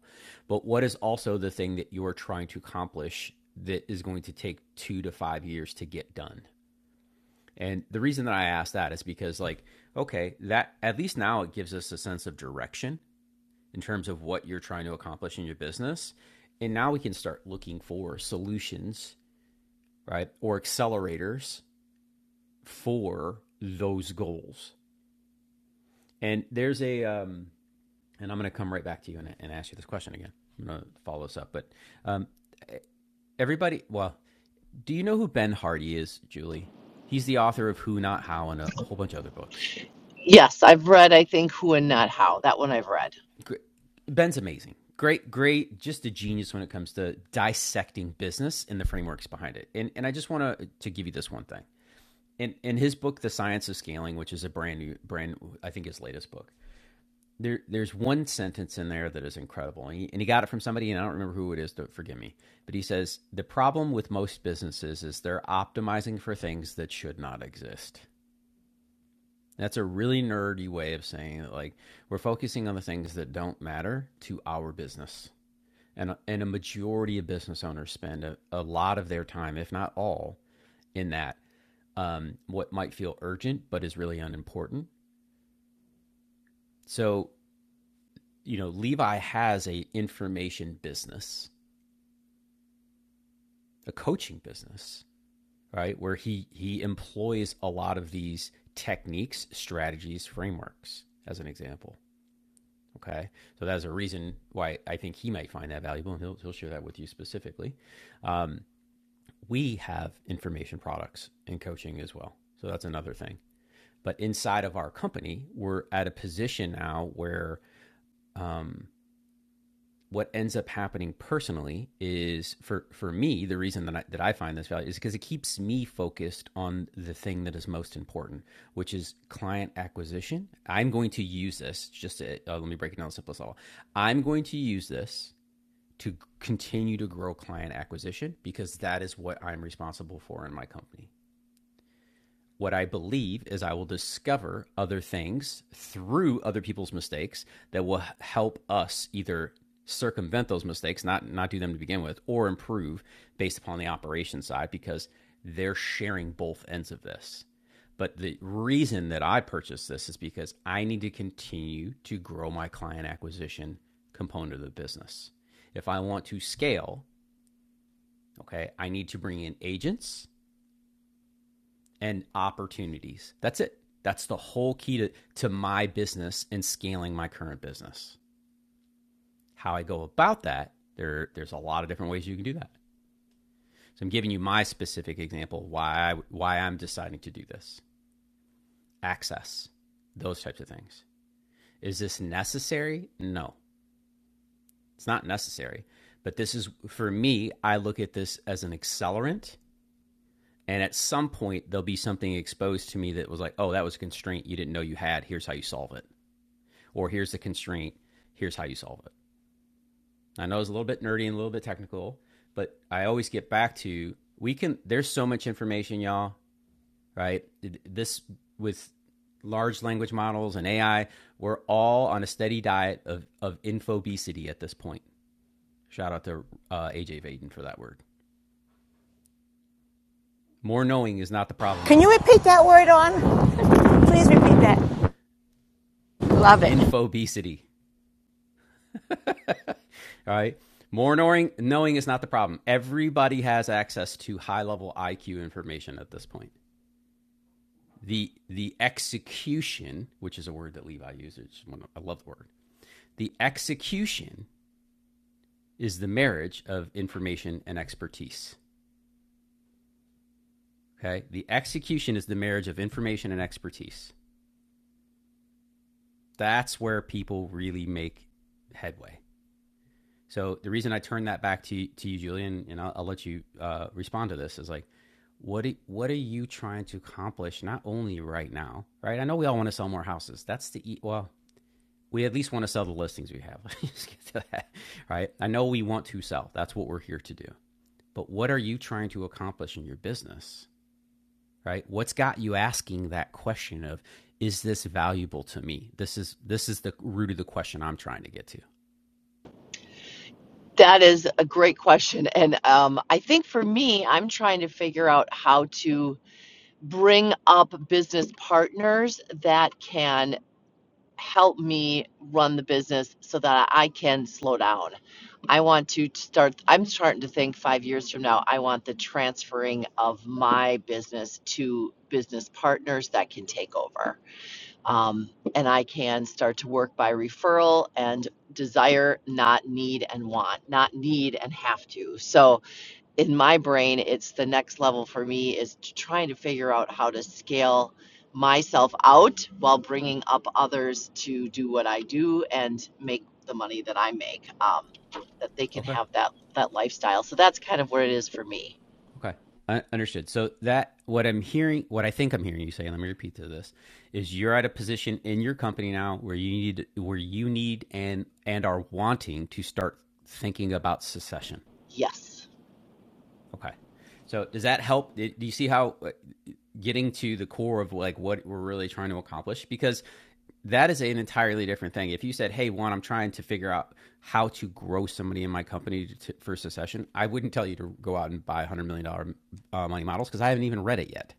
but what is also the thing that you are trying to accomplish that is going to take two to five years to get done? And the reason that I asked that is because, like, okay, that at least now it gives us a sense of direction in terms of what you're trying to accomplish in your business. And now we can start looking for solutions, right? Or accelerators for those goals. And there's a, um, and I'm going to come right back to you and, and ask you this question again. I'm going to follow this up. But um, everybody, well, do you know who Ben Hardy is, Julie? He's the author of Who Not How and a whole bunch of other books. Ben's amazing. Great, great, just a genius when it comes to dissecting business and the frameworks behind it. And and I just want to to give you this one thing. In in his book, The Science of Scaling, which is a brand new brand, I think his latest book. There, there's one sentence in there that is incredible, and he, and he got it from somebody, and I don't remember who it is. Don't forgive me, but he says the problem with most businesses is they're optimizing for things that should not exist. That's a really nerdy way of saying that, like, we're focusing on the things that don't matter to our business and and a majority of business owners spend a, a lot of their time, if not all, in that. Um, what might feel urgent but is really unimportant. So you know, Levi has a information business, a coaching business, right? Where he he employs a lot of these techniques, strategies, frameworks, as an example. Okay, so that's a reason why I think he might find that valuable, and he'll he'll share that with you specifically. Um, we have information products and coaching as well. So that's another thing. But inside of our company, we're at a position now where um, what ends up happening personally is for for me the reason that I, that I find this value is because it keeps me focused on the thing that is most important, which is client acquisition. I'm going to use this just to, uh, let me break it down the simplest level. I'm going to use this to continue to grow client acquisition because that is what I'm responsible for in my company. What I believe is I will discover other things through other people's mistakes that will help us either circumvent those mistakes, not not do them to begin with, or improve based upon the operation side because they're sharing both ends of this. But the reason that I purchased this is because I need to continue to grow my client acquisition component of the business. If I want to scale, okay, I need to bring in agents and opportunities. That's it. That's the whole key to, to my business and scaling my current business. How I go about that, there, there's a lot of different ways you can do that. So I'm giving you my specific example why I, why I'm deciding to do this. Access, those types of things. Is this necessary? No, it's not necessary. But this is for me. I look at this as an accelerant, and at some point there'll be something exposed to me that was like, "Oh, that was a constraint you didn't know you had. Here's how you solve it." or here's the constraint, here's how you solve it. I know it's a little bit nerdy and a little bit technical, but I always get back to we can there's so much information y'all, right? This with large language models and AI, we're all on a steady diet of of infobesity at this point. Shout out to uh, AJ Vaden for that word. More knowing is not the problem
Can you
anymore.
repeat that word on? Please repeat that. Love it.
Infobesity, all right? More knowing, knowing is not the problem. Everybody has access to high level IQ information at this point. the the execution, which is a word that Levi uses, I love the word. The execution is the marriage of information and expertise. Okay, the execution is the marriage of information and expertise. That's where people really make headway. So the reason I turn that back to to you, Julian, and I'll, I'll let you uh, respond to this is like, what do, what are you trying to accomplish? Not only right now, right? I know we all want to sell more houses. That's the e- well, we at least want to sell the listings we have. Let's get to that, right? I know we want to sell. That's what we're here to do. But what are you trying to accomplish in your business, right? What's got you asking that question of is this valuable to me? This is this is the root of the question I'm trying to get to. Okay. Okay. I understood. So that what I'm hearing, what I think I'm hearing you say, let me repeat to this, is you're at a position in your company now where you need where you need and and are wanting to start thinking about secession Okay. So does that help? Do you see how uh, getting to the core of like what we're really trying to accomplish? Because that is an entirely different thing. If you said, "Hey, Juan, I'm trying to figure out how to grow somebody in my company to, for succession," I wouldn't tell you to go out and buy 100 million dollar uh, money models because I haven't even read it yet.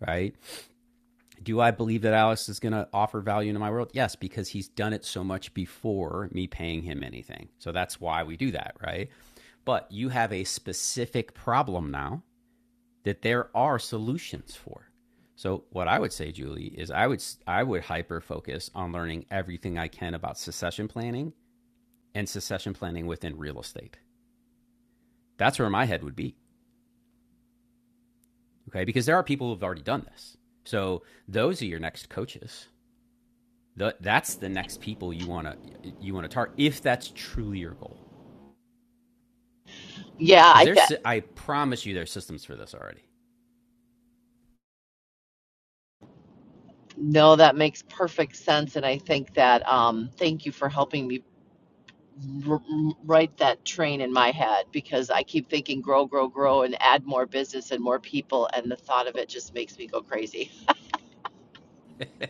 Right? Do I believe that Alex is going to offer value into my world? Yes, because he's done it so much before me paying him anything. So that's why we do that, right? But you have a specific problem now that there are solutions for. So what I would say, Julie, is I would I would hyper focus on learning everything I can about succession planning and succession planning within real estate. That's where my head would be. Okay, because there are people who've already done this. So those are your next coaches. The, that's the next people you want to you want to target if that's truly your goal. Because there's si, I promise you there's systems for this already.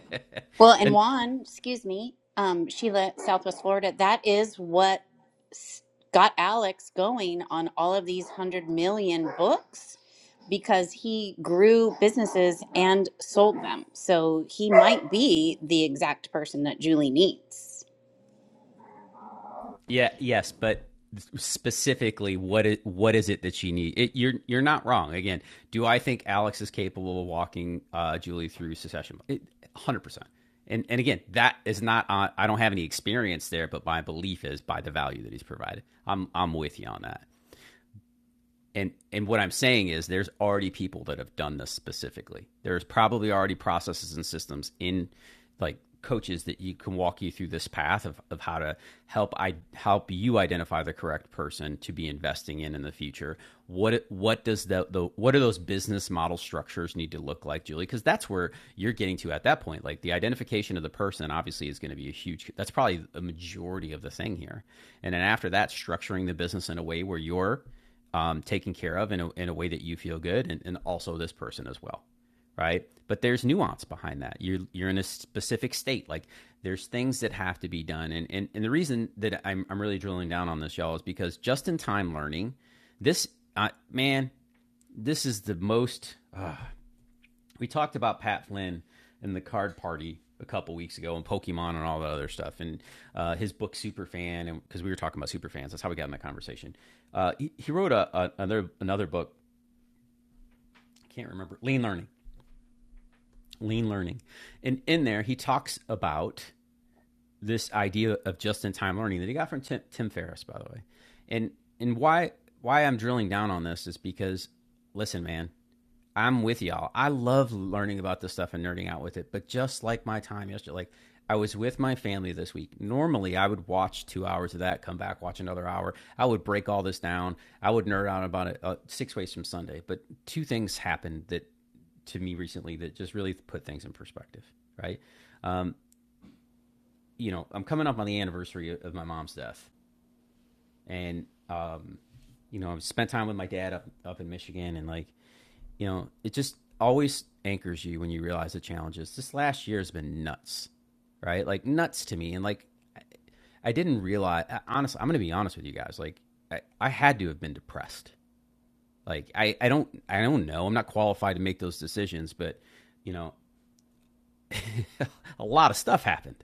Well, and
and
Juan, excuse me, um, Sheila, Southwest Florida, that is what got Alex going on all of these 100 million books because he grew businesses and sold them. So he might be the exact person that Julie needs.
Yeah, yes, but specifically what is what is it that she needs? It, you're you're not wrong. Again, do I think Alex is capable of walking uh, Julie through secession? one Hundred percent. And and again, that is not. Uh, I don't have any experience there, but my belief is by the value that he's provided. I'm I'm with you on that and and what I'm saying is there's already people that have done this specifically. There's probably already processes and systems in like coaches that you can walk you through this path of, of how to help I help you identify the correct person to be investing in in the future. What what does the, the what are those business model structures need to look like, Julie? Because that's where you're getting to at that point. Like the identification of the person obviously is going to be a huge. That's probably a majority of the thing here. And then after that, structuring the business in a way where you're um, taken care of in a, in a way that you feel good and, and also this person as well right but there's nuance behind that you're you're in a specific state like there's things that have to be done and and, and the reason that I'm, I'm really drilling down on this y'all is because just in time learning this uh, man this is the most uh, we talked about Pat Flynn and the card party a couple weeks ago and Pokemon and all that other stuff and uh, his book Superfan and because we were talking about superfans that's how we got in that conversation. Uh, he, he wrote a, a another another book I can't remember Lean Learning Lean Learning and in there he talks about this idea of just in time learning that he got from Tim, Tim Ferriss by the way and and why why I'm drilling down on this is because listen man I'm with y'all. I love learning about this stuff and nerding out with it. But just like my time yesterday, like I was with my family this week. Normally, I would watch two hours of that, come back, watch another hour. I would break all this down. I would nerd out about it uh, six ways from Sunday. But two things happened that to me recently that just really put things in perspective, right? Um, you know, I'm coming up on the anniversary of my mom's death, and um, you know, I've spent time with my dad up up in Michigan, and like you know, it just always anchors you when you realize the challenges. This last year has been nuts, right? Like nuts to me. And like, I didn't realize, honestly, I'm going to be honest with you guys. Like I, I had to have been depressed. Like I, I don't, I don't know. I'm not qualified to make those decisions, but you know, a lot of stuff happened,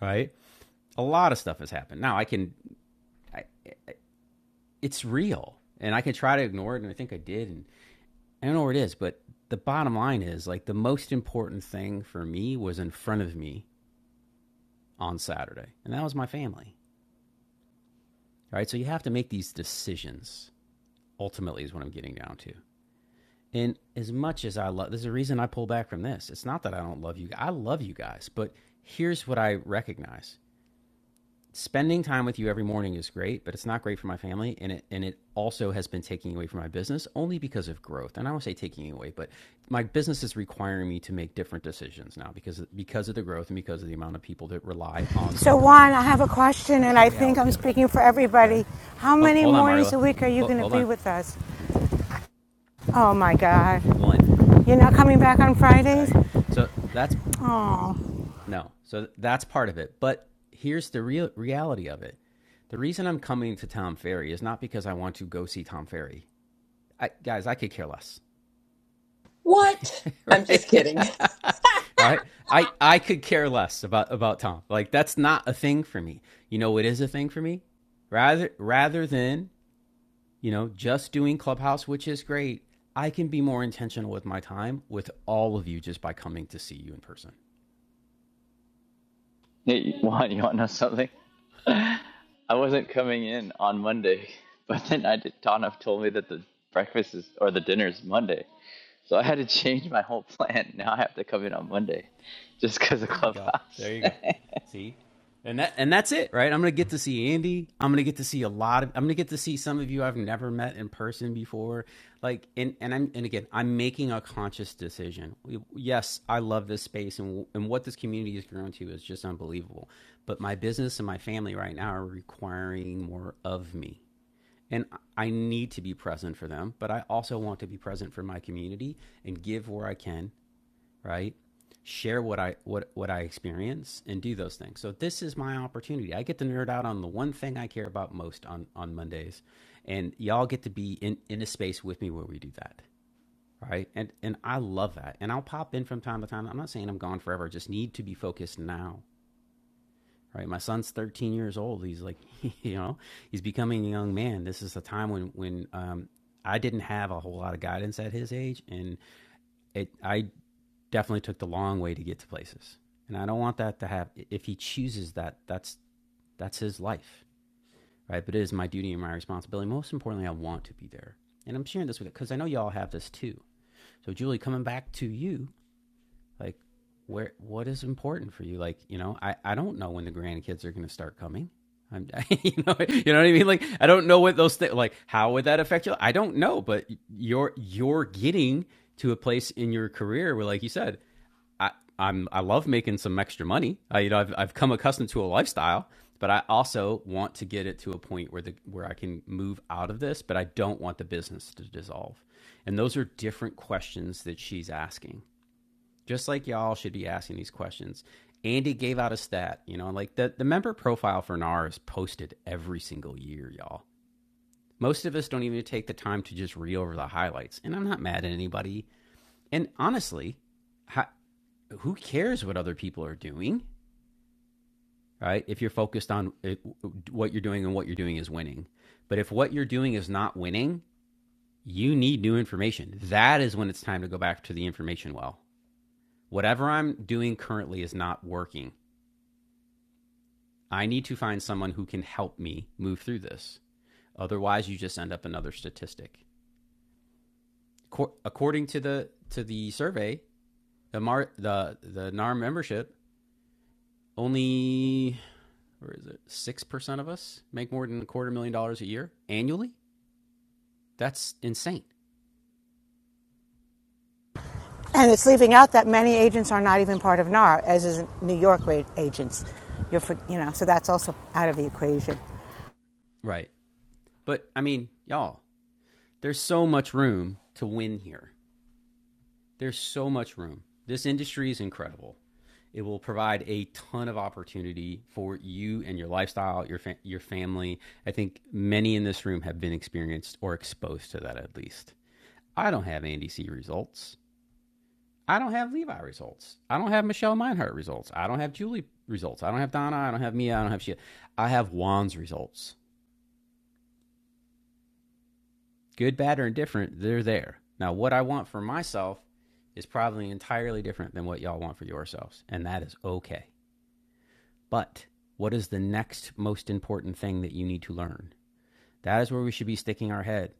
right? A lot of stuff has happened. Now I can, I, it's real and I can try to ignore it. And I think I did. And I don't know where it is, but the bottom line is like the most important thing for me was in front of me on Saturday, and that was my family. Right? So you have to make these decisions ultimately is what I'm getting down to. And as much as I love there's a reason I pull back from this. It's not that I don't love you. I love you guys, but here's what I recognize. spending time with you every morning is great, but it's not great for my family, and it and it also has been taking away from my business only because of growth. And I won't say taking away, but my business is requiring me to make different decisions now because because of the growth and because of the amount of people that rely on the
So, Juan, I
company.
have a question,
That's
and
the
I think
reality
I'm
of it.
speaking for
Okay,
everybody. How
hold,
many
hold on,
mornings
Marla.
a week are you
Hold,
going to
hold
be
on.
with us? Oh my God.
One.
You're not coming back on Fridays?
Okay, so that's
Oh.
no. So that's part of it. But here's the real reality of it. The reason I'm coming to Tom Ferry is not because I want to go see Tom Ferry. I, guys, I could care less,
What? I'm just
right?
kidding.
All right, I I could care less about about Tom. Like that's not a thing for me. You know, it is a thing for me. Rather rather than you know just doing Clubhouse, which is great. I can be more intentional with my time with all of you just by coming to see you in person.
Hey, Juan, you want to know something? I wasn't coming in on Monday, but then I did, Donna told me that the breakfast is or the dinner is Monday, so I had to change my whole plan. Now I have to come in on Monday, just because of
There you go.
Clubhouse.
There you go. See? And that and that's it, right? I'm gonna get to see Andy. I'm gonna get to see a lot of I'm gonna get to see some of you I've never met in person before. Like and, and I'm and again, I'm making a conscious decision. Yes, I love this space and and what this community has grown to is just unbelievable. But my business and my family right now are requiring more of me. And I need to be present for them, but I also want to be present for my community and give where I can right? Share what I what what I experience and do those things. So this is my opportunity. I get to nerd out on the one thing I care about most on on Mondays, and y'all get to be in in a space with me where we do that, right? And and I love that. And I'll pop in from time to time. I'm not saying I'm gone forever. I just need to be focused now right? My son's 13 years old. He's like, you know, he's becoming a young man. This is the time when when um, I didn't have a whole lot of guidance at his age, and it I definitely took the long way to get to places. And I don't want that to have if he chooses that that's that's his life, right? But it is my duty and my responsibility. Most importantly, I want to be there. And I'm sharing this with cuz I know y'all have this too. So Julie, coming back to you, like where what is important for you? Like, you know, I I don't know when the grandkids are going to start coming. I'm, you know, you know what I mean. Like, I don't know what those things. Like, how would that affect you? I don't know, but you're you're getting to a place in your career where, like you said, I, I'm I love making some extra money. I, you know, I've I've come accustomed to a lifestyle, but I also want to get it to a point where the where I can move out of this, but I don't want the business to dissolve. And those are different questions that she's asking. Just like y'all should be asking these questions. Andy gave out a stat, you know, like the, the member profile for NAR is posted every single year, y'all. Most of us don't even take the time to just read over the highlights. And I'm not mad at anybody. And honestly, how, who cares what other people are doing, right? If you're focused on it, what you're doing and what you're doing is winning. But if what you're doing is not winning, you need new information. That is when it's time to go back to the information well. Whatever I'm doing currently is not working. I need to find someone who can help me move through this. Otherwise, you just end up another statistic. Cor- According to the to the survey, the Mar- the the NAR membership, only or is it six percent of us make more than a quarter million dollars a year annually? That's insane.
And it's leaving out that many agents are not even part of NAR, as is New York agents. You're for, you know, so that's also out of the equation.
Right. But I mean, y'all, there's so much room to win here. There's so much room. This industry is incredible. It will provide a ton of opportunity for you and your lifestyle, your fa- your family. I think many in this room have been experienced or exposed to that at least. I don't have Andy C results. I don't have Levi results. I don't have Michelle Meinhardt results. I don't have Julie results. I don't have Donna. I don't have Mia. I don't have Sheila. I have Juan's results. Good, bad, or indifferent, they're there. Now, what I want for myself is probably entirely different than what y'all want for yourselves, and that is okay. But what is the next most important thing that you need to learn? That is where we should be sticking our head.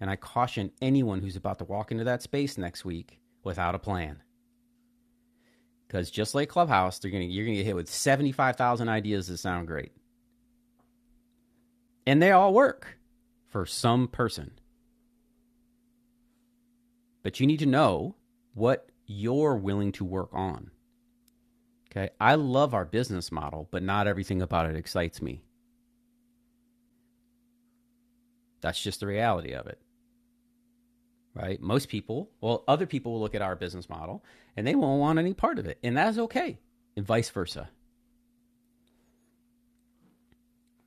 And I caution anyone who's about to walk into that space next week without a plan. Because just like Clubhouse, they're gonna you're gonna get hit with seventy five thousand ideas that sound great, and they all work for some person. But you need to know what you're willing to work on. Okay, I love our business model, but not everything about it excites me. That's just the reality of it, right? Most people, well, other people will look at our business model and they won't want any part of it, and that's okay, and vice versa,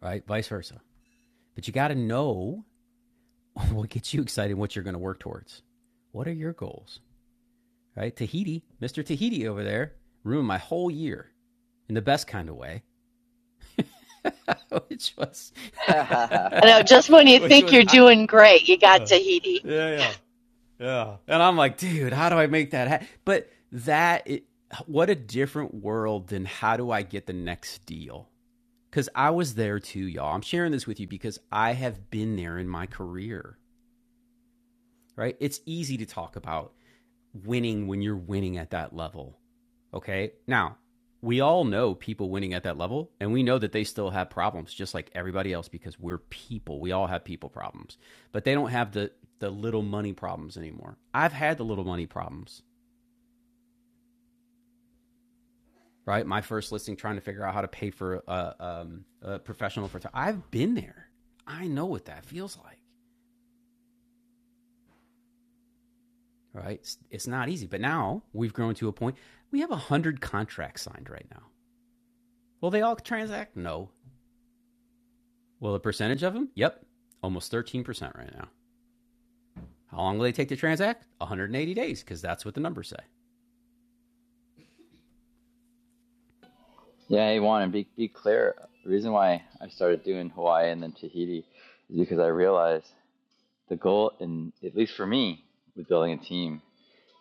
right? Vice versa. But you got to know what gets you excited, what you're going to work towards. What are your goals? right? Tahiti, Mr. Tahiti over there ruined my whole year in the best kind of way, which was,
Ha ha ha
I
ha
know,
ha.
just when you
which
think
was,
you're
I,
doing great, you got
uh,
Tahiti.
yeah, yeah, yeah. And I'm like, dude, how do I make that happen? But that, it, what a different world than how do I get the next deal? Because I was there too, y'all. I'm sharing this with you because I have been there in my career, right? It's easy to talk about winning when you're winning at that level. Okay. Now, we all know people winning at that level, and we know that they still have problems just like everybody else because we're people. We all have people problems, but they don't have the, the little money problems anymore. I've had the little money problems, right? My first listing trying to figure out how to pay for a, um, a professional photographer. I've been there. I know what that feels like, right? It's, it's not easy. But now we've grown to a point, we have 100 contracts signed right now. Will they all transact? No. Well, the percentage of them? Yep. Almost 13% right now. How long will they take to transact? 180 days, because that's what the numbers say.
yeah, hey Juan, and be be clear. The reason why I started doing Hawaii and then Tahiti is because I realized the goal, and at least for me, with building a team,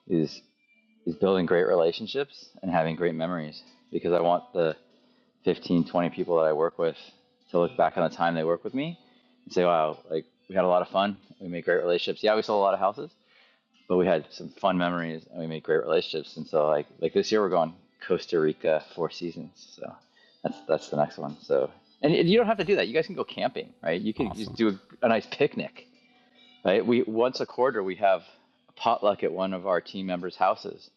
is is building great relationships and having great memories because I want the 15, 20 people that I work with to look back on the time they work with me and say, wow, like we had a lot of fun. We made great relationships. Yeah, we sold a lot of houses, but we had some fun memories and we made great relationships. And so like, like this year we're going Costa Rica four seasons. So that's, that's the next one. So, and you don't have to do that. You guys can go camping, right? You could just
Awesome.
do a, a nice picnic Right? We once a quarter we have a potluck at one of our team members' houses,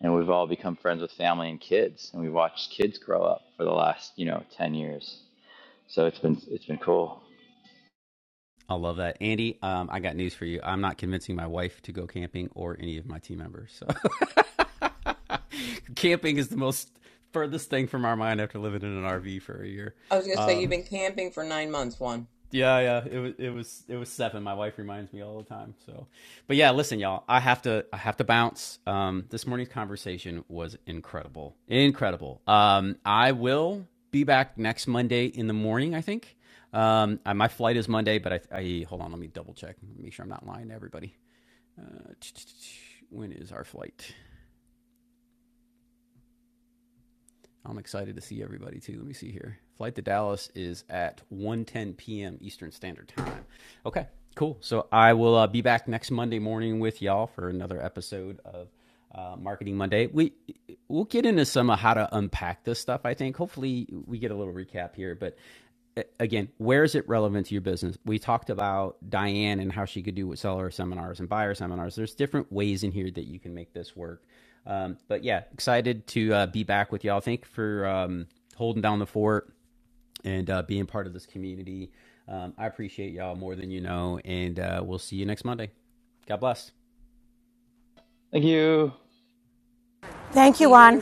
and we've all become friends with family and kids, and we've watched kids grow up for the last you know ten years. So it's been it's been cool.
I love that. Andy, um, I got news for you. I'm not convincing my wife to go camping or any of my team members. So camping is the most furthest thing from our mind after living in an RV for a year. Um, Yeah, yeah. It was it was it was seven. My wife reminds me all the time. So, but yeah, listen, y'all. I have to I have to bounce. Um, this morning's conversation was incredible, incredible. Um, I will be back next Monday in the morning. I think. Um, I, my flight is Monday, but I, I hold on. Let me double check. Make sure I'm not lying to everybody. Uh, when is our flight? I'm excited to see everybody too. Let me see here. Flight to Dallas is at one ten p.m. Eastern Standard Time. Okay, cool. So I will uh, be back next Monday morning with y'all for another episode of uh, Marketing Monday. We we'll get into some of how to unpack this stuff. I think hopefully we get a little recap here, but uh, again, where is it relevant to your business? We talked about Diane and how she could do with seller seminars and buyer seminars. There's different ways in here that you can make this work um, but yeah, excited to uh, be back with y'all. Thank you for um, holding down the fort and uh, being part of this community. Um, I appreciate y'all more than you know, and uh, we'll see you next Monday. God bless.
Thank you.
Thank you, Juan.